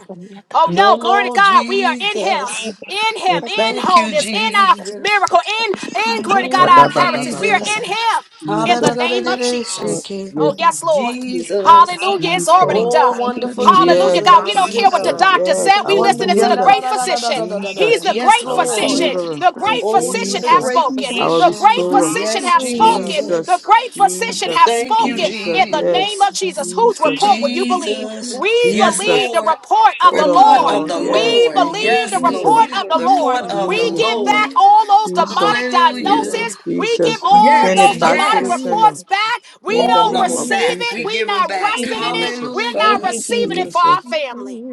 Oh, No, no. Glory to no, God. We are in him. Thank Jesus. you, In Jesus. him, in Thank you, wholeness, in our Jesus. miracle, in in glory to God, Ba, our ba, Mm, ba, ba, inheritance. ba, We ba, are ba. Jesus. in him in the Jesus, name Thank of you, Jesus, Ha-da-da-da-da-da-da, Lord. Jesus. Shake Jesus. it. Yes, Oh, yes, Lord. yes, Lord. Jesus. Thank Hallelujah. It's you, already Jesus. Lord. Oh, done. Thank you, wonderful Jesus. Hallelujah, It's Yes, God. We don't already Jesus. care what the Jesus. done. doctor Yes, said. We our Wonder. listening to yeah, the da, healer. da, great da, da, da, physician. da, da, da, da, Thank da, you, He's Jesus, the Yes, Jesus. great our Thank Lord. you, physician. deliverer. The Jesus. great Oh, you're physician the have Jesus, great spoken. Yes, our The great Lord. physician. restorer. physician Yes, have Hallelujah. spoken. The Jesus. Jesus, great physician Jesus, have Thank you, spoken in Jesus. the name Jesus. Yes, of Jesus. Jesus, whose Thank Jesus. report you, will you believe? Jesus. Jesus. We Yes, Yes, believe Jesus. the Lord. Lord. We've report The of been the Word report of report of Lord. the of God. the Lord. Yes. We Lord. Thank you, believe the Yes, Hallelujah. Lord. report Jesus. We've of been the The report Lord. report of the of the We Jesus. Lord. give back Lord. all those Jesus. demonic Hallelujah. Hallelujah. diagnoses. We give Jesus. all Send Yes, those it Yes, back to demonic the Lord. yes. sender. reports back. We In the All don't of name them of receive back. it. We We're Jesus. give them not back. Thank resting you, in it. Lord. Jesus. We're not Thank Hallelujah. you, receiving it Jesus. for our Jesus. family.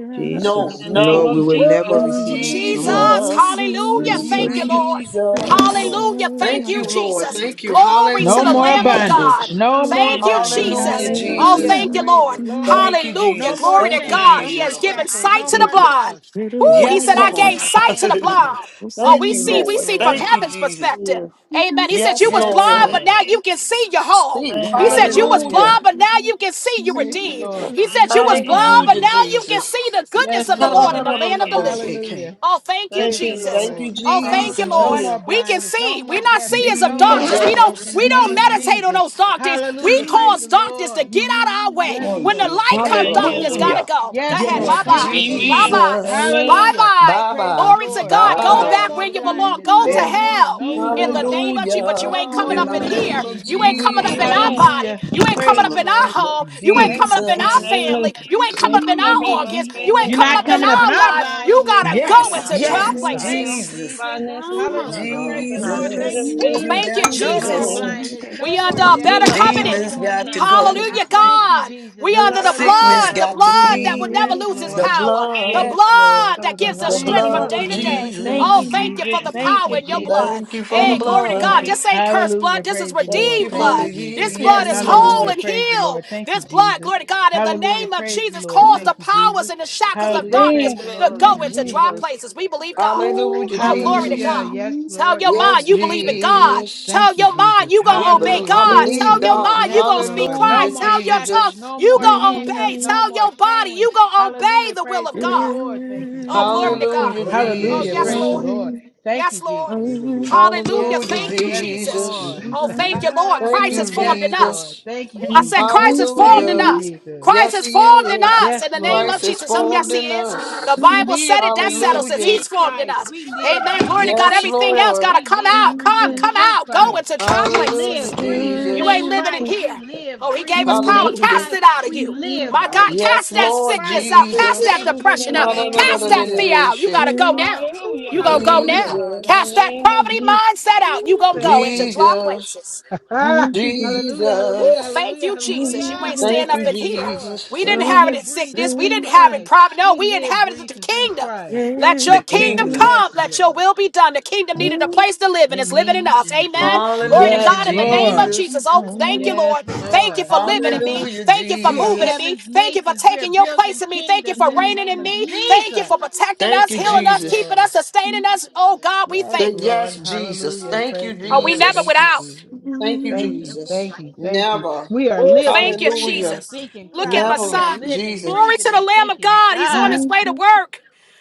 In No, the Jesus. name No, no. we of will Woo! Jesus, never Yes, receive it. Come Jesus! on. Jesus. Hallelujah! Thank Jesus. you, thank you, Lord. Jesus. Jesus. Come Hallelujah! Thank Thank you, you, Lord. Jesus. Thank you. Glory We to No Hallelujah, the more receive Lamb it of for Jesus. us bondage. God. and No our more Thank you, families. In bondage. the Hallelujah, Jesus. name of Oh, Hallelujah. Jesus. thank Jesus. you, Praise the Lord. Lord. Thank you, Hallelujah! No Jesus. more Glory to Thank you, chains. Thank God. No He you, more has Jesus. Lord. given shackles. Thank you, sight No to the more Jesus. blind. cuffs. Woo! He Yes, said, Yes, "I Lord. gave Lord. sight to Thank the you. Hallelujah. blind." Oh, Thank we you, see, Yes, we Lord. see from Lord. Thank you, heaven's Jesus. perspective. Hallelujah. Amen. He said Yes, you was Yes, blind, Lord. but Lord. now you can see your whole. See, Thank He you, said you was Lord. hallelujah. blind, Hallelujah. but now you can see you Praise the redeemed. Lord. He said you was Thank you, blind, but Hallelujah, Jesus. now you can Jesus. see the goodness Yes, of the Lord in Lord. the land of the Hallelujah. living. Hallelujah. Thank Oh, thank you, Thank Praise you, the Jesus. Lord. you, Lord. Oh, Thank thank you, you. No Lord. Jesus. more Hallelujah. We can blindness, no see. more We're not deafness, seers of no more darkness. We muteness don't in Jesus. the we name don't Thank of you, meditate Jesus. on Jesus. those dark things. We Hallelujah. Praise cause the darkness to Lord. get out of our way. Yes, on, When the Jesus. Lord. light come, Thank All Thank you, you, our darkness Jesus. way. gotta Hallelujah. Lord. go. Go Yes, ahead. In Lord. Yes, the Thank Bye-bye. you, name of Jesus. Amen. Jesus. Bye-bye. Jesus. Amen. Hallelujah. Bye-bye. Bye Praise the bye. Glory to Lord. Bye Bye Bye God. bye, Go bye. No bye. back more where darkness. you belong. blindness, Go to no Yeah. more, In the hell no name of in Jesus, the more, go name back of where Jesus. you But you Hallelujah. no ain't coming belong, In more. up the in Thank you, darkness. here. name of You Jesus. ain't coming up in our Jesus. Amen. body. Hallelujah. You ain't Praise coming Thank Come up the you, in on. our Lord. Jesus. home. Lord You ain't Thank coming you, up in Jesus. In our the Jesus. name family. of You ain't Jesus, you coming ain't up in coming up our in my organs. You family, ain't You're coming our not up in coming homes, up our in our our family lives. homes. You bodies. You ain't got to coming up Thank go in you, Yes, our All into right. dry Jesus. yes, ministries, our Thank health, you, places. Jesus, Jesus. finances. You're Mhm. not Hallelujah. coming up No. Praise the in our Lord. Thank Jesus, you, children, Ooh, you ministries, Jesus. thank and you, got business, to No more Jesus. finances, go. blindness, education. We no more under a You're better deafness, not no coming covenant. Demons up more in got to our muteness. marriage, go. our Hallelujah, Thank singleness. you, God. Jesus. We You're under not the coming up, Sickness blood, Hallelujah. the got devil. to blood that will flee. never Yes, lose its The Lord. power, the Hey, Yes, blood, you and your Lord. blood that sons are gives us the not strength Thank coming you, from blood up. day of to Jesus. day. Thank Oh, you, Jesus. thank you for Jesus. Amen. the Thank Thank power you, you, in your Jesus. Jesus. blood. Thank you for the Hey, Thank you, glory to God. blood. Jesus. This ain't cursed blood. Hallelujah. This is Praise the Thank Lord. you redeemed for Thank you, the blood. Jesus. ye- This blood yes, is whole Lord. Hallelujah. and Praise the healed. Lord. Thank you, This blood, Jesus. glory to God, in the Hallelujah. name of Praise the Jesus, Lord. calls Thank Jesus. the you, powers Jesus. and the This is the shackles of Hallelujah. darkness Praise redeemed the to Lord. blood Thank go of you, into dry Jesus. Jesus. places. We believe God. Ooh, Hallelujah, Oh, glory to hallelujah. Jesus. God. Yes, Tell Lord. your Thank you, Yes, mind you believe in Jesus. God. Jesus. Tell Thank you, your mind Jesus. you We gonna obey bel Hallelujah. I God. believe Tell your God. mind you Yes, gonna speak Lord. No Hallelujah, Christ. more Tell your tongue Jesus. shackles, no you more gonna obey. handcuffs, no Tell more your body chains. you gonna obey Hallelujah. the will Praise of the God. Lord. Thank you, Oh, glory Jesus. to Hallelujah, God. Oh, Hallelujah. yes, Praise Jesus. the Lord. Lord. Thank you, Yes, Lord. Jesus. Hallelujah. Yes, Hallelujah, Lord. Thank you, Yes, Jesus. Lord. Jesus. Oh, thank you, Lord. Thank Christ is you, yes, formed in us. Lord. Jesus. Thank you, I said, Jesus. Christ is formed Thank in you, Hallelujah. us. Jesus. Christ Yes, is He formed in is. us Yes, in the name Lord. of Christ is Jesus. Oh, yes, formed he in is. The us. We Bible said live, it. That breathe, and settles it. Hallelujah. He's think formed in Christ. us. We live, Amen. breathe, Glory to and God. Yes, think Everything else Christ. got Lord. to We come live, out. breathe, Come, and come think out. Go Christ. into dry We Hallelujah, places. live, breathe, and You think ain't Jesus. living in Christ. We here. live, Oh, he gave breathe, us and power. think Hallelujah. Cast Christ. it out of We you. live, My God, breathe, and Yes, cast that think Lord sickness Christ. out. Of Cast that Jesus. Thank Jesus, in you, depression the out. Jesus. name of Cast that Jesus. Hallelujah. fear out. You Hallelujah. got to go now. Ooh, You Hallelujah. going to go Glory to now. hallelujah. God. In the Cast Jesus. that name of poverty Jesus. mindset out. You Ooh, going to thank go you, into Jesus. dry Jesus. places. hallelujah, Ooh, hallelujah, Jesus. thank hallelujah, you, Jesus. You hallelujah. ain't staying Thank up you, Praise in the here. Lord. We Jesus. We didn't have it live, in breathe, and sickness. We think didn't have it Christ. problem. No, We we live, inhabited breathe, the and think kingdom. Christ. Let your The kingdom kingdom. come. Yes, Let Lord. your will be done. The kingdom needed a place to live, and it's In the living name in of us. Jesus. Amen. Glory to Yes, Hallelujah, God in the name of Lord. Jesus. Jesus. Oh, thank you, Yes, Lord. Thank you Lord. for living in me. Hallelujah, Thank you for we are moving in Jesus. me. heaven's Thank you for masons. We are taking your building place in me. Thank you kingdoms for in the reigning name in of me. Thank you Jesus. for protecting Thank us, you, healing Yes, us, Jesus. keeping Lord. us, sustaining us. Oh, God, we Yes, Say thank you. Lord. yes, Jesus. Hallelujah. Thank Praise you, the Oh, we Lord. never Thank Jesus. you, without? Jesus. Thank you, Thank you, thank Jesus. you, thank you. Never. We are Woo, living, Thank you, breathing, and Hallelujah. Jesus. thinking Look at my Christ. We Never, are son. living, Jesus. Glory breathing, to the and Lamb of thinking God. He's on God. his way to work.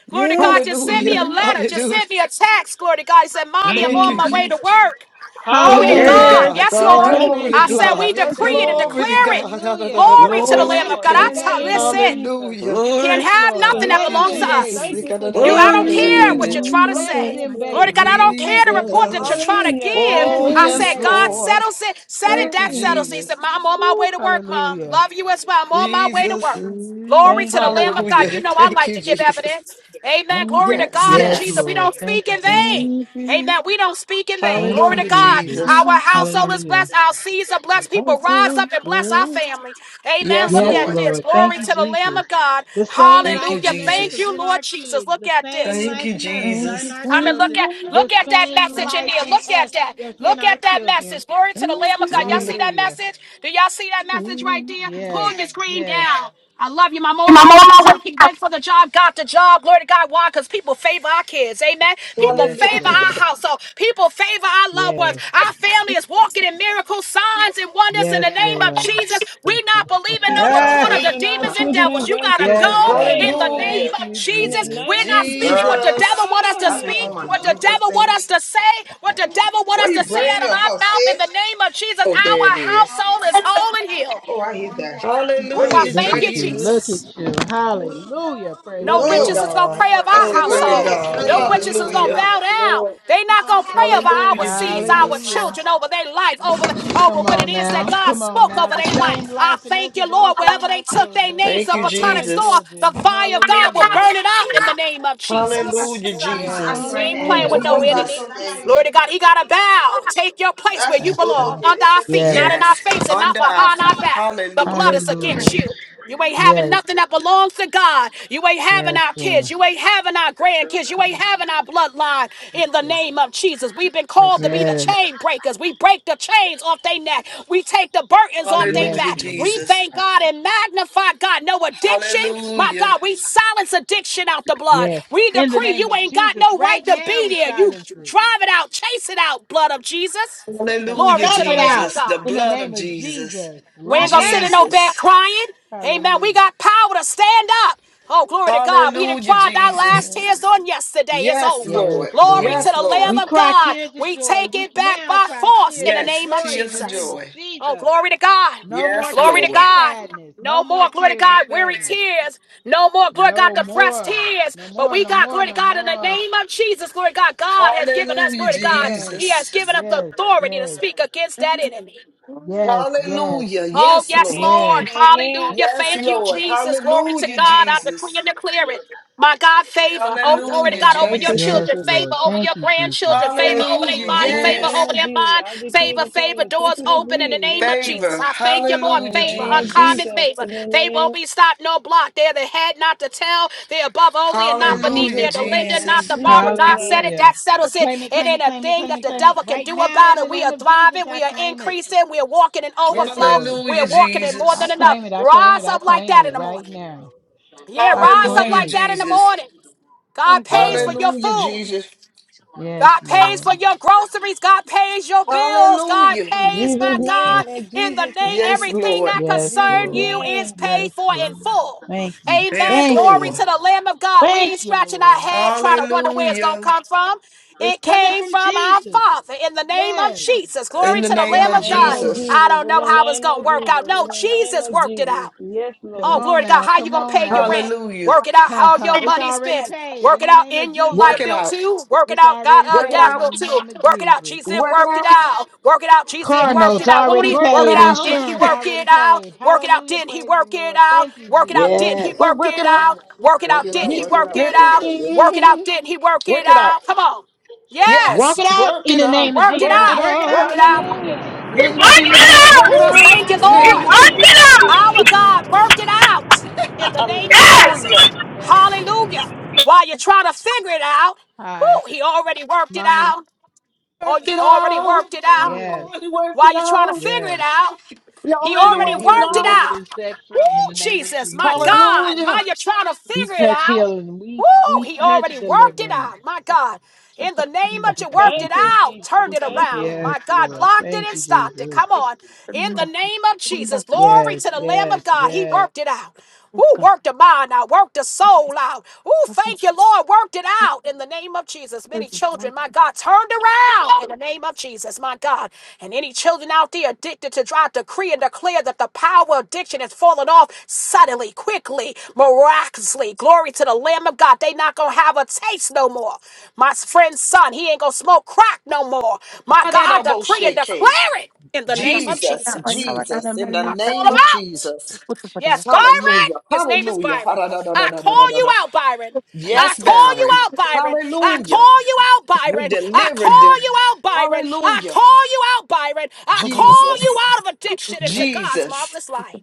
Glory to God. Just send me a Hallelujah. letter. Just Hallelujah. send me a text. Glory to God. He said, Mommy, Thank I'm you, Thank on you, my Jesus. way to Jesus. work. Glory to Glory to Hallelujah. God. Hallelujah. God. Yes, Bless Lord. them Thank Glory you, to I babies. said, Jesus. Bless We God. them Bless decree him, it and babies. Lord. Glory to declare it. God. Hallelujah. Glory Bless to the him, Lamb Bless of Lord. God. In I them the t- name babies. of listen. Jesus. Hallelujah. You can't Yes, have Lord. nothing Glory. that Thank Bless you, belongs to them Hallelujah. us. Thank babies. you for You, doing I it. Thank don't you, Protect them, care Lord. what Jesus. you're Lord. trying to Cover Bless them in say. the them Glory blood to of God, babies. I Jesus. don't care Thank the you, report that you're Jesus. Jesus. trying to Hallelujah. Thank give. Bless Oh, you, I them yes, said, Jesus. God babies. Lord. settles it. Said it, Thank you, that settles it. He said, Jesus. Mom, I'm on my Ooh, way to work, Mom. hallelujah. Love you as well. I'm on my way to Jesus. work. Glory to Thank the you, Lamb of God. Jesus. Hallelujah. You know I Thank like you, to give Jesus. evidence. Amen. Glory to Yes, God and Yes, Jesus. yes. We Lord. don't Thank speak you, in Jesus. vain. Amen. We don't speak in vain. Thank Glory you, to Hallelujah, God. Jesus. Jesus. Our household is Hallelujah. blessed. Our seeds are blessed. People rise up and bless our family. Amen. Yes, Look Yes, at Lord. this. Lord. Thank Glory you, to the Lamb Jesus. of God. The same Thank you, life Hallelujah. in us Thank is Jesus. you, in our Lord Jesus. kids. Look The at same this. Thank life you, in us is in Jesus. our Come and look children. at The look at that same message in life there. in Look us at that. is in Look our at that children. message. Glory to the Lamb of God. Let me Y'all see look. that Hallelujah. message? Do y'all see that message right there? Pull Yes, your screen yes, down. I love you, Mom. On my way to work, he went for the job, got the job. Glory to God. Why? Because people favor our kids. Amen. People yes, favor our Lord. Hallelujah. household. People favor our loved ones. Yes, I favor family is walking in miracles, signs, and wonders in yes, the name of Lord. Jesus. We not believing no People are report of the favoring our demons and children and devils. You gotta Yes, grandchildren. go Hey, in Lord. the glory. name Hallelujah. Thank of you, In the Jesus. Jesus. We're name not of speaking Jesus. what Girl, the devil Jesus. want us to I've been speak, Hallelujah. on my what the Jesus devil want thing us to say, what the devil want Why us to you say burning out of your our house, mouth in the Sage? name of Jesus. Oh, there Our it is. household is whole and healed. Oh, I hate that. My Ooh, head I Hallelujah, is Look thank hurting. at you, you. Look Jesus. at Jesus. you. Hallelujah. Praise No the Look at No, witches Lord. is gonna pray God. over Lord, I our yes, Oh, said Woo! my look at Lord, head household. yes, is God. Thank No hurting you, when Lord, I yes, witches is enter Jesus. your gonna Hallelujah. Lord, house. bow yes, down. Lord. They not gonna pray over What our Hallelujah, seeds, our Jesus. Hallelujah. children, over their life, over the, over Come what it on is that now. God Come on spoke now. over The their life. same I life in us thank you, is Lord, also in wherever our they took their children, names Thank of a you, our platonic store, Jesus. the grandchildren. fire of God will Hallelujah. burn it up in the name of Jesus. Hallelujah, Yes. Jesus. We ain't playing Hallelujah. with Yes. no was Hallelujah. that enemy. Jesus. song, Glory baby? to God. He got to bow. Take your place where you That's good. belong, Okay, under it's our okay, feet, not yes. in sweetheart. our Yes, face and not under our behind our feet. back. The blood Hallelujah. is against Hallelujah. you. You ain't having Yes. nothing that belongs to God. You ain't having Yes, our Lord. kids. You ain't having our grandkids. You ain't having our bloodline in the It's, uh, name of Jesus intercessors. We've been called Yes. to be the Yes. chain breakers. We break the chains off their neck. We take the burdens off their Yes, Hallelujah, back. Lord. We Jesus. thank God and magnify God. No addiction. My Hallelujah. God, we silence addiction out the blood. Yes. We In the decree name you of ain't got Jesus. no Right right to now, be we there. You silence it. drive it out, chase it out, blood of Jesus. Uh, Glory Hallelujah, to Stomp the it Lamb of out. Jesus. The God. In the blood of name of Jesus. Jesus. We ain't Lock it gonna sit up. in no bed Jesus. crying. Amen. We Hallelujah. got power to stand up. Oh, glory to God. We didn't Hallelujah, cry our Jesus. last Yeah. tears on yesterday. It's Yes, over. Yes, Lord. Glory to Lord. Yes, the Lord. Lamb We of cry God. tears of We joy. take We it back now by cry force in tears the of Yes, name of joy in tears the of name Jesus. of joy. Oh, Jesus. glory to God. No more Yes, Glory tears to of Lord. God. sadness. No No more more, glory to tears of God, weary sadness. tears. No more, glory to God, No depressed more. tears. No But more. we No got, more. glory to No God, in the more. name of Jesus, glory to God. God has given us, Hallelujah, glory to God, Yes. He has Jesus. given us the Yes. authority to Yes. speak against that enemy. Yes. Yes. Hallelujah. Oh, Yes, yes, Lord. Yes. Lord. Amen. Amen. Hallelujah. Yes, Thank you, Lord. Jesus. Glory to Hallelujah, Amen. God. I decree Jesus. and declare it. My God, favor. Thank Oh, you, glory to Hallelujah, Lord. God over Thank your you, Jesus. Yes, children, Jesus. Lord. favor over Thank your you, Jesus. grandchildren, favor Yes, over their Hallelujah. Lord. In body, the favor name Yes. over of their Jesus, mind, I decree and favor, declare favor, that touch doors and open in the agree. name Yes, of Jesus. Favor. Lord. I thank you, In Lord. the Hallelujah, Favor, name of Jesus. uncommon Jesus. In the they won't name, be stopped, no block. They're the head, not the tail. They're above only and not in beneath. Hallelujah, They're Jesus' the lender, name. not In Jesus. the borrower. Jesus' God said it, name. Hallelujah. that settles it. Claim it, It claim ain't it, a claim it, thing claim that it, the claim it. devil can Right do now, about in it. the We name are of Jesus, thriving, I we are claim it. increasing, we are walking in Yes, overflow, Lord. we Hallelujah, are walking in more I than Jesus. enough. claim it, I claim it, Rise I up like claim that in it the right morning. now. Yeah, I rise up Hallelujah, claim like it. that in the Jesus. morning. God pays for Yes. your Hallelujah, food. Jesus. Yes, God pays Lord. for your groceries. God pays your bills. God Hallelujah. In pays, Jesus' my name. God, In in the Jesus' name, Yes, name. everything Lord. that In Yes, Jesus' concern you Lord. is name. paid Yes, for Lord. in full. Thank you. And Amen. Thank Glory you. Therefore, to the Lamb of God. We Thank ain't you, scratching our Lord. head trying to wonder where it's going to hallelujah. come from. It's It coming came from from our Jesus. Father in the name of Yes. Jesus. In Glory the to the name Lamb of Yes, of Name God. of Lord. Jesus. I Jesus. don't In know the how it's name going to of work Jesus. out. In No, the name Jesus of worked it Jesus. out. Yes, Come Oh, Lord. on glory to God. now. How you Come gonna on pay your now. rent? Hallelujah. Work it out Ha how your ha. It's money is already spent. paid in Work it the out name of in your Work light Jesus. it bill out. too. Work it It's out, God, already uh, Work it gas paid out. bill in the too. name of Work it out, Jesus. Jesus didn't Work it work it out. out. Work it out, Jesus Car didn't Get- work notes it out. Won't already he? Work Work it it paid. out, out. didn't he Insurance work already it out? paid. Work it out, Hallelujah. didn't he Praise the work it Lord. out? Thank you, Work it out, Jesus. didn't he Yes. Work, work work it it out. out? Work it Work out, it didn't out. he Get, Work it work out. it work, Work it out? out. Yes. Work it out, it didn't he work it work it out? out. Come on. Walk Yes, Yes, it out work in it the he name out. of worked Work it it Work Jesus. out. it out. Work it Work out. out it in the out. name of Hallelujah. He Jesus. Name of Walk it wants Work out, it Jesus, it work out, it up! work it out, Ooh, walk out. it Jesus. thank you, out Work in it the He Name Lord. of out. name Work of Jesus. it out. Work Jesus. it wants Our out, it God, Jesus. work it out in the up! name of Hallelujah. Jesus. Yes! Yes, Lord. Hallelujah. While you're trying to figure it out, Hi, whoo, he already worked it mommy. out. Al- Work it Already out. worked it out. Yes, Hallelujah. Already work While it you're trying to out. figure yes. it out, We he already We are already worked it healed, worked it out. delivered, out. and set Woo, free in the name of Jesus, my Jesus. God. Hallelujah. While you're trying to We figure it touch out, healing. woo, We we he touch already worked it deliverance. out. My God. In the name of you, worked Thank it you, out, Jesus. turned it Thank you. around. Yes, My God, Lord. blocked it Thank and you, stopped it. Jesus. Come on. In the name of Jesus, glory Yes, to the Lamb yes, of God. He yes, worked it out. Who worked the mind out, worked the soul out. Who thank you, Lord, worked it out in the name of Jesus. Many children, my God, turned out in the name of Jesus, my God. And any children out there addicted to dry, decree and declare that the power of addiction has fallen off suddenly, quickly, miraculously. Glory to the Lamb of God. They not gonna have a taste no more. My friend's son, he ain't gonna smoke crack no more. My That God, elbow decree and shake. declare it in the name of Jesus, Jesus. Jesus, in the I call name him of out. Jesus. Yes, Byron. Hallelujah. His name is Byron. I call you Hallelujah. out, Byron. I Yes, call you Baron. out, Byron. I Hallelujah. call you out, You Byron. I delivered call them. you out, Byron. I Hallelujah. call you out, Byron. I call you Jesus. out of addiction into God's Jesus. marvelous light.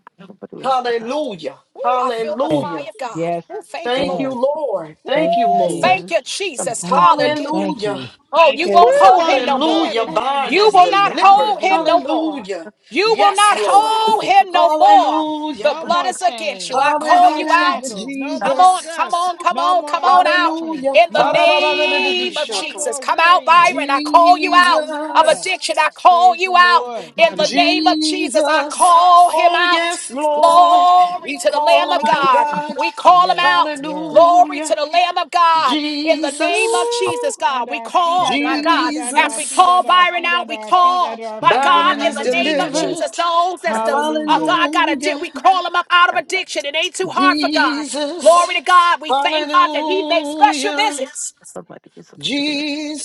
Hallelujah. Ooh, I feel the yes, fire Hallelujah. of God. yes, Ooh, thank you, Thank you, Lord. yes. Lord. Ooh, Thank Thank you, you, Lord. thank Jesus. you, Jesus. Thank you, Hallelujah. thank Hallelujah. you. Oh, Thank you you, Woo, won't Lord. hold won't him Thank he you no do more. it Hallelujah. in the name Barn of You is will not Jesus? Won't he delivered. hold do him it? no more. Hallelujah. You will Yes, not Lord. hold him no more. Hallelujah. The No blood more is against you. chains, I no call more you Hallelujah, out. shackles, no Come more on, Jesus. come cuffs, on, come no on, come more on out addiction, Hallelujah. in the no more name sadness, of no Ha-da-da-da-da-da-da-da-shaka. Jesus. more Come out, weariness. Byron. I call you out of Hallelujah. Jesus. addiction. I call Praise the you out Lord. in the name of Jesus. I Jesus. call him Oh, out. yes, Lord. Glory We to the Lamb call him of our God. God. We call him Yes, out. yes. Glory to Hallelujah. the Lamb of God. In the name of Jesus. Woo! Jesus, God, Under we our feet, call, under my our God, feet, under as our we feet, Jesus. call under our Byron feet, out, under we our feet, call, under our my feet, in the God, Byron in name is the of name of Jesus. Jesus, delivered. those that's the, oh Hallelujah. God, I got a, Hallelujah. we call him up out of addiction. It ain't too hard for God. Glory Jesus. to God. We thank God that He makes special Hallelujah. visits.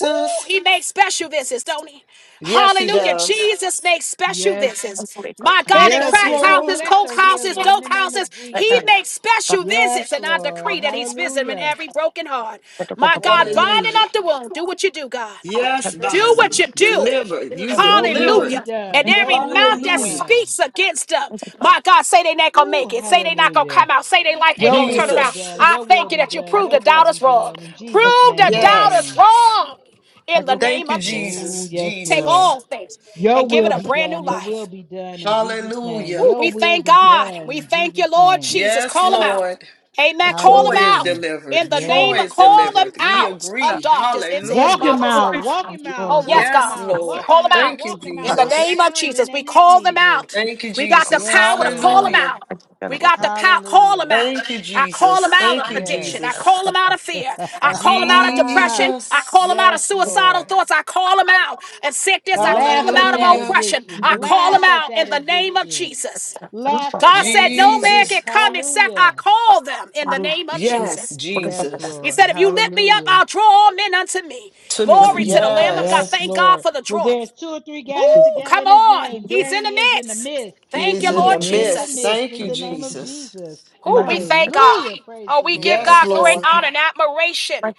Woo, he makes special visits, don't he? Yes, he Hallelujah. does. Jesus makes special Yes. visits. My God, in Special Yes, crack visit, Lord. houses, coke special houses, healing, in dope the name houses, of he Jesus. makes special Yes, visits. And I Lord. decree that he's visiting Hallelujah. every broken heart. My God, Yes. binding Hallelujah. up the wound. Do what you do, God. Yes, Do Yes. what Byron. you do. Delivered. You Your will be delivered. Hallelujah. And done. Your every will mouth be that Hallelujah. done. speaks against them, my God, say they not gonna make Ooh, it. Say they not gonna hallelujah. come out. Say they life ain't Your gonna turn will be around. Jesus. done. I Your will thank you be that you done. proved the Your will be doubters wrong. done. In Jesus' Prove name, the doubters Yes. amen. wrong in the Thank name you, of Oh, Jesus. Jesus. yes, Take Lord. Jesus. all things Your and give it will a be brand new done. Your will life. be done in Jesus' name. Hallelujah. Ooh, Your we will thank be God. done We in thank you, Jesus' Lord name. Jesus. Yes, Call them out. Lord. Amen. Call them Troy is out Hallelujah. in delivered. the Yeah. Troy name of is call them delivered. We out of agree. darkness into his Walk him Hallelujah. marvelous out. light. Walk him out. Oh, yes, Walk him Yes, God. out. We Lord. Walk call him them out. out. Thank you, Walk him In out the right Jesus. name of now in the Jesus, we name of call them Jesus. out. Thank you, We got the Jesus. Yes, power to call them Lord. Hallelujah. out. We got the power. Call them Hallelujah. out. Thank you, I call Jesus. them out Thank of you, Yes. addiction. I Jesus. call them out of fear. I call them out of depression. I Jesus. call them out of yes, suicidal Lord. thoughts. I call them out and sickness. I call Laugh them at out of that Hallelujah. oppression. addiction. I call Laugh them at out that in the name of addiction. Jesus. Laugh at God that said, No man addiction. can Jesus. come except Hallelujah. I call them in the name of Yes, Jesus. Yes, Jesus. He Lord. said, If you lift me up, Hallelujah. I'll draw all men unto me. To me. Glory to the Lamb of God. Yes. Yes, Thank God Lord. for the Well, draw. there's two or three gathered Ooh, together come in his on. name. He's There in the he is in the midst. midst. He Thank is you, He in is the Lord in the midst. Jesus. midst Thank in you, the name of Jesus. Jesus. Ooh, we thank God. Hallelujah. Praise Oh, the we give Lord. Yes, God great Lord. honor and admiration.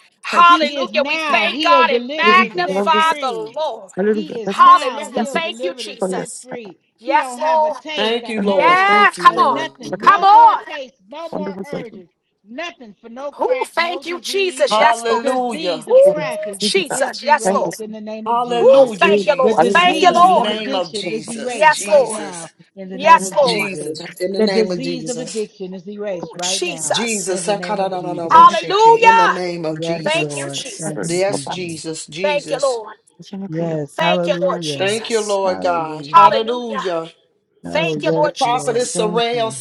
He is Hallelujah. We now thank healed, God and delivered, and set magnify the free. Lord. He is now Hallelujah. healed, Thank you, delivered, and set Jesus. free. He Yes, don't have a Lord. taste, Thank a you, Lord. urge, Thank Yes, you, or come on. Lord. nothing. Come No more on. taste, no more urges, nothing for no Ooh, crack, no thank you, disease. Jesus. Yes, The Lord. disease Hallelujah. of Ooh, crack is, Jesus. is Yes, Lord. erased in the name of Ooh, Jesus. Hallelujah, thank you, The Lord. Jesus. Thank In you, the disease of Lord. name of addiction is Jesus. erased Yes, right Lord. now Jesus. in the name Yes, of Lord. Jesus. Jesus. In the The name of disease of Jesus. addiction is erased Ooh, right now Jesus. in Jesus. the name of Jesus. Sakadadadadaboshiki. In the Hallelujah. name of Yes, Thank Jesus. you, Lord. Thank you, Jesus. Yes, Jesus. Jesus. Thank you, Jesus. Lord. Yes, Thank you, Lord hallelujah. Thank you, Jesus. Lord God. Hallelujah. Hallelujah. Hallelujah. Oh, Thank you, yes, Lord Lord. Jesus. Thank you.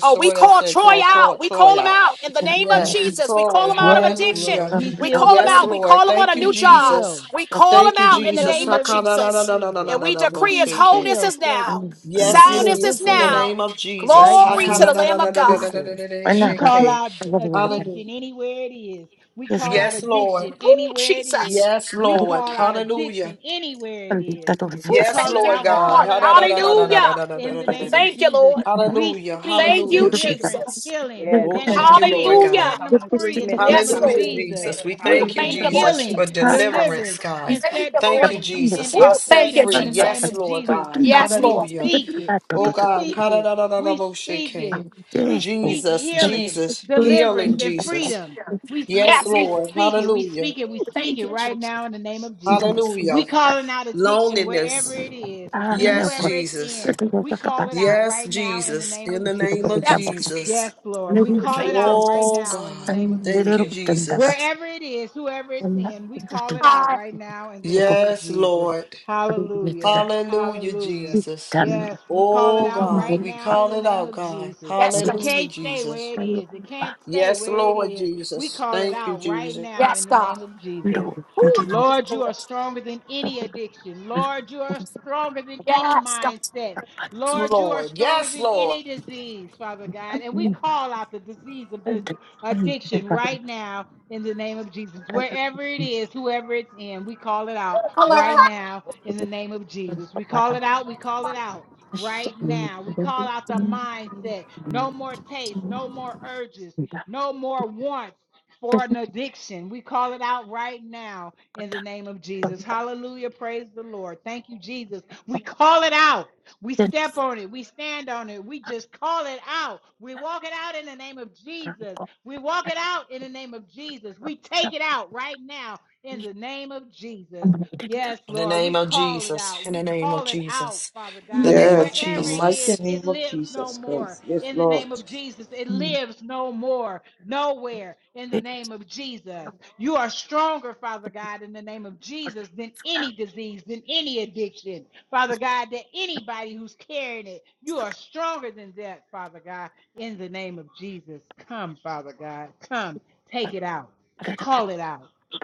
Oh, we call Troy out. We call him out in the name of Jesus. We call him out of Yes, addiction. Lord. He's We healed, call him set, out. and- We call him on a new he's job. healed. We call him out He's in the healed, name of delivered, and set Jesus. free. And sir. we decree He's his wholeness healed, is set, now. he's healed, Soundness he's is healed. now. right Glory now to in the the Lamb name of of God. Jesus. We call out addiction anywhere it is. We call out addiction Oh, anywhere it is. Jesus. We call out addiction anywhere it is. We Oh, Yes, call thank it you, Lord out. We God. Lord. call it out. We call it out Hallelujah. in the name Ha-da-da-da-da-da-da-da-da-da-da-da-da. of Thank you, Jesus. Lord. We Hallelujah. speak Thank you, Hallelujah. deliverance, Jesus. healing, Yes, Oh, and come I in thank you, Lord speak agreement, just God. Hallelujah. setting come them in free in the agreement, just name Yes, of come in Hallelujah, Lord. Jesus. agreement. Jesus. We We Oh, thank you, thank speak Hallelujah. you, Lord Jesus, healing, for Jesus. deliverance, deliverance, God. and Thank set you, Thank you, Lord. free and, Jesus. I and Oh, set thank you, freedom free. in the name Yes, Jesus. of Lord Jesus. God. Yes, We Lord. Hallelujah. speak it. We Oh, God. speak it. We speak Ha-da-da-da-da-da-bo-shake. it. We speak Jesus, healing, Jesus, deliverance, healing, and Jesus. freedom. We, Yes, st- Yes, we Lord. Lord. speak it. We Hallelujah. speak it. We Ooh, speak thank it you, right Jesus. now in the name of Jesus. Hallelujah. We calling out addiction wherever Loneliness. it is and Yes, whoever it's Jesus. in. We call it out Yes, right now in the Jesus, name in of the name Jesus. of Yes. Jesus. Yes, Lord. We Ooh, call it thank you, out right Oh, Jesus. now in the God. name of Thank you, Jesus. Jesus. Wherever it is, whoever it's in, we call it out Ah, right now in the name of Yes, Jesus. Lord. Hallelujah. Hallelujah, Hallelujah. Jesus. Yes, we call it Oh, out God. right We now in call the it name out, of God. Jesus. yes, It God. Hallelujah, can't stay where Jesus. it is. It can't stay Yes, where it Lord is. We Jesus. call it Thank you, out right Jesus. now in Yes, the God. name of Jesus. Ooh, Lord, thank you, you are Lord. stronger than any addiction. Lord, you are stronger than any yes, God. mindset. Lord, you are Lord. stronger Yes, than Lord. any disease, Father God. And we call out the disease of this addiction right now in the name of Jesus. Wherever it is, whoever it's in, we call it out right now in the name of Jesus. We call it out, we call it out. Right now, we call out the mindset no more taste, no more urges, no more wants for an addiction. We call it out right now in the name of Jesus. Hallelujah. Praise the Lord. Thank you, Jesus. We call it out. We step on it. We stand on it. We just call it out. We walk it out in the name of Jesus. We walk it out in the name of Jesus. We take it out right now in the name of Jesus. Yes, In the Lord, we name of call it Jesus. out. In We the name of call it out, Jesus. Father God. The name of Yes. In the Wherever it mighty is, Jesus. it name of lives no Jesus more. Christ. Yes, In the Lord. name of Jesus, it lives no more. Nowhere in the name of Jesus. You are stronger, Father God, in the name of Jesus than any disease, than any addiction. Father God, than anybody who's carrying it, you are stronger than that, Father God. In the name of Jesus, come, Father God. Come, take it out. Call it out.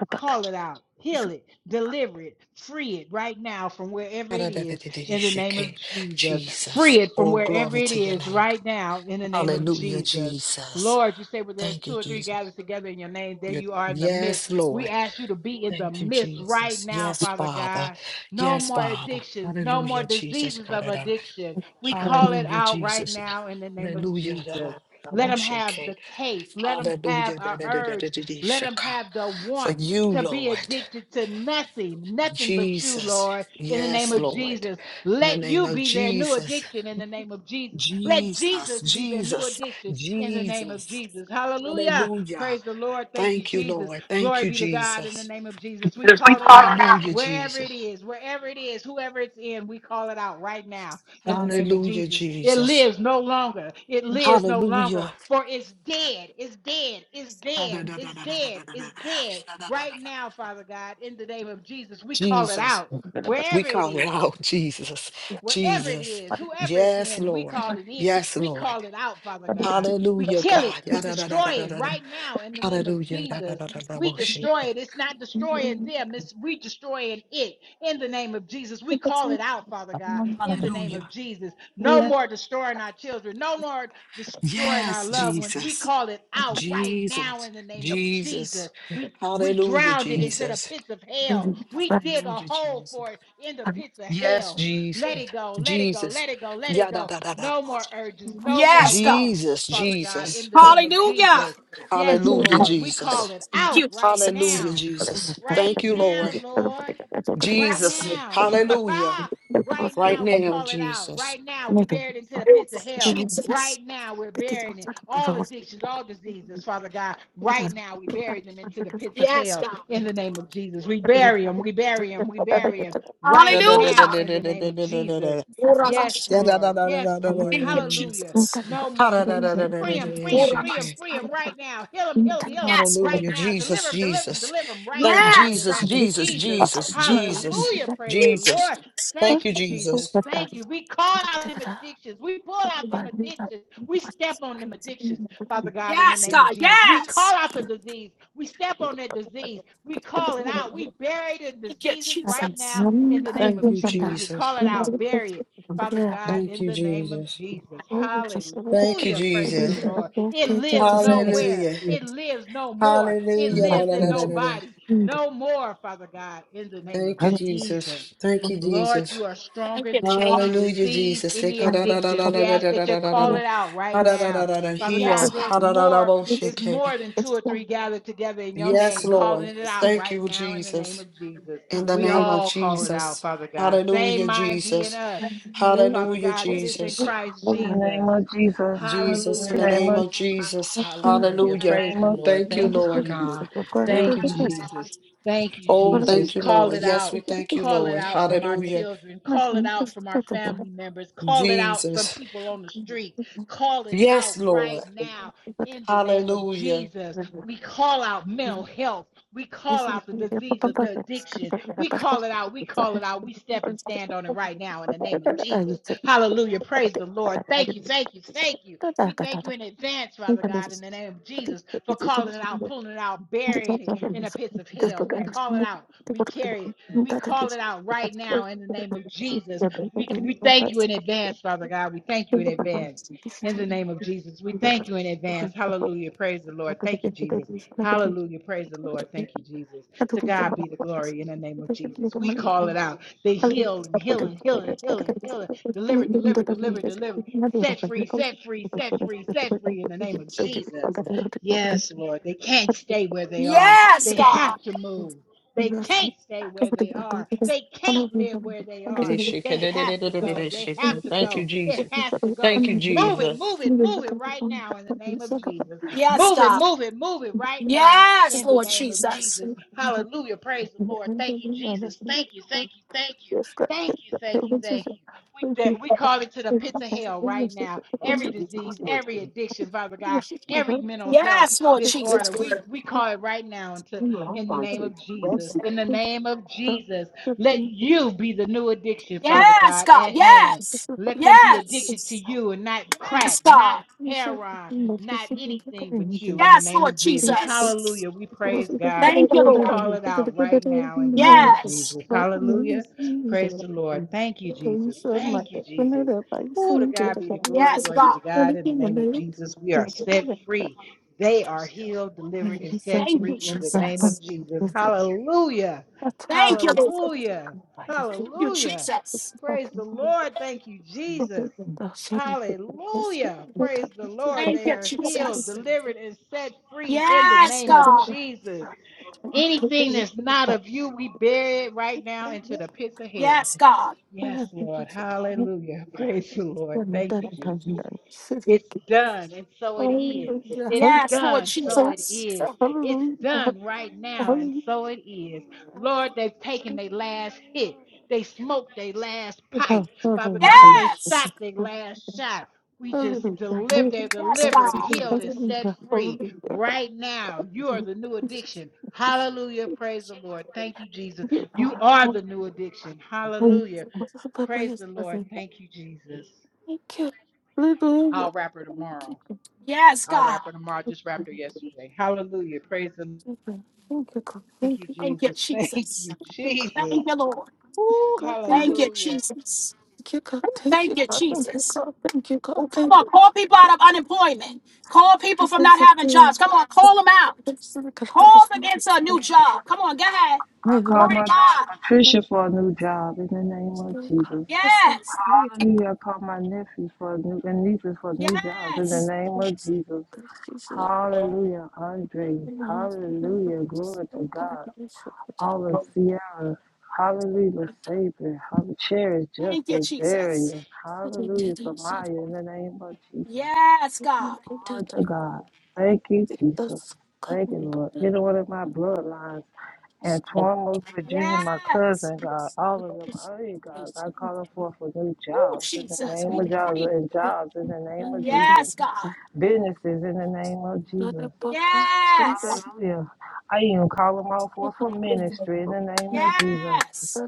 Call it out. Heal it. Deliver it. Free it right now from wherever it is in the name of Jesus. Jesus. Free it from Oh, wherever glory it to your is name. right now in the name of Hallelujah, Jesus. Jesus. Lord, you say where there's Thank you, two or three Jesus. gathered together in your name, there You- you are in the midst. Yes, We Lord. ask you to be in the Thank you, midst right Jesus. now, Yes, Father Father. God. No Yes, more Father. addictions, no more Hallelujah, Jesus. diseases of Da-da-da. addiction. We call it Hallelujah, out right Jesus. now in the name of Hallelujah. Da Jesus. da Let da them have the taste, let them have Hallelujah. Da our da da da da urge, da let them Shaka. have the For want you, to be Lord. addicted to nothing, nothing but you, Jesus. Lord, in the name Yes, of Lord. Jesus. In the Let name you of be their new Jesus. addiction in the name of Jesus. Let Jesus. Jesus be their new Jesus. addiction in the name of Jesus. Jesus. Hallelujah. Hallelujah. Praise the Lord. Thank you, Thank you, Jesus. Lord. Thank Glory you, be to God in the Jesus. name of Jesus. We call it out Hallelujah, wherever it Jesus. is, wherever it is, whoever it's in, we call it out right now in the name of Hallelujah, Jesus. It Jesus. lives no longer. It lives no longer. Hallelujah. For it's dead. It's dead. It's dead. It's dead. It's dead. Right now, Father God, in the name of Jesus, we call it Jesus. out We wherever it call it is out, Jesus. wherever it Jesus. is, whoever it's Yes, in, we Lord. call it in, Yes, we Lord. call it out, Father God. We Hallelujah, kill it, God. we destroy it Yadadadadadada. right now in the name of Hallelujah. Jesus. We Yadadadadadaboshi. destroy it. It's not destroying them, it's we destroying it in the name of Jesus. We call it out, Father God, in the name of Hallelujah. Jesus. No more destroying our children, no more destroying our Yes, loved ones. We Jesus. call it out right now Jesus. in the name of Jesus. Jesus. We we Hallelujah, drowned it into the Jesus. pits of hell. We dig a Hallelujah, hole Jesus. for it in the pits of Yes, hell let Jesus. it go, let it go, Jesus. let it go, let it Yada go. da da da. No more urges, no more Yes, God. wants, Jesus, Father God, in Jesus. the name of Hallelujah. Jesus. Yes, Hallelujah, Lord, we call Jesus. it Thank out you, right Jesus. Hallelujah, now. Jesus. Right Thank you, now, Lord. Lord. Right Yes, Jesus. now. Hallelujah. right Right now, we now, call it out. Jesus. Right now, we bear it into the God. Ooh, pits of hell. Right Jesus. now, we're burying it. All addictions, all diseases, Father God. Right now, we bury them into the pits of Yes, hell God. in the name of Jesus. We bury them, we bury them, we bury 'em Da right da da da Hallelujah. now da in da the da name da of da da da Jesus. da. Ora Yes, basha. Da da da Lord. da Yes, da da da da da Lord. Thank you, da da. Hallelujah. Jesus. No Ha more da da da da addictions. da Free da them, da. free them, Ora free them, Shake. free them basha. right now. Heal them, heal them, heal them Yes, God. right Hallelujah. now. Deliver Jesus, them, deliver them, Jesus. deliver them right Thank now in Yes, the Jesus, God. name of Jesus, Jesus. Jesus, Jesus, Hallelujah. Praise the Jesus. Lord. Thank Thank you, you, Jesus. Jesus. Thank you. We call out them addictions. We pull out them addictions. We step on them addictions. Father God, in the Yes, name of God. Jesus. We call Yes. out the disease. We step on that disease. We call it out. We bury the Thank you, diseases right Jesus. now in the name Thank of you, Jesus. We Jesus. call it out. Bury it. Father God, Thank in you, the name of Jesus. Jesus. Thank you, Hallelujah. Praise Jesus. the Lord. It lives nowhere. Hallelujah. It lives no more. It Hallelujah. La, lives la, in la, la, la, la. nobody. No more, Father God, in the name of Thank you, Jesus. Jesus. Thank you, Lord, Jesus. you are Thank stronger you, than any Jesus. Hallelujah, disease, Jesus. any Seka da da da addiction. da da We da ask da da that you da da da call da. it out right Ha da da now da da da. Father Heal. God, Yes, there's God. Ha da da da more, bo there's shake. more than two or three gathered together in your Yes, name, calling Lord. it out Thank right you, now in the name Jesus. of Jesus. in the We name of all call it out, Jesus. Father God. Same Hallelujah, mind be in Jesus. us, Father Hallelujah, God, that is in Jesus. Christ in the name Jesus. of Jesus. In Jesus, in the the Hallelujah. name name of of Jesus. Jesus. Hallelujah. In Hallelujah. the Praise name the of Lord. Thank you, Jesus. Thank you, Lord Jesus. God. Thank Thank you, you, Jesus. Jesus. Thank you, Oh, Jesus. thank you, Call Lord. it Yes, out. we thank you, Call it Lord. out from our Hallelujah, children. Call it out from our family members. Call it out from Jesus. people on the street. Call it Yes, out right Lord. now in the name of Hallelujah. Jesus. We call out mental health. We call out the disease of the addiction. We call it out. We call it out. We step and stand on it right now in the name of Jesus. Hallelujah. Praise the Lord. Thank you. Thank you. Thank you. We thank you in advance, Father God, in the name of Jesus, for calling it out, pulling it out, burying it in the pits of hell. We call it out. We carry it. We call it out right now in the name of Jesus. We, we thank you in advance, Father God. We thank you in advance. In the name of Jesus, we thank you in advance. Hallelujah. Praise the Lord. Thank you, Jesus. Hallelujah. Praise the Lord. Thank you, Jesus. To God be the glory in the name of Jesus. We call it out. The healing, healing, healing, healing, healing. Deliver, deliver, deliver, deliver. Set free, set free, set free, set free in the name of Jesus. Yes, Lord. They can't stay where they are. Yes, They God. have to move. They can't stay where they are. They can't live where they are. Thank They have to go. They have to you, go. It Jesus. has to go. Thank you, Move it, Jesus. move it, move it right now in the name of Jesus. Yes, Move it, God. move it, move it right now Yes, in the Lord name of Jesus. Jesus. Hallelujah. Praise the Lord. Thank you, Jesus. Thank you, thank you, thank you. Thank you, thank you, thank you. We, that we call it to the pits of hell right now. Every disease, every addiction, Father God, every mental health Yes, Lord Jesus. disorder, we, we call it right now into, in the name of Jesus. In the name of Jesus, let you be the new addiction, Father Yes, God, God. at hand. Yes. Let them be Yes. addicted to you and not crack, Yes, not God. heroin, not anything but you in the Yes, name Lord of Jesus. Jesus. Hallelujah. We praise God. Thank you, We Lord. call it out right now in the name of Yes. Jesus. Hallelujah. Praise the Lord. Thank you, Jesus. Thank you, Jesus. Oh, to God be the glory. Yes, Glory be God. to God. In the name of Jesus, we are set free. They are healed, delivered, and set Thank you, free in the name of Jesus. Jesus. Hallelujah. Thank you, Lord. Hallelujah. Thank you, Hallelujah. Jesus. Praise the Lord. Thank you, Jesus. Hallelujah. Praise the Lord. Thank They you, are healed, Jesus. delivered, and set free in the Yes, name of God. Jesus. Anything that's not of you, we bury it right now into the pits of hell. Yes, God. Yes, Lord. Hallelujah. Praise the Lord. Thank you, Jesus. It's done, and so it is. It's Yes, Lord done, so it Jesus. is. It's done right now, and so it is. Lord, they've taken their last hit. They smoked their last pipe. Father God, they Yes. shot their last shot. We just delivered, they're Yes, delivered, God. healed, and set free right now. You are the new addiction. Hallelujah. Praise the Lord. Thank you, Jesus. You are the new addiction. Hallelujah. Praise the Lord. Thank you, Jesus. I'll wrap her tomorrow. Yes, I'll God. wrap her tomorrow. I just wrapped her yesterday. Hallelujah. Praise the Lord. Thank you, Thank you, Jesus. Thank Jesus. you, Jesus. Thank you, Lord. Woo, Thank you, hallelujah. Jesus. Thank you, Jesus. Well, come on, call people out of unemployment. Call people from not having jobs. Come on, call them out. Call them into a new job. Come on, go ahead. I call Glory to my God. daughter Patricia for a new job. In the name of Jesus. Yes. Hallelujah. I call my nephews for a new and nieces for new jobs. In the Yes. name of Jesus. Hallelujah. Andre. Hallelujah. Glory to God. All of Sierra. Hallelujah, Savior. Hallelujah, Cherish Thank you, Justice, Jesus. Darius. Hallelujah, Samaya, in the name of Jesus. Yes, God. Glory to God. Thank you, Jesus. Thank you, Lord. You know what of my bloodlines. And Tuamos Virginia, my Yes. cousin, God, all of them, oh you God, I call them forth for new Oh, jobs in the Jesus. name We of jobs decree. it. and jobs in the name of Jesus. Yes, God. Businesses in the name of Jesus. Yes. Hallelujah. I even call them all forth for ministry in the name of Jesus Yes.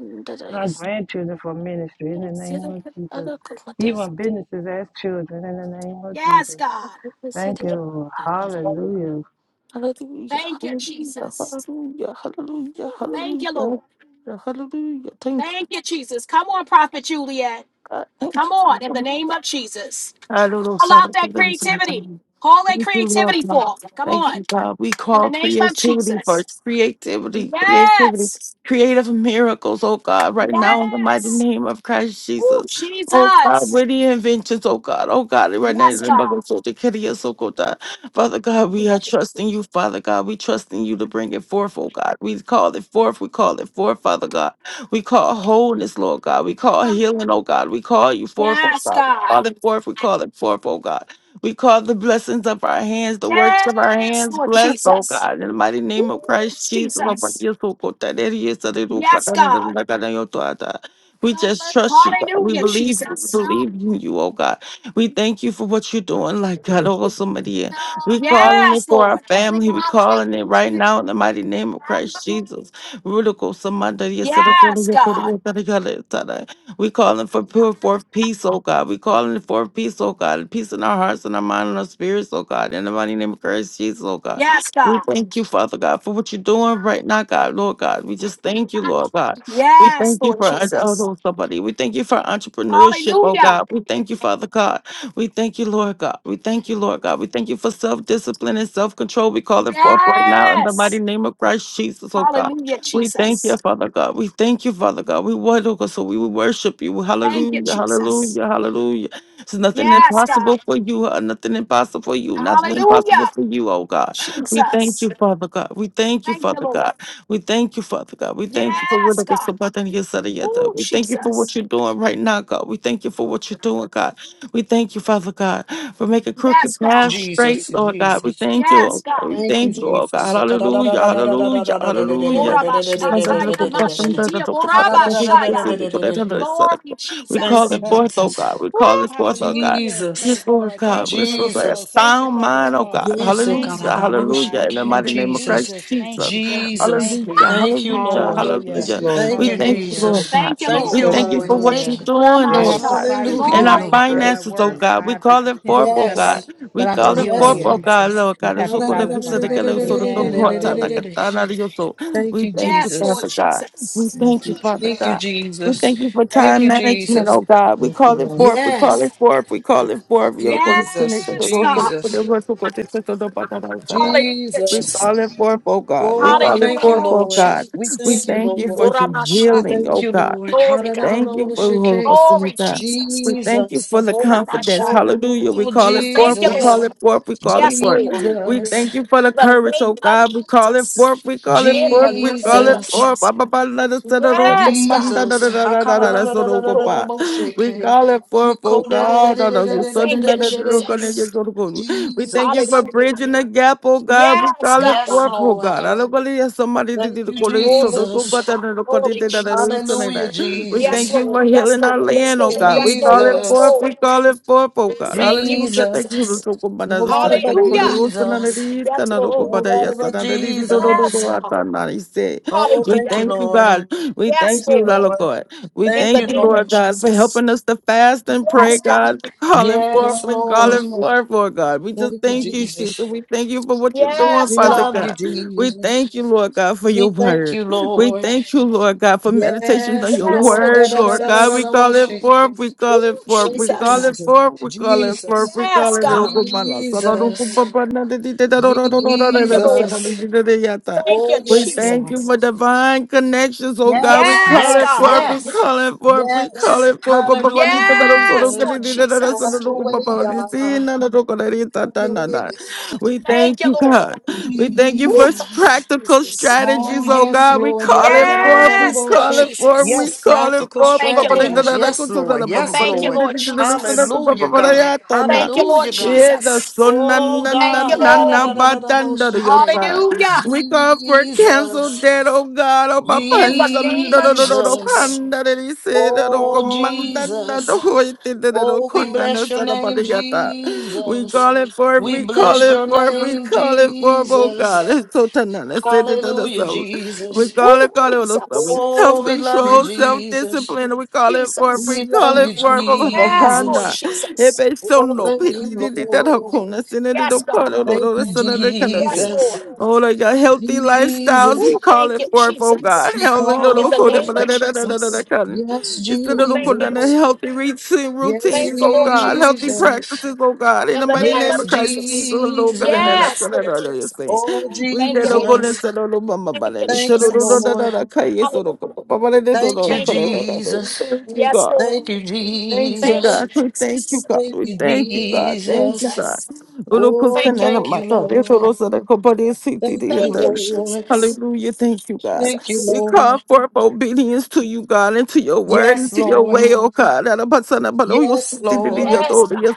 our grandchildren for ministry in the name of Jesus. Even businesses as children in the name of Yes, Jesus. God. Thank you, Lord. Hallelujah. Thank you, Jesus. Ooh, Thank you, Lord. Thank you, Jesus. Come on, Prophet Juliet. Come on, in the name of Jesus. Call out that creativity. Call that creativity forth. Come Thank on, you, God. We in the call name of creativity for Jesus. cre- Yes. creative miracles, oh God, right now in the mighty Yes. name of Christ Oh, Jesus. Jesus. Witty inventions, oh God, oh God, right Yes, now. God. Father God, we are trusting you, Father God. We trusting you to bring it forth, oh God. We call it forth. We call it forth, Father God. We call wholeness, Lord God. We call healing, oh God. We call you forth, oh Yes, God. We God. call it forth. We call it forth, oh God. We call the blessings of our hands, the works of our Yes, hands Lord blessed, oh Jesus. God. In the mighty Ooh, name of Christ Jesus. oh God. Jesus. Yes, oh God. That it is, that it will God. Yes, Da, da, da, God. da, da, da, yo, da, We just trust you, God. We Hallelujah, believe you. We Jesus. believe in you, oh God. We thank you for what you're doing, like God, oh somebody. We calling it Yes, for our Lord. family. We calling it right now in the mighty name of Christ Jesus. Rudical somebody, yes, sir, oh, Yes, yes, sir, God. oh, yes, sir, yes, sir. We calling for pure forth peace, oh God. We calling for peace, oh God. Peace in our hearts and our mind and our spirits, oh God. In the mighty name of Christ Jesus, oh God. Yes, We God. thank you, Father God, for what you're doing right now, God, Lord God. We just thank you, Lord God. We Yes, thank you Lord for uh, Jesus. oh, somebody. We thank you for entrepreneurship, oh Hallelujah. God. We thank you, Father God. We thank you, Lord God. We thank you, Lord God. We thank you for self discipline and self control. We call it forth right now in the mighty Yes. name of Christ Jesus, oh God. Hallelujah, We thank you, Jesus. Father God. We thank you, Father God. We worship, so we will worship you. Thank you, Hallelujah, Jesus. hallelujah, hallelujah. There's nothing Yes, God. impossible for you, uh, nothing impossible for you, nothing impossible Hallelujah, for you, oh God. We thank Jesus. you, Father God. We thank you, Thank you, Father Lord. God. We thank you, Father God. We thank you for what Yes, I guess God. about that, yes, that, yes, that. Oh, We thank you for Jesus. what you're doing right now, God. We thank you for what you're doing, God. We thank you, Father God, for making crooked Yes, paths God. Jesus, straight, Lord God. We Jesus. thank you. Yes, oh God. God. We Thank you, thank you, oh God. Jesus. Thank Hallelujah, hallelujah, hallelujah. Orabashataya mashiti orabashaya. Glory, We call you, Jesus. it Woo, forth, oh God. Jesus. We call it forth, oh God. hallelujah. Praise Yes, Jesus. the Lord Lord. God. Thank you Yes, for the Lord God. flow. Yes, Jesus. Thank you Sound for the mind, oh flow. God. Yes, Thank you, Hallelujah, Father God. hallelujah. In In the the name mighty of name of Jesus. Jesus, Christ thank Jesus. you, thank you, Jesus. thank you. Hallelujah, Thank you, hallelujah, Lord. Hallelujah. Yes, hallelujah. Lord. Thank We you, thank you, Lord Hallelujah. Jesus. God. Thank you, Thank We you, Lord. Jesus, thank you Lord. for Jesus, what you're Thank you. Hallelujah. Jesus. doing, I Lord have to God Oramashaya. Yes. silence my in Hallelujah, our Lord, mic. Lord. I'm at Yes, finances, oh work. God. I God. We have to call it attend forth, to oh God. something, Yes. but We I'm call Yes, it still Yes, forth, God. oh here. God, Jesus. Lord Just God. It's have so to good if silence you my said it, God, mic. it's so Yes, good, come Amen. God. forth, time like Hallelujah. a thorn out of your soul. Thank We you, thank you, yes, Jesus. Lord Father God. We Jesus. Thank thank you, you, Father Thank you, Jesus. God. We Jesus. thank you for Thank time you, management, Jesus. oh God. We Thank you, call it Lord. forth. We call Yes, it forth. We call it forth. You're going to spin it, Jesus, the Yes, Lord, for the God. for the Jesus, Lord, so good, it's so good, but that is that. Hallelujah, We Jesus. Jesus. call it forth, oh God. We Oh, we call it thank you, forth, Hallelujah, oh Lord. God. We We thank Jesus. you, thank you for Lord. your We Oramashaya. healing, thank oh you, God. Lord. ha Glory, da da God. da da Thank you wo for Holy shi Ghost, Holy Glory, God. Jesus. We thank you for Jesus. the confidence. Oramashaya. Hallelujah. We Oh, call Oh, it thank forth. you, We call Lord. Jesus. it forth. We call it Yes, forth. Lord. We Jesus. thank you for the the courage, name oh of God. We call it Jesus. forth. We call it In forth. We the call name it of Jesus. forth. Ba, Jesus. ba, ba, la, da, sa, da, do, ko, Yes, ma, God. da, da, Jesus. da, da, da, da, da, da, so, do, ko, Lord, ba. We call it forth, oh God. Da, da, we yo, so, da, Thank da, you, da, do, Ha-ka-da-da-da-da-da-da-da-wo-shi-ke. ko, da, yo, Jesus. so, do, ko. We thank you for Jesus. Hallelujah. bridging the gap, oh God. We Yes, call it Yes, forth, God. oh Lord. God. I don't believe somebody did Thank the you, call it so Glory, don't go but that Jesus. God. I don't call it Glory, that I do that is the Jesus. name Hallelujah, that. We Yes, thank Jesus. you Lord. for Yes, healing Lord. our Yes, land, oh Lord. God. We Yes, call Lord. it Yes, forth, Jesus. we Lord. call it forth, oh We God. Thank you, Hallelujah. Jesus. Thank you. Lord. Jesus. So come by the Son, Nobody I can but go to Hallelujah. the Son, and it Jesus. is the Yes, Lord, come by Lord. the Nobody Son, but and it is the Lord, Lord, Lord, Lord, Yes, Jesus. Lord, Lord, God. Lord, Lord, Oh, Lord. We thank Hallelujah. you, thank you, Lord. God. We Yes, Thank thank you, you, Lord. Lord Lord. God. We In Thank the you, thank you, name Lord. of Lord God, for Jesus. helping us to fast and pray, Yes, God. God. We calling it forth. Yes, We calling Lord. it forth, Lord God. We just Thank you, thank you, Jesus. Jesus. We thank you for what you're doing, Yes, We Father love God. you, God. We Jesus. thank you, Lord God, for your We thank word. you, We Lord. thank you, Lord God, for meditations on Yes, your Yes, Lord. Lord Da, word, da, da, Lord da, da, God. da, We Jesus. da, bo- call it shake. forth. We call Ooh, it forth. Thank We you, call Jesus. it Jesus. forth. We call it forth. Jesus. We Yes, God. Jesus. Thank you, Lord. Jesus. call it. Thank you, Oh, We yes, thank Lord. you for Jesus. divine connections, oh God. We Yes, call Yes, it yes, forth, God. we yes. call it forth, we call Yes. it forth. Hallelujah, Papalita da da so do Yes, ka di Jesus. Lord di da da da so Have Jesus. do do your ko way, papa di God. si na Have na do ko da di ta ta your na way, na. God. We Thank thank you, you, Lord. God. We thank you Ooh, for thank Jesus. you, practical Jesus. Oh, strategies, oh yes, God. We Lord. call it forth, we Yes, Lord call Yadadadadadadaboshe. it forth, Jesus. we Yes, call it practical forth. Thank you, Papalita strategies. Lord. da da Yes, ko so da Lord. da Yes, papa di Thank you, di Lord. Lord di di da da so da Jesus. ko Hallelujah, papa da God. ya ta na. Thank you, Lord Hallelujah, God. Yeah, the Jesus. son, na, Oh na, na, Thank you, God, na, Lord. na, ba, dun, da, da, do yo, Ha-da-da-da-da-da-bo-shake. ta. Hallelujah. We call for cancel Jesus, debt, oh God, oh my In the panza, do name do of do do do, Jesus, Jesus. panda, that he said. da do oh comanda, da do Jesus, hoite, da da do oh we kona, da bless your sa da ba da name, yata. We Jesus, call it forth, we we call bless it your forth, we name, call it forth, oh God. Jesus, It's so tanana, let's say that da da hallelujah, so. We Jesus, call Ooh, it, call it, oh no, so we Jesus. oh self we love you, control, self Jesus, discipline, we call it forth, Jesus. we we call love you, it forth, oh my Yes, Lord panda. Jesus, Jesus. Ebe so oh no, thank pili you, di di da da Lord, kona, sinne di do Yes, God. pano, do thank do, da you, sa da da kana Yes, do. Jesus. Lord. Oh, Lord God, healthy lifestyles Jesus, we Ooh, call thank it you, forth, oh God. Jesus. We Hallelujah. call In it the name forth, of God. Jesus. Yes, It's the Ooh, little thank good you, and the Lord. Jesus. healthy routine, Yes, Thank routines, you, oh Lord God. Healthy Jesus. Jesus. practices, oh God. In In the the mighty name name Yes, of of Christ, Jesus, Jesus. Lord God, and Jesus. that's Yes, what I Lord know you're saying. Jesus. Oh, We Thank you, did no Lord. good and Jesus. said, oh, no, mama, but Thank you, I Thank said, oh, you, no, no, Jesus. no, no, Lord. no, okay, yes, oh, Hallelujah. no, mama, but I did, oh, no, Thank you, no, Thank you, no, no, Lord. no, no. Jesus. Thank you, Yes, God. Lord. Thank you, Thank you, Thank Jesus. you, God. We thank you, Jesus. God. Thank We you, thank you, God. Thank you, Jesus. God. Jesus. Oh, Thank you, thank Lord. you, Lord. Thank you, Thank you, Lord. Jesus. Hallelujah. Thank you, God. Thank you, Jesus. We call Lord. forth obedience to you, God, and to your word and Yes, to your Lord. way, oh God. Help us to Yes, Lord. Yes, God.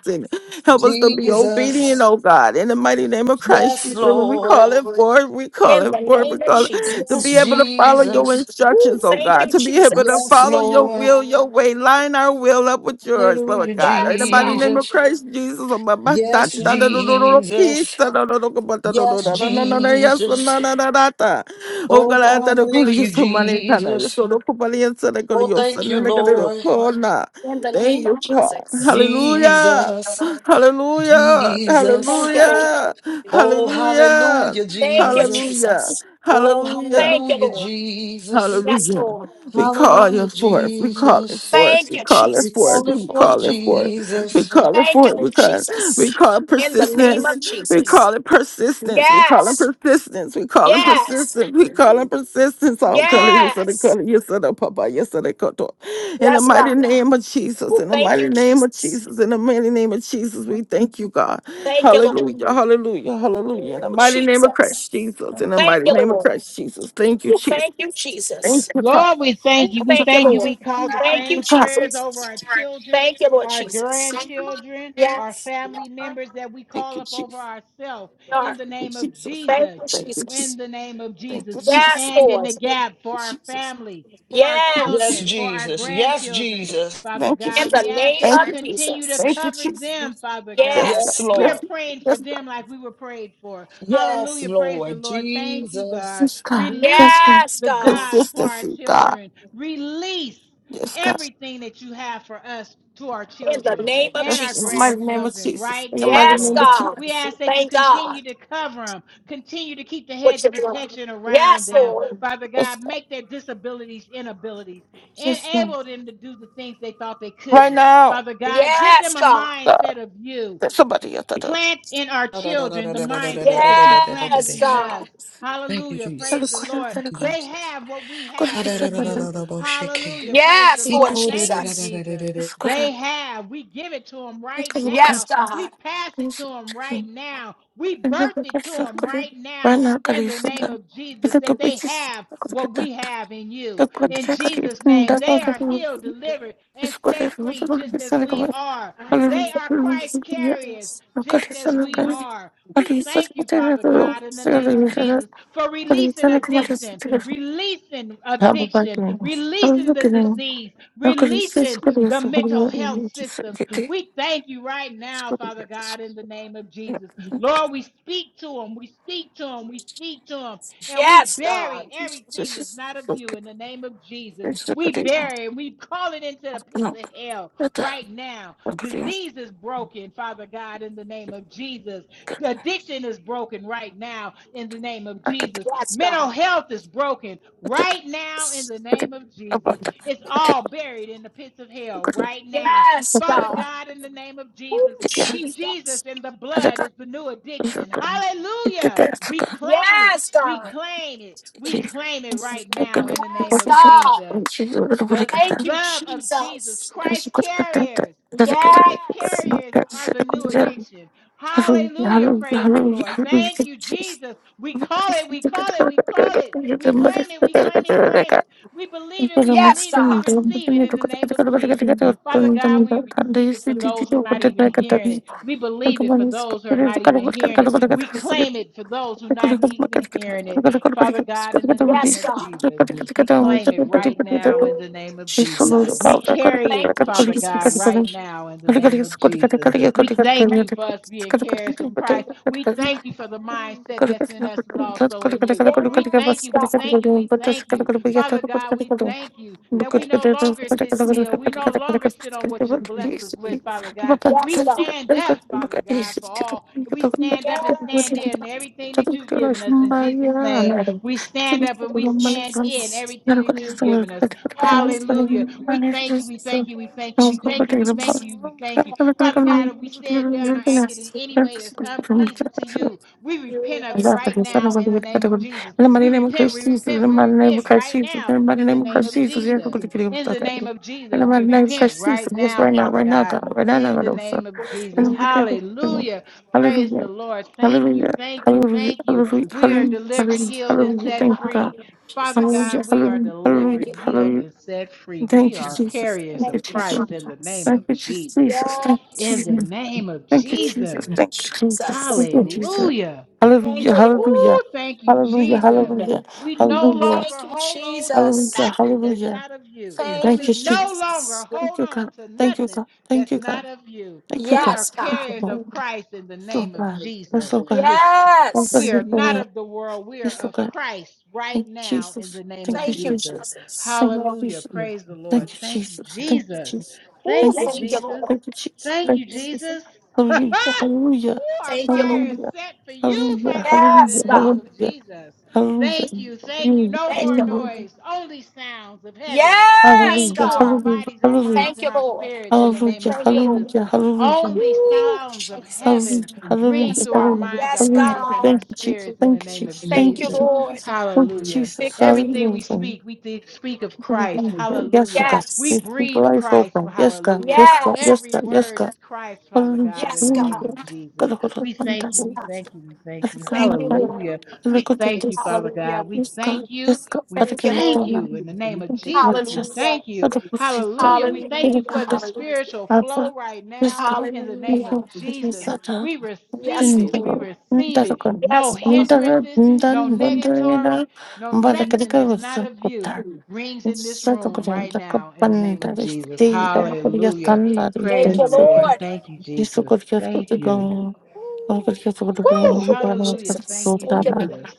be obedient, Jesus. oh God. In the mighty name of Christ, Yes, Jesus, we Lord. call it forth. We call In it the forth. We name of call it to Yes, be Jesus. able to follow your Jesus. Ooh, instructions, oh thank God, you, to be able to Jesus. Yes, follow your Lord. will, your way, line our will up with yours, Lord Hallelujah, God. In the Yes, mighty God. name of Jesus. Christ Jesus, oh my- my- da- Yes, da- da- da- da- da- peace, Jesus. da- da- da- da- da- da- da- da- Yes, da- da- da- da- yes, da- Jesus. da- da- da- da- da. Oh Oh, God, I God, thank you for thank your you, son, my name, Tana. Yes, Jesus. oh, look, Papa, yes, oh, look, Oh, your thank son, you, and look at your Lord. corner. In the Thank name you, of God. Jesus. Hallelujah. Jesus. Hallelujah. Jesus. Thank you, Lord. Hallelujah. Oh, Hallelujah. hallelujah, Thank you, Jesus. Hallelujah. Jesus. Oh, Hallelujah. Thank you, hallelujah, Lord. Jesus. Yes, Hallelujah. Lord. We call you Hallelujah, forth. We call it Jesus. forth. Thank We you, call it We forth. Jesus. call it We forth, call it forth. We Jesus. call it Thank you, forth. We Lord call, we Jesus. call it In the name persistence. of We Jesus. call it persistence. We call it Yes. persistence. We call it Yes. persistence. We call it persistence. Oh, God, you said it, Yes. God, you said it, Papa, you said it, God. oh. In the Yes, mighty God. name of Jesus, Oh, in the thank you, mighty name of Jesus. Jesus, in the mighty name of Jesus, we thank you, God. Thank you, Lord. Hallelujah, hallelujah, hallelujah. In the Ooh, mighty name of Jesus. Christ Jesus, in the Thank mighty you, name of Lord. Christ Jesus. Thank you, Ooh, Jesus. thank you, Jesus. Lord, we thank Ooh, you. We thank you, thank you. Lord. We call the Thank you, same prayers Jesus. over our children, Thank you, Lord our Jesus. grandchildren, our Yes. Yes, family we members that we call up over ourselves in are. the name of Thank Jesus. you, In Jesus. the name of Jesus, we Yes, stand in Lord. the gap for our family, for our Yes, Yes. children, for our Jesus. Yes, grandchildren. Jesus. Father In God, we the ask name that you of continue to Jesus. cover them, Father God. Yes, Yes. We are Lord. praying for them like we were prayed for. Yes, Hallelujah. Praise the Lord. Lord. Thank you, Jesus. God. Release Yes, the God. jobs for our children. Release everything that you have for us to our In the children name of and our Jesus. grandchildren right In the now, mighty Yes, name of Lord. God. We Jesus. We ask that you Thank God. continue to cover them, continue to keep the What hedge you of doing? protection around Yes, them. Lord. Father God, make their disabilities inabilities, enable them to do the things they thought they couldn't. Father God, give Yes, them a God. mindset of you Somebody do. Plant in our Thank children the mindsets that you planted Yes, in God. us. you, Hallelujah. Praise the Jesus. Lord. Thank you, They Jesus. have what we have in you. Hallelujah. Praise the Yes, He Lord Lord. quoted. Thank you, Jesus. Jesus. They have. We give it to them right Yes, now. We God. pass it to them right now. We birth it to them right now in the name of Jesus that they have what we have in you. In Jesus' name, they are healed delivered and set free just as we are. Yes, They are Christ carriers just as we are. We thank you, Father God, in the name of Jesus for releasing addiction, releasing addiction, releasing the disease, releasing the mental health systems. We thank you right now, Father God, in the name of Jesus. Lord, we speak to them. We speak to them. We speak to them and we God. bury everything that's not of you in the name of Jesus. We bury and we call it into the pits of hell right now. Disease is broken, Father God, in the name of Jesus. The addiction is broken right now in the name of Jesus. Yes, Mental God. health is broken right now in the name of Jesus. It's all buried in the pits of hell right now. Yes, Father God. God, in the name of Oh, Jesus, Jesus Jesus. in the blood is the new addiction. Hallelujah. We claim it. Yes, We God. claim it. We claim it right now in the Yes, name of God. Jesus. The Thank you, love of Jesus, Jesus. Christ carriers. Christ Yes. carriers are the new addiction. Hallelujah. Praise the Lord. Thank you, Jesus. We call it, we call it, we call it. We claim it, we claim it, claim it. We believe it, we Yes, believe it, we God. receive it in the name of Jesus. Father God, we receive it for those who are not even hearing it. We believe it for those who are not even hearing it. We claim it for those who are not even hearing it. Father God, in the name Yes, of God. Jesus. We claim it right now in Ooh, the name of Jesus. We Jesus. carry it, Thank you, Father God, Jesus. right now in the name of Jesus. We thank you for us being carriers of Christ. We thank you for the mindset that's in us is also in you. We thank Yes, you. We God. thank you. We thank you. Father God, we thank you that we Thank no you, longer sit Jesus. still. We no longer sit on what you blessed us with, Father God. We Yes, God. stand up, Father God, for all. We stand up and Yes, stand in God. everything that you've given us in Jesus' name. We stand up and we Ooh, stand in Jesus. everything that you've given us. Yes, God. Hallelujah. We thank you. We thank you. We Thank you, thank you. We thank you. We thank Jesus. you. We thank you. Father God, if Hallelujah, we said, done, or Jesus. acted in any way that's unpleasing to you, we You repent are of it awesome. right now in the name of Jesus. We repent. We repent. We repent right now in the name of Jesus. In the name of Jesus, we Thank you, repent right now, Father Lord. God. In the name of Glory, Jesus. glory. Hallelujah. Praise the Lord. Thank you. Thank you. Thank you. Lord. We are delivered, healed, and set Ah, free. Father Jesus. God, we are Thank delivered, you. healed, and set free. We are carriers Thank of you, Christ in the name Jesus. of Jesus. In Yes. the name of Jesus. Jesus. Hallelujah. Thank you, Lord. Woo, thank you, Jesus. We no longer Thank you, hold on to Jesus. nothing that's not of you. Thank We you, no longer Jesus. hold on to nothing that's not of you. We are Yes, God. carriers of Christ in the name of Jesus. It's, we Yes. are not of the world. We are of Christ right now in the name of Thank you, Jesus. Jesus. Hallelujah. Praise the Lord. Thank you, Jesus. Thank Oh, you, thank you, Jesus. Lord. Thank you, Jesus. Woo, our Thank you, fire Lord. is set for you, Father God, Yes, in the name God. of Jesus. Thank you, thank you. No Thank more you, Lord. noise, only sounds of heaven Yes, ring through our God. bodies, our minds, Thank and you, our Lord. spirits in the name of Thank you, Jesus. Lord. Only Ooh, sounds of Jesus. heaven ring Yes, through our God. minds, our Yes, bodies, and God. our spirits in the name of Thank you, Jesus. Lord. Hallelujah. Victory. Everything we speak, we think, speak of Christ. Hallelujah. We Yes, breathe Christ for hallelujah. yes, Every word is Christ, Father God, in yes, the name God. of Jesus. We thank you. Yes, We God. thank you. We thank you. Thank you, Lord. Hallelujah. We thank you, Father Hallelujah. God. We thank you. We Thank you, thank Lord. you. In the name of Jesus, we Hallelujah. thank you. Hallelujah. We Hallelujah. thank you for the Hallelujah. spiritual flow right now. In the name Hallelujah. of Jesus, we receive Yes, it. We Lord. receive it. No Yes, God. hindrances, no negatory, no nothing that's not of you. Rings in this room right now in the name of Jesus. Hallelujah. Thank Praise you, the Lord. Lord. Thank you, Jesus. Thank you. Woo! Thank you, Lord hallelujah. Thank Jesus. you, Thank you, Lord. Jesus.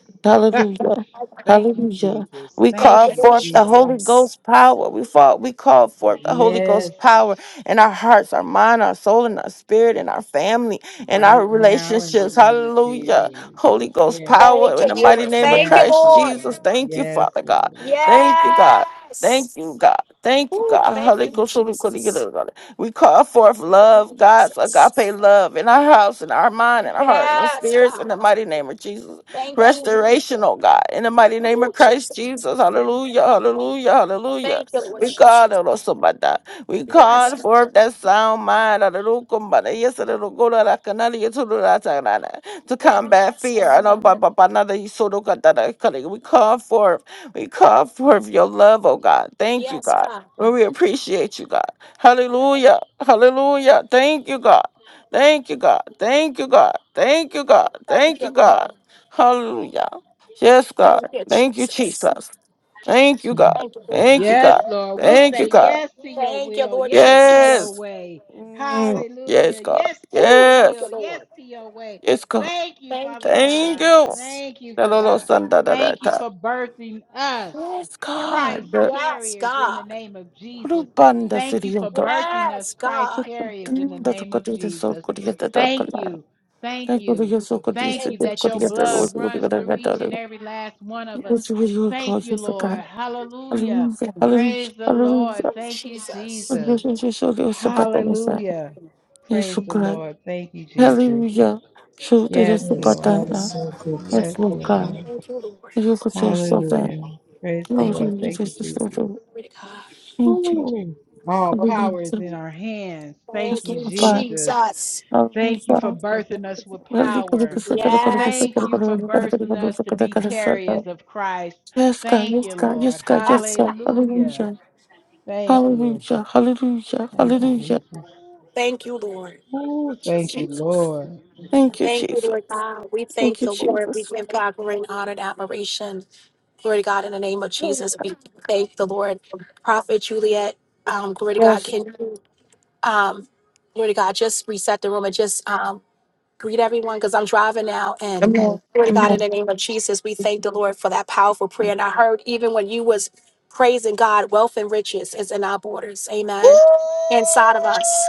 Thank you, Jesus. We Thank call Thank you, you, Lord forth the Jesus. Holy Jesus. Ghost power. We fall, we call forth the Holy Yes, Ghost power in our hearts, our mind, our soul, and our spirit, in our family, in our right now in the relationships. name of Hallelujah. Jesus. Holy Ghost Yes, power Thank you, in the mighty Lord. name of Thank you, yes, Christ Lord. Lord. Jesus. Thank you, Yes, Father God. Lord. Thank you, God. Thank Yes. you, God. Thank you, Ooh, God. thank Holy you, Ghost, Holy Ghost, Holy Jesus. Ghost. We call forth Thank love, you, God's Jesus. agape love in our house, in our mind, in our heart, in our Yes, spirits, in God. the mighty name of Jesus. Thank you, Lord. restoration, oh God. In the mighty name Oh, of Christ Jesus. Jesus. Hallelujah. Hallelujah. Hallelujah. Thank you, Lord We call Jesus. it Osabada. We Yes, call God. forth that sound mind. Hallelujah. Kumbada. Yes, hallelujah. Gola la kanali, yes, hallelujah, tagana. To combat Yes, fear. I God. know, ba- ba- ba- na- da- yes, hallelujah, da- da- kali. We call forth. We call forth your love, oh God. Thank you, Yes, God. God. Well, we appreciate you, God. Hallelujah. Hallelujah. Thank you, God. Thank you, God. Thank you, God. Thank you, God. Thank Thank you, you, Lord. God. Hallelujah. Yes, God. Thank you, Thank you, Jesus. Jesus. Thank you, Lord God. Yes, Lord. We say yes to your Thank you, will, Lord yes to your Jesus. way. Hallelujah. Yes to Oh, your thank you, will, yes Lord. to your way. Thank you, Thank Father you, God. Jesus. Thank you for God. Thank you for birthing us, Christ Yes, carriers, in the God. name of Jesus. Thank you for birthing us, Yes, Christ God. carriers, in the name of Jesus. Thank you. Thank you. Thank you Thank you, that your blood Jesus. runs through each and every last one of us. Thank you, Lord. Hallelujah. Praise the Lord. Thank you, Jesus. Jesus. Hallelujah. Praise the Lord. Thank you, Jesus. Yes, Yes, God is Lord. so good. Yes, Lord. Thank you, Lord. Hallelujah. Praise the Thank Lord. you, Thank you, Jesus. Lord God. Ooh. All power is in our hands. Thank Thank you, you, Jesus. Jesus. Thank you for birthing us with power. Yes, Thank you God. for birthing us to be carriers of Christ. Thank you, Lord. Yes, God. Hallelujah. Thank you. Thank you, Jesus. Thank you, Lord. Oh, thank you, Lord. Thank you, Lord God. We thank the Lord. We give God glory and honor and admiration. Glory to God in the name of Jesus. We thank the Lord. Prophet Juliet, um, glory to God. Can you, um, glory to God, just reset the room and just um, greet everyone because I'm driving now and glory to God in the name of Jesus. We thank the Lord for that powerful prayer. And I heard even when you was praising God, wealth and riches is in our borders. Amen. Inside of us.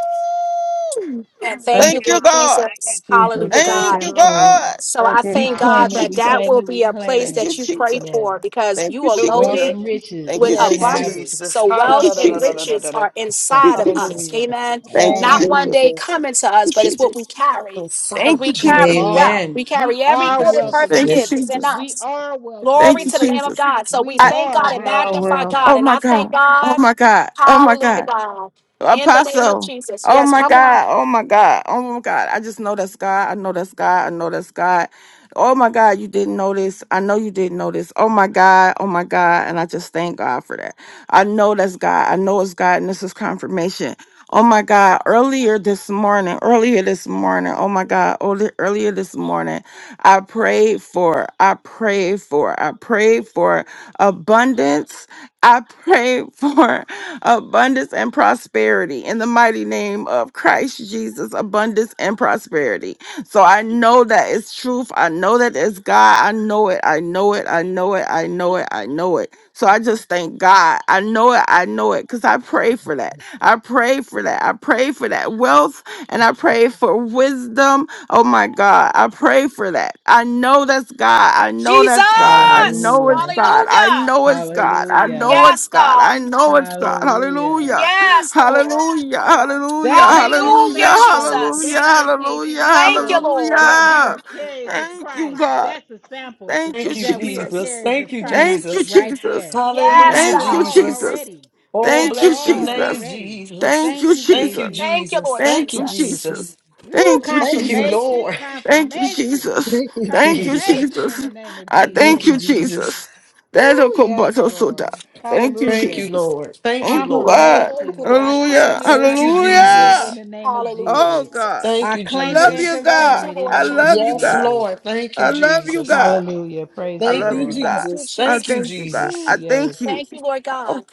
And thank Thank you, you, Lord Lord. Thank you, Jesus. Jesus. Hallelujah, Thank God. you, Lord. So I Thank you, We thank God. claim God it. Thank that We you. that claim will it. We be a place claim it. that you pray Yes. for because you are Wealth Hallelujah. loaded and riches. with We Yes, have it. abundance. Jesus. So wealth and riches Hallelujah. are inside of us. Amen. Thank you, Not Ah, one day Jesus. coming to us, but it's what we carry. Because Thank Messiah, you, we Jesus. we Jesus. carry are. wealth. Amen. We We carry every are good and wealth Jesus. and perfect gift riches. Yes. that's in We us. are wealth and Thank Glory you, to the riches. Lamb Jesus. of God. So we We I, Lord. thank are God We and wealth are and magnify well. riches. oh God. And my I God. thank Oh God. my God. Oh my God. Hallelujah, God. In the name of Apostle. Jesus. Oh Yes, my come on. God. Oh my God. Oh my God. I just know that's God. I know that's God. I know that's God. Oh my God. You didn't know this. I know you didn't know this. Oh my God. Oh my God. And I just thank God for that. I know that's God. I know it's God. And this is confirmation. Oh my God. Earlier this morning, earlier this morning, oh my God. early- Earlier this morning, I prayed for, I prayed for, I prayed for abundance. I prayed for. abundance and prosperity in the mighty name of Christ Jesus, abundance and prosperity. So I know that it's truth. I know that it's God. I know it. I know it. I know it. I know it. I know it. So I just thank God. I know it. I know it because I pray for that. I pray for that. I pray for that wealth and I pray for wisdom Oh my God. I pray for that. I know that's God. I know Jesus. that's God. I know Hallelujah. it's God. I Hallelujah. know it's God. I Hallelujah. know it's Yes, God. God. I know it's God. Hallelujah. Hallelujah. Yes, Lord. Hallelujah. Hallelujah. That is a Hallelujah. Hallelujah, sample. Jesus. Hallelujah. That is a Hallelujah. Thank you, sample Lord. that we Hallelujah. are carriers of Thank you, Christ. God. That's a sample Thank you, Thank of you, that we are Jesus. Jesus. carriers of Thank you, Christ Thank you, Jesus. right Jesus. there. We Yes, Hallelujah, have it Thank you, God. all Jesus. Jesus. already. We Oh, have Thank it you, bless your all name, Jesus. already. Jesus. Thank Thank you, you, Thank you, Jesus. Jesus. Thank you, Jesus. Lord Thank Thank you, you, Jesus. Jesus. Jesus. Ooh, Thank you, Thank Jesus. you, confirmation, Lord. Thank you, confirmation, Jesus. Thank you, Thank you, Jesus. confirmation in Jesus. the name of I Thank thank Jesus. you, you, Jesus. Jesus. That a Ooh, yes, kobato Lord. soda. Thank you, Thank Hallelujah. you, Jesus. Lord. Thank you, Thank you, Lord. God. Thank you, Confirmation. Lord I Hallelujah. claim it. Jesus. I Thank you, confirm it in Hallelujah. Jesus. the name of Hallelujah, Oh. Jesus. Thank Jesus. I you, claim it and Jesus. Thank confirm you, it in Lord the name of Yes, Jesus. Jesus. Lord. Thank you, Jesus. Hallelujah. Praise the Thank you, Lord. Thank you, Jesus. Thank you, Jesus. Ooh, Jesus. yes. Thank you, Lord God.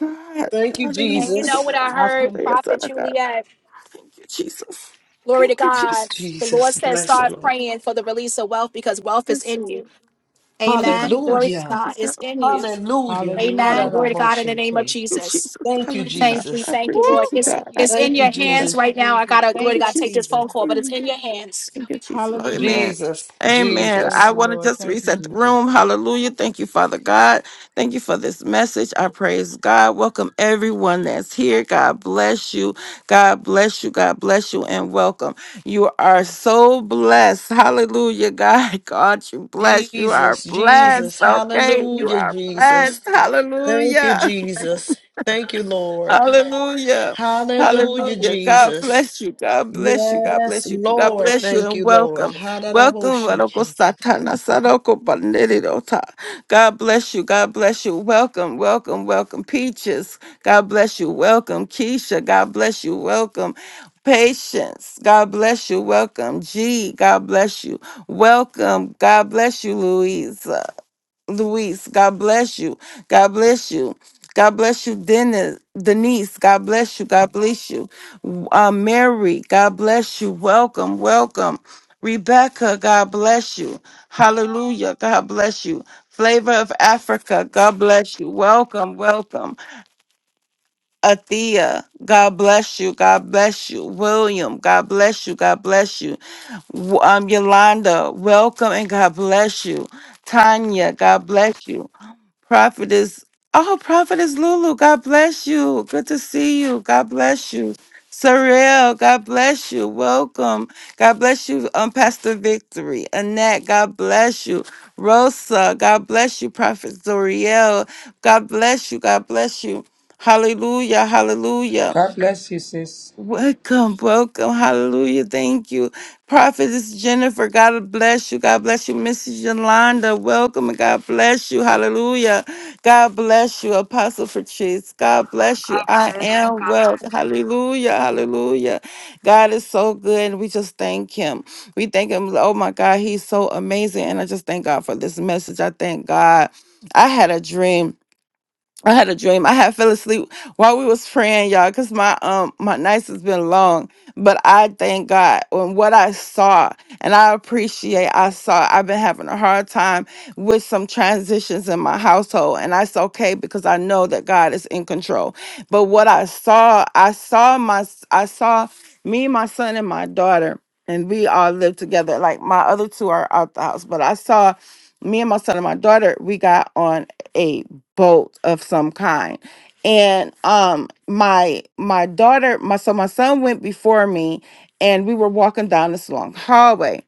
Thank you, And you know what Jesus. I I heard, can. Prophet Juliet? Glory to God. Yes, The Lord Jesus. says, Bless the start Lord. praying for the release of wealth because wealth is in you. Amen. Glory to Hallelujah. God is in you. Hallelujah. Amen. Hallelujah. Glory to God in the Hallelujah. name of Jesus. Thank you, Thank Jesus. you, thank you, Lord. Ooh, It's thank you, it's in Thank you, your Jesus. hands Thank Jesus. you, right now. I Jesus. gotta glory to Thank God you, take this Jesus. phone call, but it's in your hands. Thank you, Jesus. Hallelujah. Amen. Jesus, Amen. Praise I Jesus, the want to Lord. just Thank you, reset the Jesus. room. Hallelujah. Thank you, Father God. Thank you for this message. I praise God. Welcome everyone that's here. God bless you. God bless you. God bless you and welcome. You are so blessed. Hallelujah. God, God, you bless. You are Jesus, blessed. Jesus. Okay. You Hallelujah, are Jesus. blessed. Thank you, Hallelujah. Jesus. Thank you, Lord. Hallelujah. Hallelujah, Hallelujah. God Jesus. bless you. God bless you. God Yes, bless you. God Lord. bless you Thank and you, Lord. welcome. Hallelujah. Welcome. Varoko Satana Saroko Panerirota. God bless you. God bless you. Welcome. Welcome. Welcome. Peaches. God bless you. Welcome. Keisha. God bless you. Welcome. Patience. God bless you. Welcome. G. God bless you. Welcome. God bless you, Louisa. Luis. God bless you. God bless you. God bless you, Dennis, Denise. God bless you. God bless you. Uh, Mary, God bless you. Welcome, welcome. Rebecca, God bless you. Hallelujah. God bless you. Flavor of Africa, God bless you. Welcome, welcome. Athea, God bless you. God bless you. William, God bless you. God bless you. W- Um, Yolanda, welcome and God bless you. Tanya, God bless you. Prophetess. Oh, Prophetess Lulu, God bless you. Good to see you. God bless you. Sorrel, God bless you. Welcome. God bless you. Um, Pastor Victory. Annette, God bless you. Rosa, God bless you. Prophet Zoriel, God bless you. God bless you. Hallelujah. Hallelujah. God bless you, sis. Welcome, welcome. Hallelujah. Thank you. Prophetess Jennifer, God bless you. God bless you. Mrs. Yolanda, welcome and God bless you. Hallelujah. God bless you. Apostle Patrice, God bless you. I am well. Hallelujah. Hallelujah. God is so good and we just thank him. We thank him. Oh my God, he's so amazing. And I just thank God for this message. I thank God. I had a dream I had a dream. I had fell asleep while we was praying, y'all, because my um my nights has been long. But I thank God on what I saw, and I appreciate I saw. I've been having a hard time with some transitions in my household, and that's okay because I know that God is in control. But what I saw, I saw my I saw me, my son, and my daughter, and we all live together. Like my other two are out the house, but I saw me and my son and my daughter. We got on. Abe boat of some kind and um my my daughter my so my son went before me and we were walking down this long hallway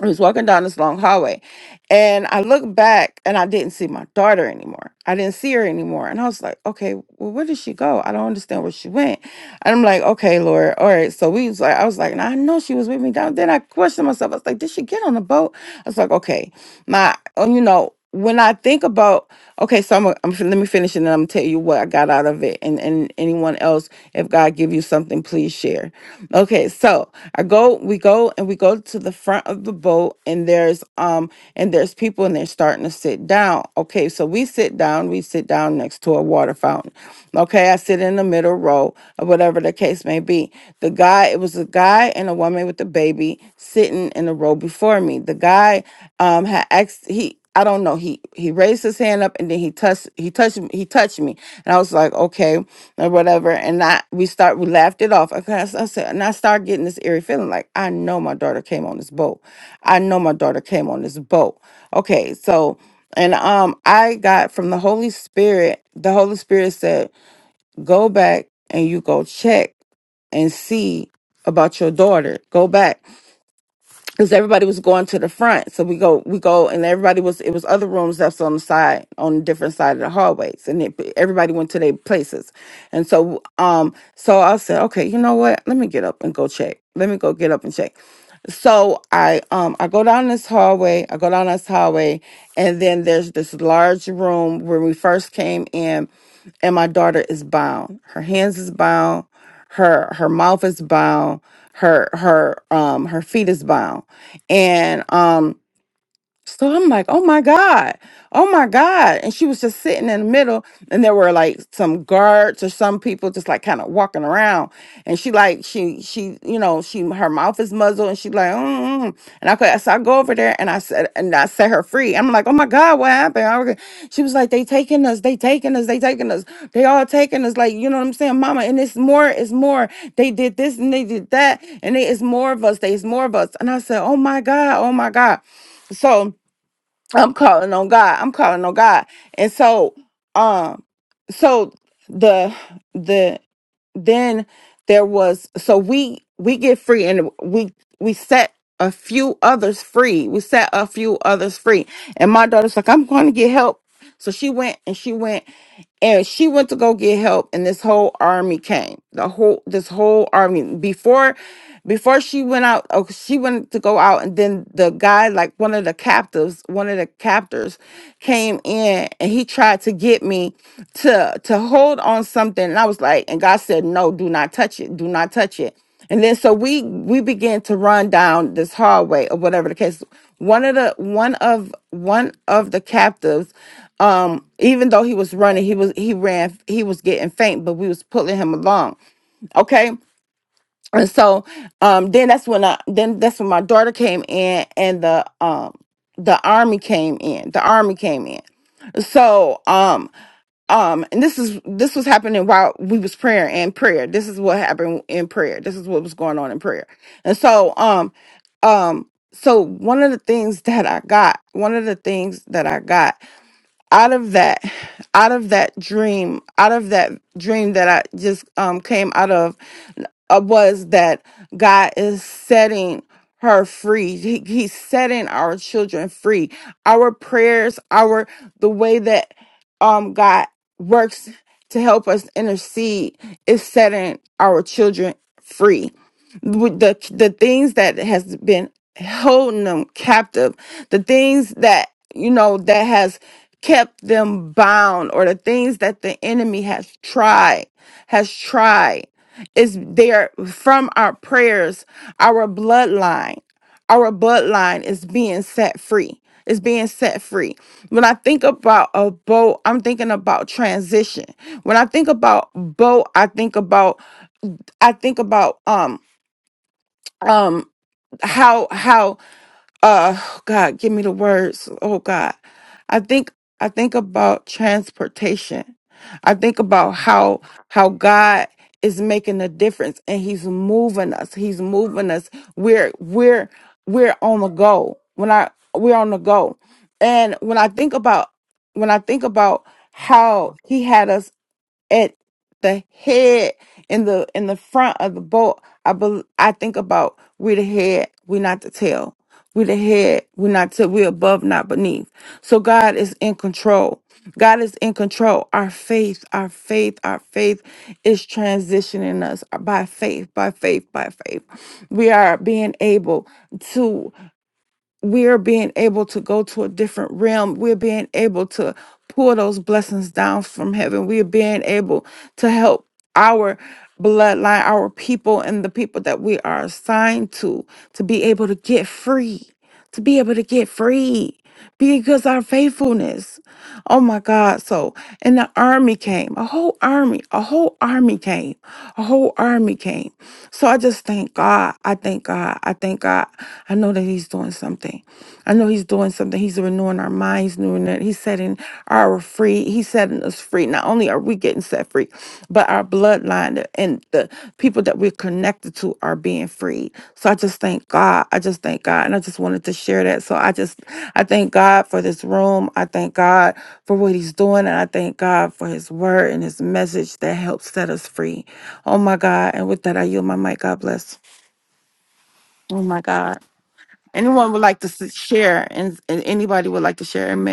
I was walking down this long hallway and I looked back and I didn't see my daughter anymore. I didn't see her anymore. And I was like, okay, well, where did she go? I don't understand where she went. And I'm like, okay, Lord. All right. So we was like, I was like, and I know she was with me down. Then I questioned myself. I was like, did she get on the boat? I was like, okay, my, oh, you know, when I think about, okay, so I'm, gonna- I'm fin- let me finish and then I'm gonna tell you what I got out of it. And, and anyone else, if God give you something, please share. Okay. So, I go, we go and we go to the front of the boat and there's um and there's people and they're starting to sit down. Okay, so we sit down, we sit down next to a water fountain. Okay, I sit in the middle row or whatever the case may be. The guy, it was a guy and a woman with a baby sitting in the row before me. The guy um had asked he I don't know. He he raised his hand up and then he touched he touched he touched me. And I was like, okay, or whatever. And I we start we laughed it off. Okay, I, s- I said, and I started getting this eerie feeling like I know my daughter came on this boat. I know my daughter came on this boat. Okay, so and um I got from the Holy Spirit, the Holy Spirit said, Go back and you go check and see about your daughter. Go back because everybody was going to the front. So we go, we go, and everybody was. It was other rooms that's on the side, on different side of the hallways, and it, everybody went to their places. And so, um, so I said, okay, you know what? Let me get up and go check. Let me go get up and check. So I, um, I go down this hallway. I go down this hallway, and then there's this large room when we first came in and my daughter is bound. Her hands is bound. Her her mouth is bound. Her her um her feet is bound. And um so I'm like, oh my God, oh my God. And she was just sitting in the middle, and there were like some guards or some people just like kind of walking around. And she like, she, she, you know, she her mouth is muzzled and she like, mm. mm. mm," and I could so I go over there and I said and I set her free. I'm like, oh my God, what happened? I was- she was like, they taking us, they taking us, they taking us, they all taking us, like, you know what I'm saying, mama. And it's more, it's more. They did this and they did that, and it's more of us, there's more of us. And I said, Oh my God, oh my God. So I'm calling on God. I'm calling on God. And so um so the the then there was so we we get free and we we set a few others free. We set a few others free. And my daughter's like, I'm going to get help. So she went and she went and she went to go get help and this whole army came the whole this whole army before before she went out oh she went to go out and then the guy like one of the captives one of the captors came in and he tried to get me to to hold on something and i was like and god said no do not touch it do not touch it and then so we we began to run down this hallway or whatever the case one of the one of one of the captives um even though he was running he was he ran he was getting faint but we was pulling him along okay and so um then that's when i then that's when my daughter came in and the um the army came in the army came in so um um and this is this was happening while we was prayer and prayer this is what happened in prayer this is what was going on in prayer and so um um so one of the things that i got one of the things that i got out of that out of that dream out of that dream that i just um came out of uh, was that God is setting her free. He, he's setting our children free. Our prayers, our the way that um God works to help us intercede is setting our children free. With The the things that has been holding them captive, the things that you know that has kept them bound or the things that the enemy has tried has tried is they are from our prayers, our bloodline, our bloodline is being set free. Is being set free. When I think about a boat, I'm thinking about transition. When I think about boat, I think about I think about um um how how uh God, give me the words. Oh God. I think I think about transportation. I think about how how God is making a difference and he's moving us. He's moving us. We're we're we're on the go. When I we're on the go. And when I think about when I think about how he had us at the head in the in the front of the boat i bel i think about we the head we not the tail we the head we not tail. we above not beneath so god is in control god is in control our faith our faith our faith is transitioning us by faith by faith by faith we are being able to we are being able to go to a different realm. We're being able to pour those blessings down from heaven. We are being able to help our bloodline, our people, and the people that we are assigned to, to be able to get free, to be able to get free because our faithfulness. Oh my God. So, and the army came, a whole army, a whole army came, a whole army came. So I just thank God. I thank God. I thank God. I know that He's doing something. I know He's doing something. He's renewing our minds, renewing it. He's setting our free. He's setting us free. Not only are we getting set free, but our bloodline and the people that we're connected to are being freed. So I just thank God. I just thank God. And I just wanted to share that. So I just I thank God for this room. I thank God for what He's doing. And I thank God for His word and His message that helps set us free. Oh my God. And with that, I yield my mic. God bless. Oh my God.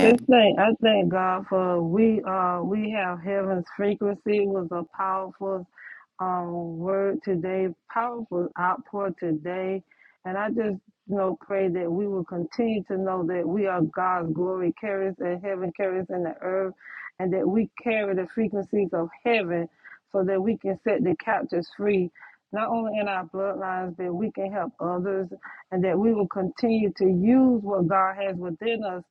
This thing, I thank God for we uh we have heaven's frequency was a powerful um, word today, powerful outpour today. And I just, you know, pray that we will continue to know that we are God's glory carriers in heaven, carriers in the earth, and that we carry the frequencies of heaven so that we can set the captives free, not only in our bloodlines, but we can help others, and that we will continue to use what God has within us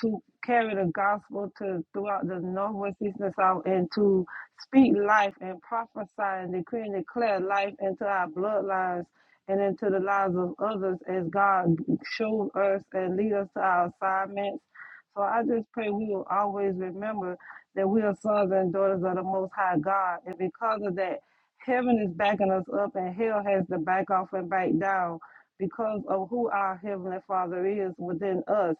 to carry the gospel to throughout the northwest, east, and south, and to Speak life and prophesy and decree and declare life into our bloodlines and into the lives of others as God shows us and lead us to our assignments. So I just pray we will always remember that we are sons and daughters of the Most High God. And because of that, heaven is backing us up and hell has to back off and back down because of who our Heavenly Father is within us.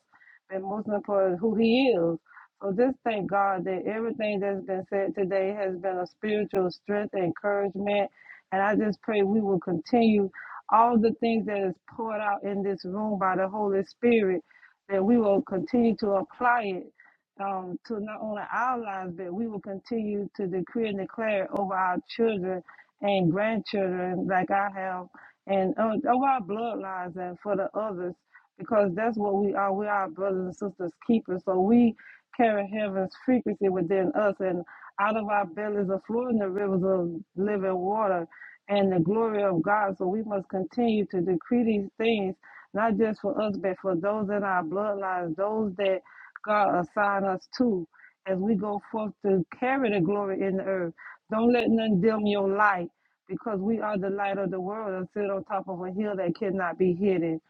And most important, who He is. So just thank God that everything that's been said today has been a spiritual strength, encouragement, and I just pray we will continue all the things that is poured out in this room by the Holy Spirit, that we will continue to apply it um, to not only our lives, but we will continue to decree and declare it over our children and grandchildren, like I have, and uh, over our bloodlines and for the others, because that's what we are. We are brothers and sisters keepers. So we carry heaven's frequency within us, and out of our bellies are flowing the rivers of living water and the glory of God. So we must continue to decree these things, not just for us, but for those in our bloodlines, those that God assigned us to, as we go forth to carry the glory in the earth. Don't let none dim your light, because we are the light of the world and sit on top of a hill that cannot be hidden.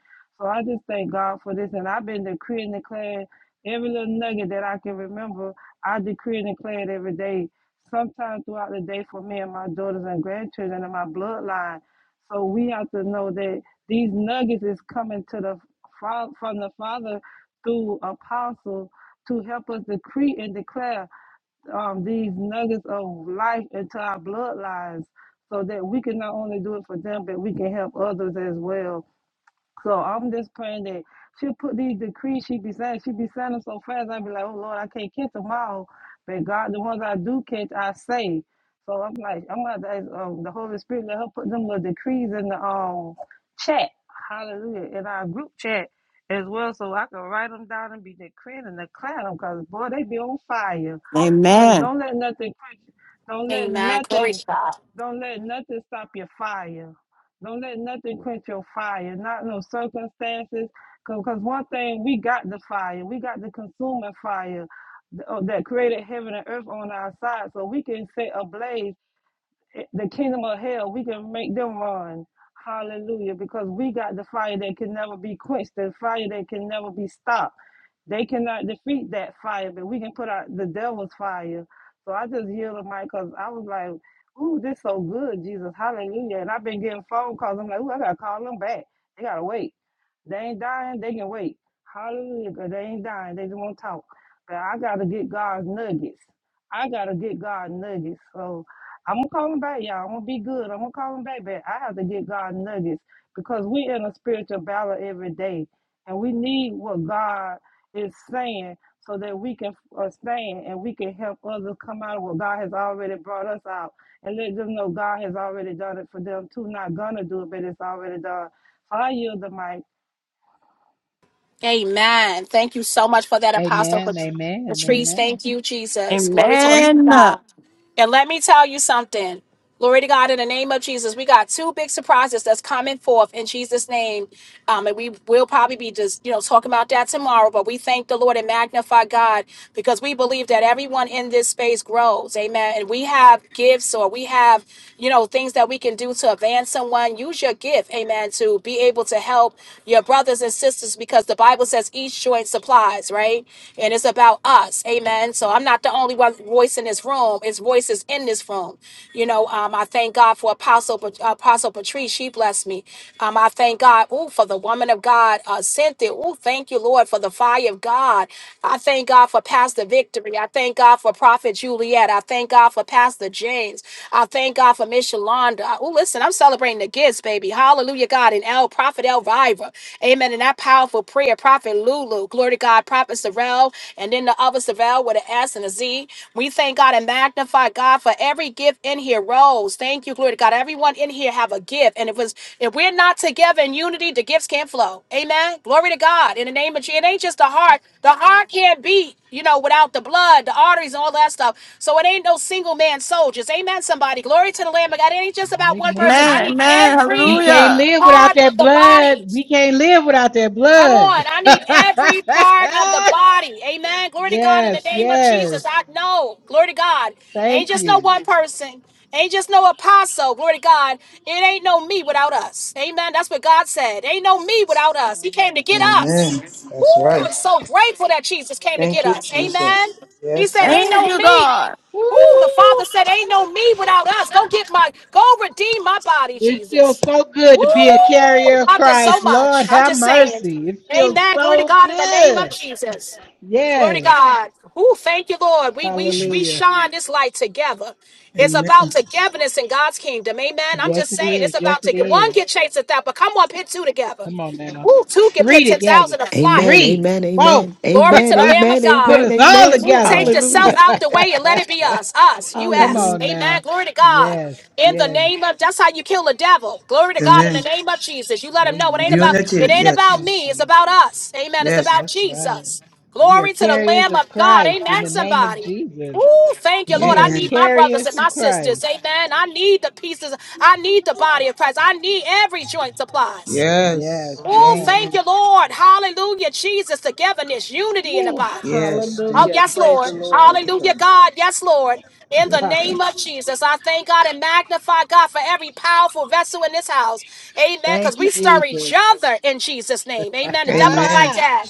So I just thank God for this, and I've been decreeing, declaring Every little nugget that I can remember, I decree and declare it every day, Sometimes throughout the day for me and my daughters and grandchildren and my bloodline. So we have to know that these nuggets is coming to the fa- from the Father through apostle to help us decree and declare um, these nuggets of life into our bloodlines so that we can not only do it for them, but we can help others as well. So I'm just praying that she'll put these decrees she be saying. She be saying them so fast, i be like, oh Lord, I can't catch them all. But God, the ones I do catch, I say. So I'm like, I'm going to ask um, the Holy Spirit, let her put them little decrees in the um, chat. Hallelujah. In our group chat as well, so I can write them down and be decreeing and declaring them because, boy, they be on fire. So don't let nothing quench you. Don't let Amen. Glory nothing to God. don't let nothing stop your fire. Don't let nothing quench your fire. Not no circumstances. Because one thing, we got the fire. We got the consuming fire th- uh, that created heaven and earth on our side. So we can set ablaze the kingdom of hell, we can make them run. Hallelujah. Because we got the fire that can never be quenched, the fire that can never be stopped. They cannot defeat that fire, but we can put out the devil's fire. So I just yielded my because I was like, ooh, this so good, Jesus. Hallelujah. And I've been getting phone calls. I'm like, ooh, I got to call them back. They got to wait. They ain't dying. They can wait. Hallelujah. 'cause They ain't dying. They just won't talk. But I got to get God's nuggets. I got to get God's nuggets. So, I'm gonna call him back, y'all. I'm gonna be good. I'm gonna call him back, but I have to get God nuggets because we in a spiritual battle every day, and we need what God is saying so that we can uh, stand and we can help others come out of what God has already brought us out, and let them know God has already done it for them too. Not gonna do it, but it's already done. So I yield the mic. Amen. Thank you so much for that, Apostle Amen. Pat- Amen. Patrice. Amen. Thank you, Jesus. Glory to the Lord God. And let me tell you something. Glory to God in the name of Jesus. We got two big surprises that's coming forth in Jesus' name. Um, and we will probably be just, you know, talking about that tomorrow. But we thank the Lord and magnify God because we believe that everyone in this space grows. Amen. And we have gifts or we have, you know, things that we can do to advance someone. Use your gift, amen, to be able to help your brothers and sisters because the Bible says each joint supplies, right? And it's about us us. Amen. So I'm not the only one voice in this room. It's voices in this room. You know, um, I thank God for Apostle Pat- Apostle Patrice. She blessed me. Um, I thank God ooh, for the woman of God, uh, Cynthia. Ooh, thank you, Lord, for the fire of God. I thank God for Pastor Victory. I thank God for Prophet Juliet. I thank God for Pastor James. I thank God for Miss Shalonda. Oh, listen, I'm celebrating the gifts, baby. Hallelujah, God. And El Prophet Elvira. Amen. And that powerful prayer, Prophet Lulu, glory to God, Prophet Sorrell, and then the other Sorrell with an S and a Z. We thank God and magnify God for every gift in here. Rose, thank you, glory to God. Everyone in here have a gift, and if it's if we're not together in unity, the gifts can't flow. Amen. Glory to God. In the name of Jesus, it ain't just the heart. The heart can't beat, you know, without the blood, the arteries, and all that stuff. So it ain't no single man soldiers. Amen. Somebody, glory to the Lamb of God. It ain't just about one person. I Amen. need We every can't live without part of that the blood. body. We can't live without that Come blood. on. I need every part of the body. Amen. Glory to God in yes, the name of yes. Jesus. I know. Glory to God. Ain't Thank just no you. one person. Ain't just no apostle. Glory to God. It ain't no me without us. Amen. That's what God said. Ain't no me without us. He came to get us. Amen. Woo! That's right. I'm so grateful that Jesus came to Thank get you, us. Jesus. Amen. He Yes, said, Lord. Ain't no me. Ooh, the Woo. Father said, Ain't no me without us. Go get my, go redeem my body, It Jesus. feels so good Woo! to be a carrier of Loved us so Christ. Lord much. I'm have just saying. mercy. It feels Amen. Glory to so God in the name of good. Jesus. Glory to Yes. God. Who thank you, Lord. We we sh- we Hallelujah. shine this light together. It's Amen. about togetherness in God's kingdom. Amen. I'm Yes, just it saying is. it's Yes, about to it get one is. get chased at that, but come on, pit two together. Come on man. Ooh, two can Three pit ten together. thousand a flight. Amen. Three, Amen. four. Amen. Glory Amen. to the Lamb of Amen. Put God. Amen. us all Amen. Ooh, together. take yourself Hallelujah. out the way and let it be us. Us, Come us. Hallelujah. on now. Amen. Glory to God. Yes, In the yes. name of that's how you kill the devil. Glory to God in Amen. the name of Jesus. You let him know it ain't about Amen. it Unity. ain't about Yes. Thank me. It's you. about us. Amen. It's Yes. about That's right. Jesus. We are Glory to the carriers Lamb of of God. Christ in Amen. the name of Somebody. Jesus. Ooh, thank you, Lord. We I are Amen. need my brothers carriers and my of sisters. Christ. Amen. I need the pieces. I need the body of Christ. I need every joint supplies. Yes, Yes. Oh, yes. thank Amen. you, Lord. Hallelujah, Jesus. Togetherness, unity in the Ooh, body. Yes. Oh, hallelujah. Thank you, yes, Praise the Lord. Jesus. My Lord. God. Hallelujah, God. Yes, Lord. In Yes, the Ha, God. name of Jesus, I thank God and magnify God for every powerful vessel in this house. Amen. Because Thank you, we stir each Jesus. other in Jesus' name. Amen. The devil don't Amen. like Ah, that.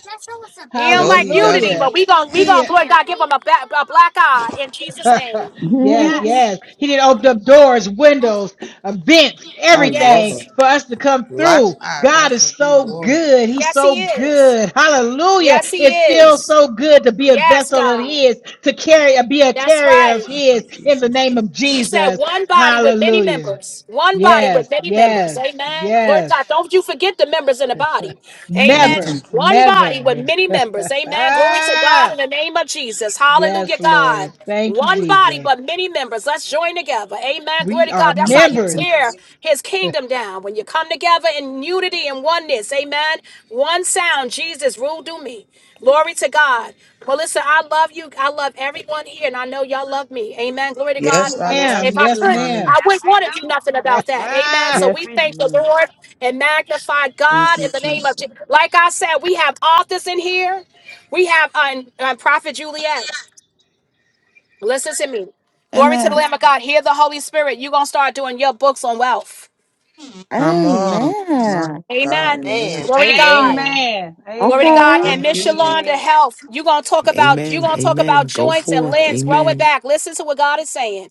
He don't No, like he unity, doesn't. hallelujah. but we going we He gonna glory to God give him a, ba- a black eye in Jesus' name. yes, Yes. yes. He didn't open up doors, windows, vents, I love everything her. Yes. for us to come Black through. eye. God That's is a good so word. good. He's Yes, so he is. good. Hallelujah. Yes, he It feels is. so good to be a Yes, vessel of God. His, to carry, be a That's carrier right. of His in the Jesus. name of He said, Jesus. one body with many Hallelujah. members. One body Yes, with many members. yes, Amen. Glory to yes. God. Don't you forget the members in the body. Amen. Amen. Never, One body with never. many members. Amen. Glory to God ah, in the name of Jesus. yes, Hallelujah, Lord. God. Thank you, One body Jesus. but many members. Let's join together. Amen. We Glory to are God. That's how you members. tear his kingdom down. When you come together in unity and oneness. Amen. One sound. Jesus, rule through me. Glory to God. Well, listen, I love you. I love everyone here, and I know y'all love me. Amen. Glory to God. Yes, I And that's- love Ma'am, if you I yes, too, could, mommy. ma'am. I wouldn't want to do nothing about that. Amen. So Yes, we we. thank the Mm, Lord and magnify Thank God you, in the name of Jesus. Jesus. Like I said, we have authors in here. We have uh, uh, Prophet Juliet. Listen to me. Glory to the Lamb of God. Hear the Holy Spirit. You're going to start doing your books on wealth. Come on. My God. Amen. Amen. Amen. Glory to God. Amen. Amen. Glory to Amen, God. And Thank Prophet Miss you, Jesus. Shalonda Juliet. Health, you're gonna talk about you Amen. gonna talk about Amen. Go joints and forth. limbs growing Amen. back. Listen to what God is saying.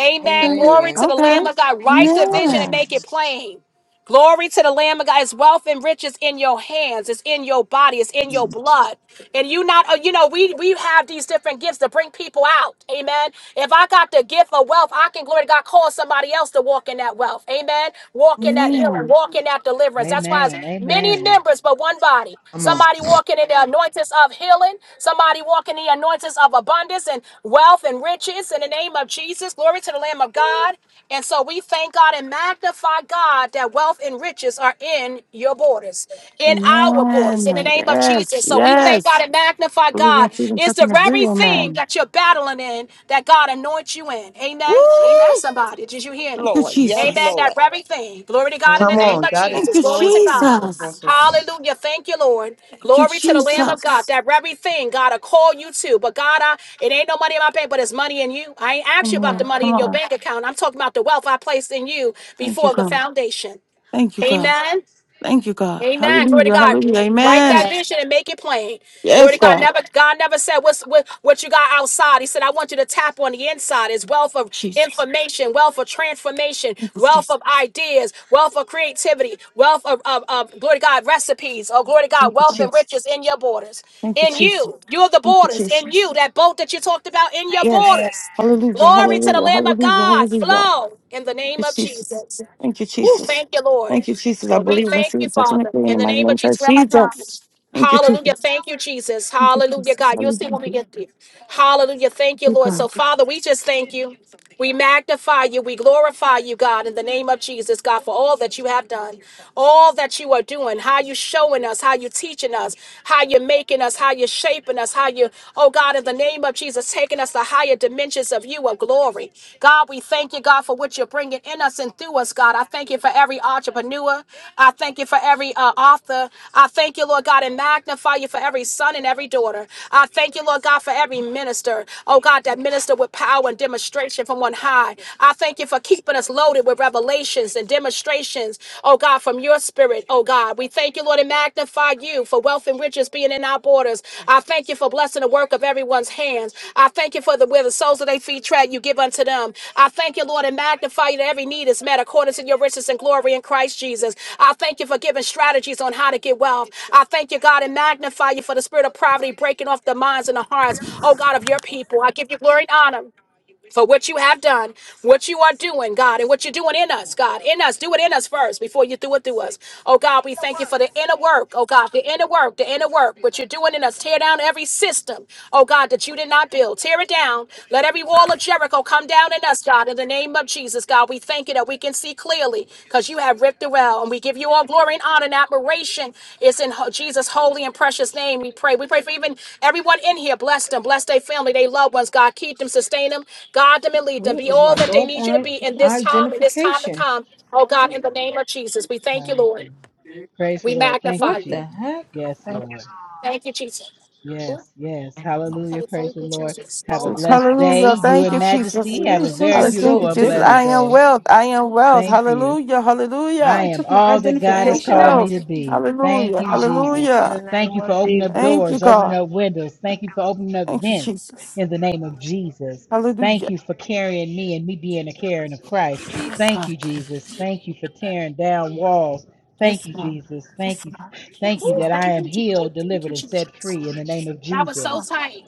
Amen. Glory to Amen. the Lamb of God. That's Write the vision and powerful. make it plain. Glory to the Lamb of God. His wealth and riches in your hands. It's in your body. It's in your blood. And you not, uh, you know, we we have these different gifts to bring people out. Amen. If I got the gift of wealth, I can glory to God cause somebody else to walk in that wealth. Amen. Walk in that healing. Walk in that deliverance. That's why amen. it's many Amen. members but one body. Come on. Somebody walking in the anointings of healing. Somebody walking in the anointings of abundance and wealth and riches. In the name of Jesus. Glory to the Lamb of God. And so we thank God and magnify God that wealth wealth and riches are in your borders, in our borders, in the name of Jesus. So we thank God and magnify God. It's the very thing that you're battling in that God anoints you in. Amen. Amen. Somebody, did you hear me? Lord. Yes, Amen. That Lord. very thing. Glory to God in the Come hmm name on. of That is Jesus. Glory so to true, God. Apostle. Hallelujah. Thank you, Lord. Glory to the Lamb of God. That very thing God will call you to. But God, I, it ain't no money in my bank, but it's money in you. I ain't asked you about the money in your bank account. I'm talking about the wealth I placed in you before the foundation. Amen. Amen. Glory to God. Write that Amen. vision and make it plain. Glory to God. Never God never said what's what, what you got outside. He said, I want you to tap on the inside. It's wealth of information, wealth of transformation, wealth of ideas, wealth of creativity, wealth of, of, of glory to God recipes. Oh, glory to God, wealth and riches in your borders. In you. You're the borders. In you, that boat that you talked about in your Amen. borders. Glory to the Lamb of God. Flow in the name of Jesus. Ooh, thank you, Lord. So we thank you, Father, in the name of Jesus. Where am I driving? Hallelujah. Thank you, Jesus. Hallelujah, God. You'll see when we get there. Hallelujah. Thank you, Lord. So, Father, we just thank you. We magnify you. We glorify you, God, in the name of Jesus, God, for all that you have done, all that you are doing, how you showing us, how you teaching us, how you're making us, how you're shaping us, how you, oh God, in the name of Jesus, taking us to higher dimensions of you of glory. God, we thank you, God, for what you're bringing in us and through us, God. I thank you for every entrepreneur. I thank you for every uh, author. I thank you, Lord God, and magnify you for every son and every daughter. I thank you, Lord God, for every minister. Oh, God, that minister with power and demonstration from on high. I thank you for keeping us loaded with revelations and demonstrations, oh, God, from your spirit, oh, God. We thank you, Lord, and magnify magnify you for wealth and riches being in our borders. I thank you for blessing the work of everyone's hands. I thank you for the where the souls of their feet tread, you give unto them. I thank you, Lord, and magnify you that every need is met according to your riches and glory in Christ Jesus. I thank you for giving strategies on how to get wealth. I thank you, God, and magnify you for the spirit of poverty breaking off the minds and the hearts, oh God, of your people. I give you glory and honor for what you have done, what you are doing, God, and what you're doing in us, God, in us. Do it in us first before you do it through us. Oh, God, we thank you for the inner work, oh, God, the inner work, the inner work, what you're doing in us. Tear down every system, oh, God, that you did not build. Tear it down. Let every wall of Jericho come down in us, God, in the name of Jesus, God. We thank you that we we can see clearly because you have ripped the veil, and we give you all glory and honor and admiration. It's in ho- Jesus' holy and precious name we pray. We pray for even everyone in here. Bless them, bless their family, their loved ones. God, keep them, sustain them, guide them, and lead them. Where Be is my all that they need you to doggone be in this time, in this time to identification? come. Oh God, in the name of Jesus, we thank you, Hallelujah. Lord. Praise the We Lord. Thank you, What magnify Jesus. the you. heck? Yes, Thank Lord. Thank you, Jesus. Yes, yes. Hallelujah. Okay, Praise thank the you, Lord. Jesus. Have Oh a my blessed goodness. day. You and I Majesty I give have knew a you very something this. beautiful felt and blessed different. day. Thank you. I Somebody am took my all that God has identification called out? me to be. Thank you, you Jesus. in the Thank name you for of opening up Jesus. doors, opening up windows. Thank you for opening up vents in the name of Jesus. Thank you for carrying me and me being a carrying of Christ. Thank you, Jesus. Thank you for tearing down walls. Thank you, Jesus. Thank you. Thank you Ooh, that thank I you, am Jesus. healed, Thank delivered, you, and set Jesus. free in the name of That was Jesus. so tight.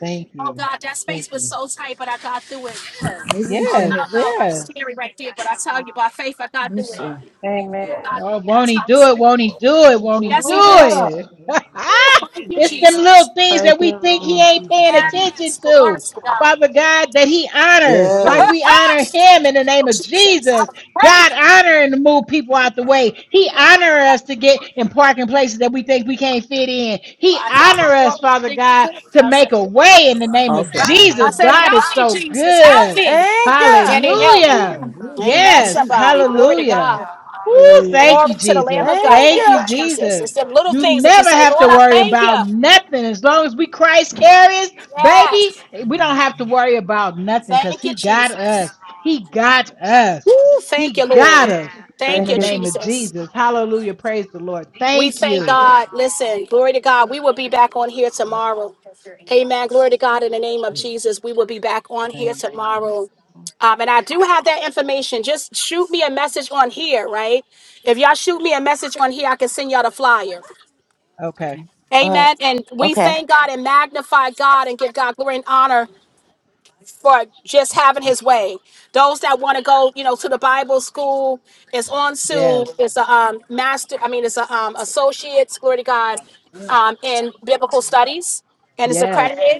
Thank Oh you. God, that Thank space was you. so tight, but I got through it. Maybe it's Oh in Yes, no, this. no, that was yes. scary right there. But I tell you, by faith, I Let got me through it. see. Amen. God, Oh, won't that's he how- do it? Won't he do it? Won't he do yes, He will. it? Ooh, thank you, it's them Jesus. little things Thank that you, we think he Lord. ain't Jesus paying name. attention Yes, glory to. to Father God. God, that he honors, like Yes. we honor him in the Oh, name of Jesus, I Jesus. was God praying. honoring to move people out the way. He honor Well, us to get in parking places that we think we can't fit in. He I, I honor us, was Father doing things God, too. to I said, make a way in the name of Okay. Got it. I I Thank Jesus. you, said, God help is me, so Lord. Jesus, help good. me, and He helped me. was Hallelujah. like, where's Amen. my Yes. ID? Somebody, glory to Hallelujah. God. Hallelujah. Ooh, Hallelujah. thank Glory you, to the Lamb Jesus. of God. Thank Thank you, you, Jesus. It's Jesus. them little You things that you never say, have to Lord, I worry thank about you. nothing. As long as we Christ carriers, baby, Yes. we don't have to worry about nothing because Thank you, He got Jesus. us. He got Woo, us. thank He you, got Lord. us in Thank Thank the you, you, name of Lord. Jesus. Jesus. Hallelujah. Praise the Lord. We Thank thank you. God. Listen, glory to God. We will be back on here tomorrow. Amen. Glory to God in the name of Jesus. We will be back on here Thank you. tomorrow. Um, and I do have that information. Just shoot me a message on here, right? If y'all shoot me a message on here, I can send y'all the flyer. Okay. Amen. And we thank God and magnify God and give God glory and honor for just having his way. Those that want to go, you know, to the Bible school, it's on Yes. Zoom. It's a um, master, I mean, it's a um, associate's, glory to God, um, in biblical studies, and it's Yes. accredited.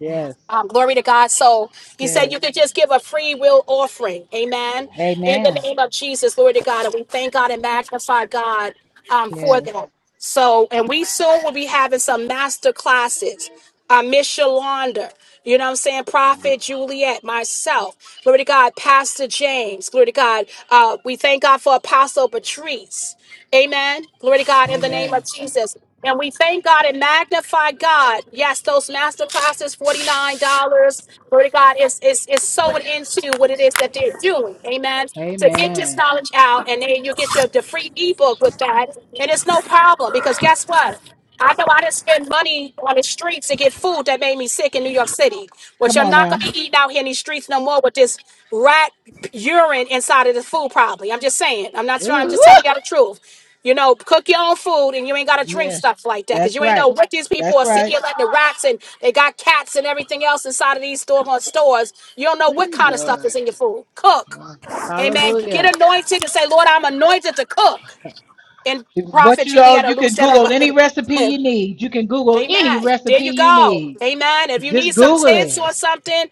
Yes. Um, glory to God. So he said Yes. you could just give a free will offering. Amen. In the Amen. name of Jesus, glory to God. And we thank God and magnify God um, for Yes. that. So, and we soon will be having some master classes. Uh, Miss Shalonda, you know what I'm saying? Prophet Juliet, myself, glory to God, Pastor James, glory to God. Uh, we thank God for Apostle Patrice. Amen. Glory to God in the name Amen. of Jesus. And we thank God and magnify God. Yes, those master classes, $49. Glory to God is is is sewing into what it is that they're doing. Amen. To get this Amen. knowledge out, and then you get your the free ebook with that. And it's no problem because guess what? I know I didn't spend money on the streets to get food that made me sick in New York City, which Come I'm on not now. going to be eating out here in these streets no more with this rat urine inside of the food, probably. I'm just saying. I'm not sure. I'm just Ooh. telling you all the truth. You know, cook your own food and you ain't got to drink Yeah, stuff like that because that's you ain't know right. what these people That's are sitting right. here letting the rats and they got cats and everything else inside of these doggone stores. You don't know what Mm, kind of stuff Lord. is in your food. Cook. Wow. Amen. Get Hallelujah. anointed and say, Lord, I'm anointed to cook. And What prophet you know, Julietta, you lose can that Google any over. recipe you need. You can Google any Amen. There recipe you you go. need. Amen. If you need Just some Google tips it. or something,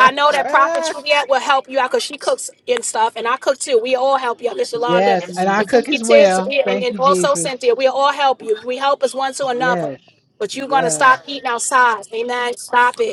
I know that Prophet Juliet will help you out because she cooks and stuff, and I cook too. We all help you, Miss Yolanda. yes, and I If you cook as need tips, well. we, and, Thank and you, also Jesus. Cynthia, we all help you. We help us one to another. Yes, But you're going to yes. stop eating outside. Amen. Stop it.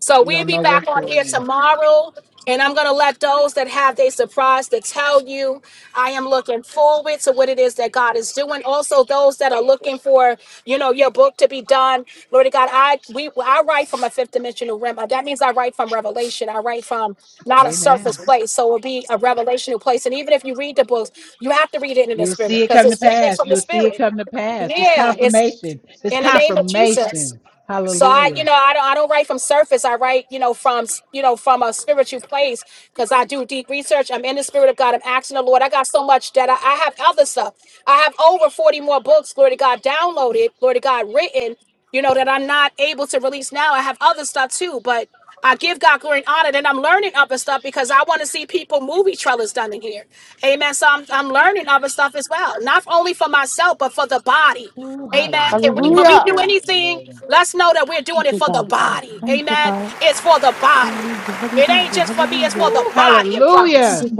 So You we'll don't be know back what's on here going tomorrow. And I'm going to let those that have their surprise to tell you. I am looking forward to what it is that God is doing. Also, those that are looking for, you know, your book to be done. Lord of God, I we I write from a fifth dimensional realm. Uh, That means I write from revelation. I write from on. not a surface Amen. place. So it'll be a revelational place. And even if you read the books, you have to read it in the You'll spirit see it because come to it's written pass. from the You'll see it spirit. come to pass. It's Yeah, it's confirmation. It's in the name of Jesus. confirmation. So I, you Hallelujah. know, I don't, I don't write from surface. I write, you know, from, s- you know, from a spiritual place because I do deep research. I'm in the spirit of God. I'm asking the Lord. I got so much that I, I have other stuff. I have over 40 more books, glory to God, downloaded, glory to God, written, you know, that I'm not able to release now. I have other stuff too, but I give God glory and honor, and I'm learning other stuff because I want to see people movie trailers done in here. Amen. So I'm, I'm learning other stuff as well, not only for myself, but for the body. Ooh, Amen. And when when hallelujah. we do Praise the anything, Lord. let's know that we're doing it for the body. Amen. It's for the body. It ain't just for me, it's for the Ooh, body of hallelujah. Christ.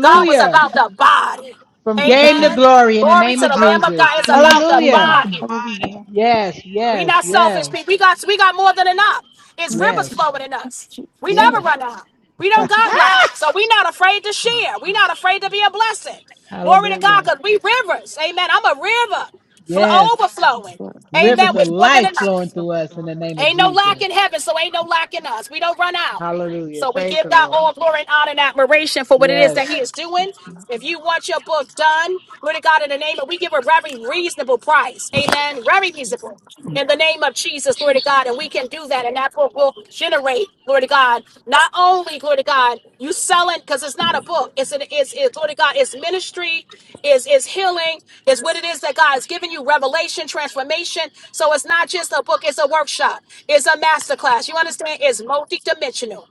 God was about the body. From game to Amen. glory in the It's Glory name to of the about Lamb the of Jesus. God. It's body. about the It's about Hallelujah. the body. body. Yes, Yes, We yes, not Lord. selfish yes, people. We got we got more than enough. It's rivers yes, flowing in us. We never yes. run out. We don't got lack. So we not afraid to share. We not afraid to be a blessing. Glory to God, hallelujah. because we rivers. Amen. I'm a river fl- Yes. overflowing. Amen. Rivers of With more than life flowing enough. through us in the name of Ain't no lack Jesus. in heaven, so ain't no lack in us. We don't run out. Hallelujah. So we Praise give the God Lord. all glory and honor and admiration for what it is Yes. that He is doing. If you want your book done, glory to God in the name of, we give a very reasonable price. Amen. Very reasonable. In the name of Jesus, glory to God. And we can do that. And that book will generate, glory to God. Not only, glory to God, you selling, because it's not a book. It's an it's, it's glory to God, it's ministry, is is healing, is what it is that God is giving you, revelation, transformation. So it's not just a book, it's a workshop, it's a masterclass. You understand? It's multidimensional.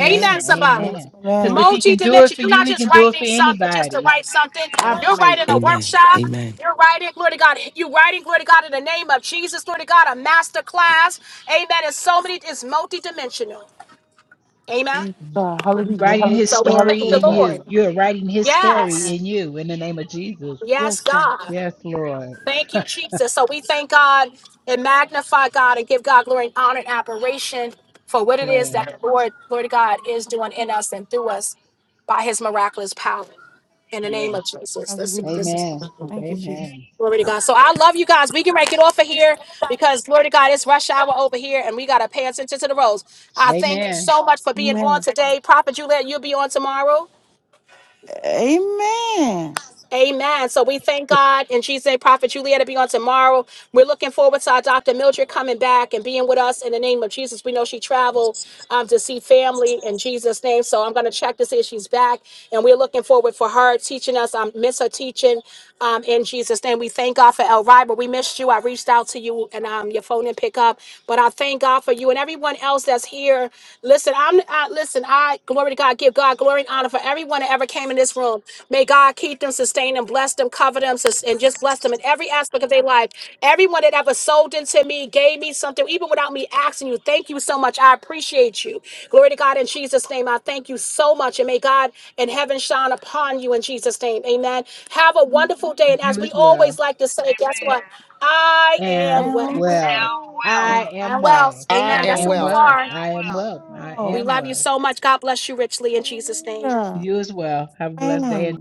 Amen, somebody. Amen. Because if he multi can to do it you, for you're you, not he just can do it for writing something just to anybody. write something. You're writing Confirmation. a Amen. workshop. Amen. You're writing, glory to God. You're writing, glory to God, in the name of Jesus, glory to God, a master class. Amen. It's so many, it's multidimensional. Amen. Writing his So we story thank the in Lord. you. You're writing his story Yes. in you in the name of Jesus. Yes, God. Yes, Lord. Thank you, Jesus. So we thank God and magnify God and give God glory and honor and admiration for what it is Yes, that the Lord, glory to God, is doing in us and through us by his miraculous power. in the name yes. of Jesus. Let's see. This is Amen. Amen. glory to God. So I love you guys. We can make it off of here because glory to God, it's rush hour over here and we gotta pay attention to the roads. I thank you Amen. so much for being on today. Prophet Juliet, you'll be on tomorrow. Amen. So we thank God in Jesus' name, Prophet Juliet will be on tomorrow. We're looking forward to our Dr. Mildred coming back and being with us in the name of Jesus. We know she traveled um, to see family in Jesus' name. So I'm going to check to see if she's back. And we're looking forward for her teaching us. I miss her teaching um, in Jesus' name. We thank God for El Riber. We missed you. I reached out to you and um, your phone didn't pick up, but I thank God for you and everyone else that's here. Listen, I'm I, listen. I glory to God. Give God glory and honor for everyone that ever came in this room. May God keep them, sustain them, bless them, cover them, sus- and just bless them in every aspect of their their life. Everyone that ever sold into me, gave me something, even without me asking you. Thank you so much. I appreciate you. Glory to God in Jesus' name. I thank you so much. And may God in heaven shine upon you in Jesus' name. Amen. Have a wonderful day. And as You we as always well. like to say, guess what? Amen. I am Am well. well. health, wealth. I am I'm well. well. I Amen. I That's am am who you well. well. are. I am well. I We am love you well. so much. God bless you richly in Jesus' name. You as well. Have a blessed day.